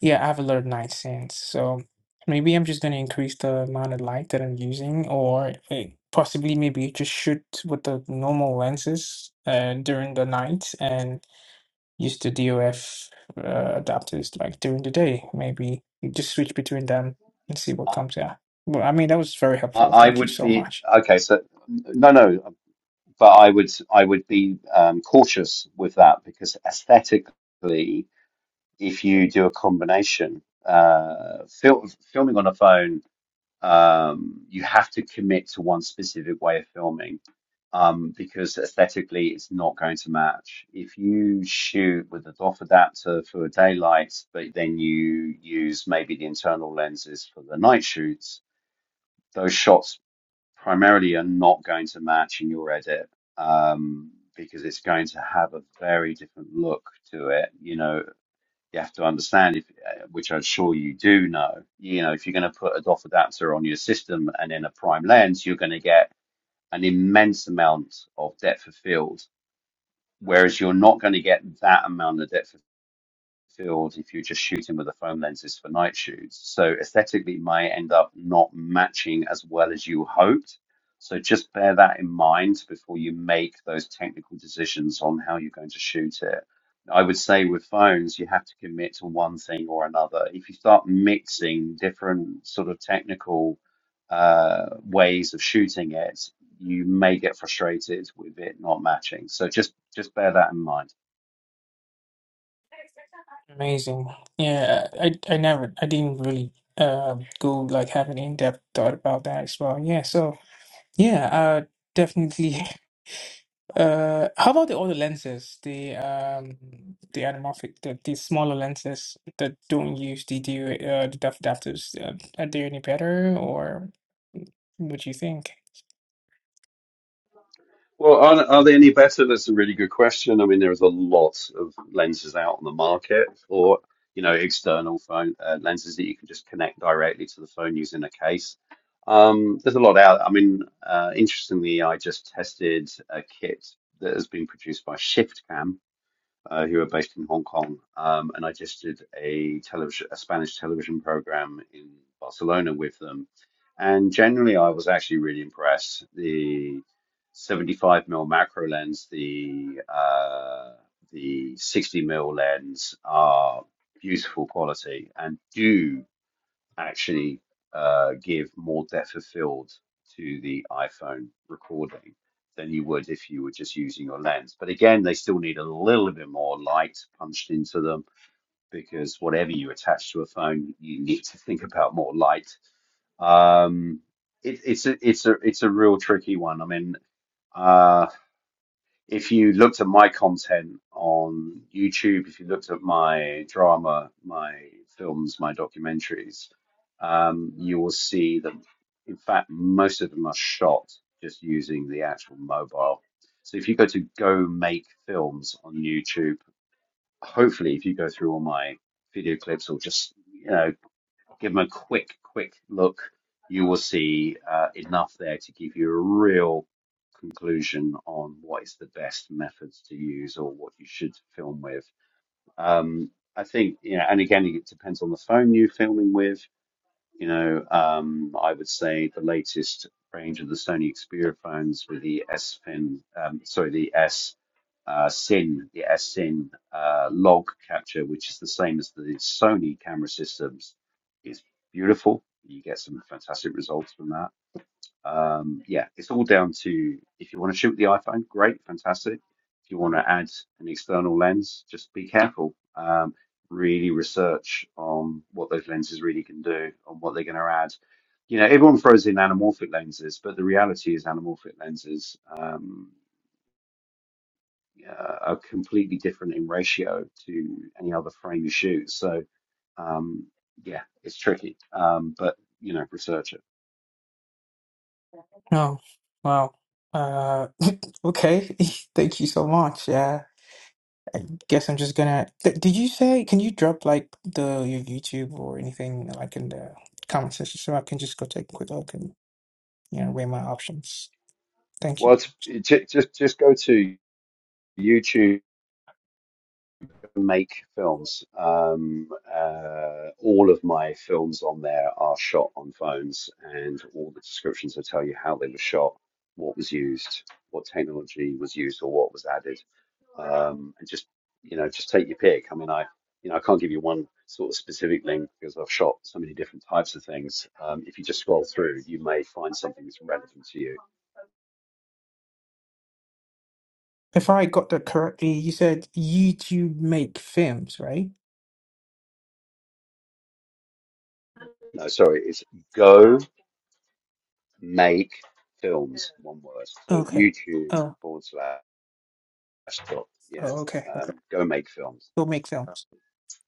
Yeah, I have a lot of night scenes, so maybe I'm just going to increase the amount of light that I'm using, or eh, possibly maybe just shoot with the normal lenses uh, during the night and. use the DOF uh, adapters like during the day. Maybe you just switch between them and see what I, comes out. Well, I mean, that was very helpful. I Thank you would so be much. okay. So no, no, but I would I would be um, cautious with that because aesthetically if you do a combination. Uh, fil filming on a phone, um, you have to commit to one specific way of filming um, because aesthetically it's not going to match. If you shoot with a DOF adapter for daylight, but then you use maybe the internal lenses for the night shoots, those shots primarily are not going to match in your edit um, because it's going to have a very different look to it. You know, you have to understand if uh, which I'm sure you do know you know if you're going to put a DOF adapter on your system and then a prime lens you're going to get an immense amount of depth of field whereas you're not going to get that amount of depth of field if you're just shooting with the phone lenses for night shoots. So aesthetically, it might end up not matching as well as you hoped. So just bear that in mind before you make those technical decisions on how you're going to shoot it. I would say with phones, you have to commit to one thing or another. If you start mixing different sort of technical uh, ways of shooting it, you may get frustrated with it not matching. So just just bear that in mind. Amazing. Yeah, I I never I didn't really uh go like have an in-depth thought about that as well. Yeah, so Yeah, uh, definitely. Uh, how about the other lenses? The um, the anamorphic, the, the smaller lenses that don't use the DU, uh, the depth adapters. Uh, are they any better, or what do you think? Well, are, are they any better? That's a really good question. I mean, there's a lot of lenses out on the market, or you know, external phone uh, lenses that you can just connect directly to the phone using a case. Um, there's a lot out. I mean, uh, interestingly, I just tested a kit that has been produced by ShiftCam, uh, who are based in Hong Kong, um, and I just did a television, a Spanish television program in Barcelona with them. And generally, I was actually really impressed. The 75 mil macro lens, the uh, the 60 mil lens are beautiful quality and do actually uh, give more depth of field to the iPhone recording than you would if you were just using your lens. But again, they still need a little bit more light punched into them because whatever you attach to a phone, you need to think about more light. Um, it, it's a it's a it's a real tricky one. I mean, uh, if you looked at my content on YouTube, if you looked at my drama, my films, my documentaries, um, you will see that, in fact, most of them are shot just using the actual mobile. So if you go to Go Make Films on YouTube, hopefully, if you go through all my video clips or just you know give them a quick, quick look. You will see uh, enough there to give you a real conclusion on what is the best methods to use or what you should film with. Um, I think, you know, and again, it depends on the phone you're filming with you know, um, I would say the latest range of the Sony Xperia phones with the S Pen, um, sorry, the S uh, SIN, the S SIN uh, log capture, which is the same as the Sony camera systems, is beautiful. You get some fantastic results from that. Um, yeah, it's all down to if you want to shoot with the iPhone, great, fantastic. If you want to add an external lens, just be careful. Um, really research on what those lenses really can do, on what they're going to add. You know, everyone throws in anamorphic lenses, but the reality is anamorphic lenses um, uh, are completely different in ratio to any other frame you shoot. So, um, yeah, it's tricky. Um, but you know, research it. Oh, wow. Uh, okay. Thank you so much. Yeah, guess I'm just gonna. Th did you say? Can you drop like the your YouTube or anything like in the comment section so I can just go take a quick look and you know weigh my options? Thank you. Well, it's, ju- just just go to YouTube and make films. Um, uh, all of my films on there are shot on phones, and all the descriptions will tell you how they were shot, what was used, what technology was used, or what was added. Um, and just you know, just take your pick. I mean, I you know, I can't give you one sort of specific link because I've shot so many different types of things. Um, if you just scroll through, you may find something that's relevant to you. If I got that correctly, you said you two make films, right? No, sorry, it's go. make films, one word. So Okay. YouTube Oh, forward slash dot, yeah, oh okay. Okay. um, go make films. You'll make films.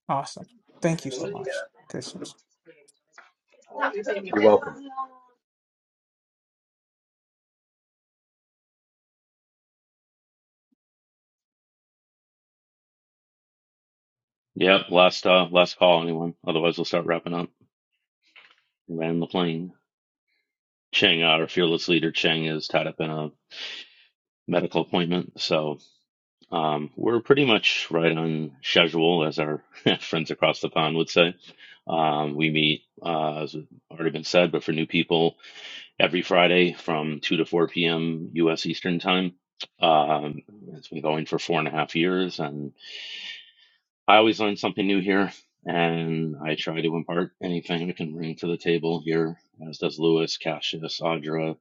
Awesome. Thank you so much. This is You're welcome. Yep, last uh last call anyone. Otherwise we'll start wrapping up. Land the plane. Chang, uh, our fearless leader Chang is tied up in a medical appointment, so. Um, we're pretty much right on schedule, as our friends across the pond would say. Um, we meet, uh, as already been said, but for new people, every Friday from 2 to 4 p.m. U.S. Eastern Time. Um, it's been going for four and a half years, and I always learn something new here, and I try to impart anything I can bring to the table here, as does Lewis, Cassius, Audra.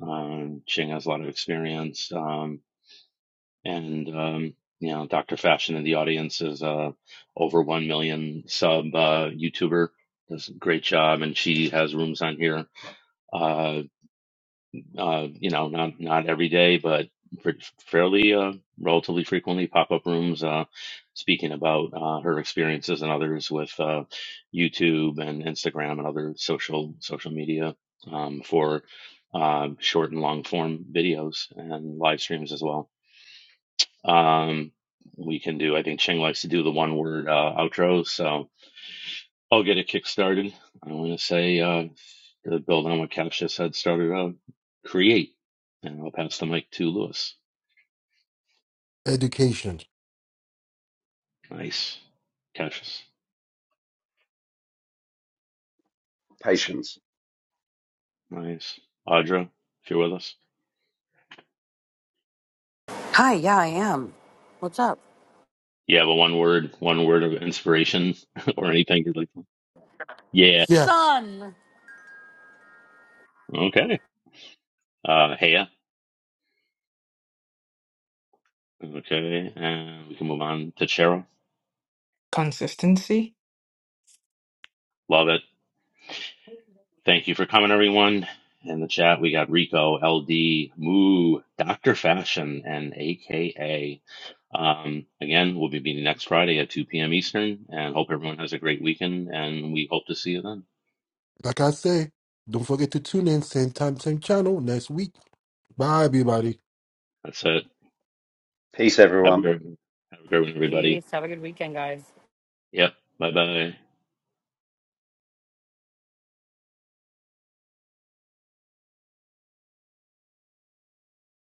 Um, Ching has a lot of experience. Um, and um, you know Dr. Fashion in the audience is uh, over one million sub uh, YouTuber. Does a great job, and she has rooms on here. Uh, uh, you know, not not every day, but pretty, fairly uh, relatively frequently pop up rooms uh, speaking about uh, her experiences and others with uh, YouTube and Instagram and other social social media um, for uh, short and long form videos and live streams as well. Um, we can do, I think Cheng likes to do the one word uh, outro, so I'll get it kick started. I want to say, uh, to build on what Cash just had started out, create. And I'll pass the mic to Lewis. education. Nice. Cassius. Patience. Nice. Audra, if you're with us. Hi, yeah, I am. What's up, You have a one word, one word of inspiration or anything you'd like. Yeah. Yes. son? Okay. Uh, Hea. Okay. And we can move on to Cheryl. consistency. Love it. Thank you for coming, everyone. In the chat, we got Rico, LD, Moo, Dr. Fashion, and AKA. Um, again, we'll be meeting next Friday at 2 p.m. Eastern, and hope everyone has a great weekend, and we hope to see you then. Like I say, don't forget to tune in, same time, same channel next week. Bye, everybody. That's it. Peace, Have a everyone. great, have a great one, everybody. Peace. Have a good weekend, guys. Yep. Bye bye.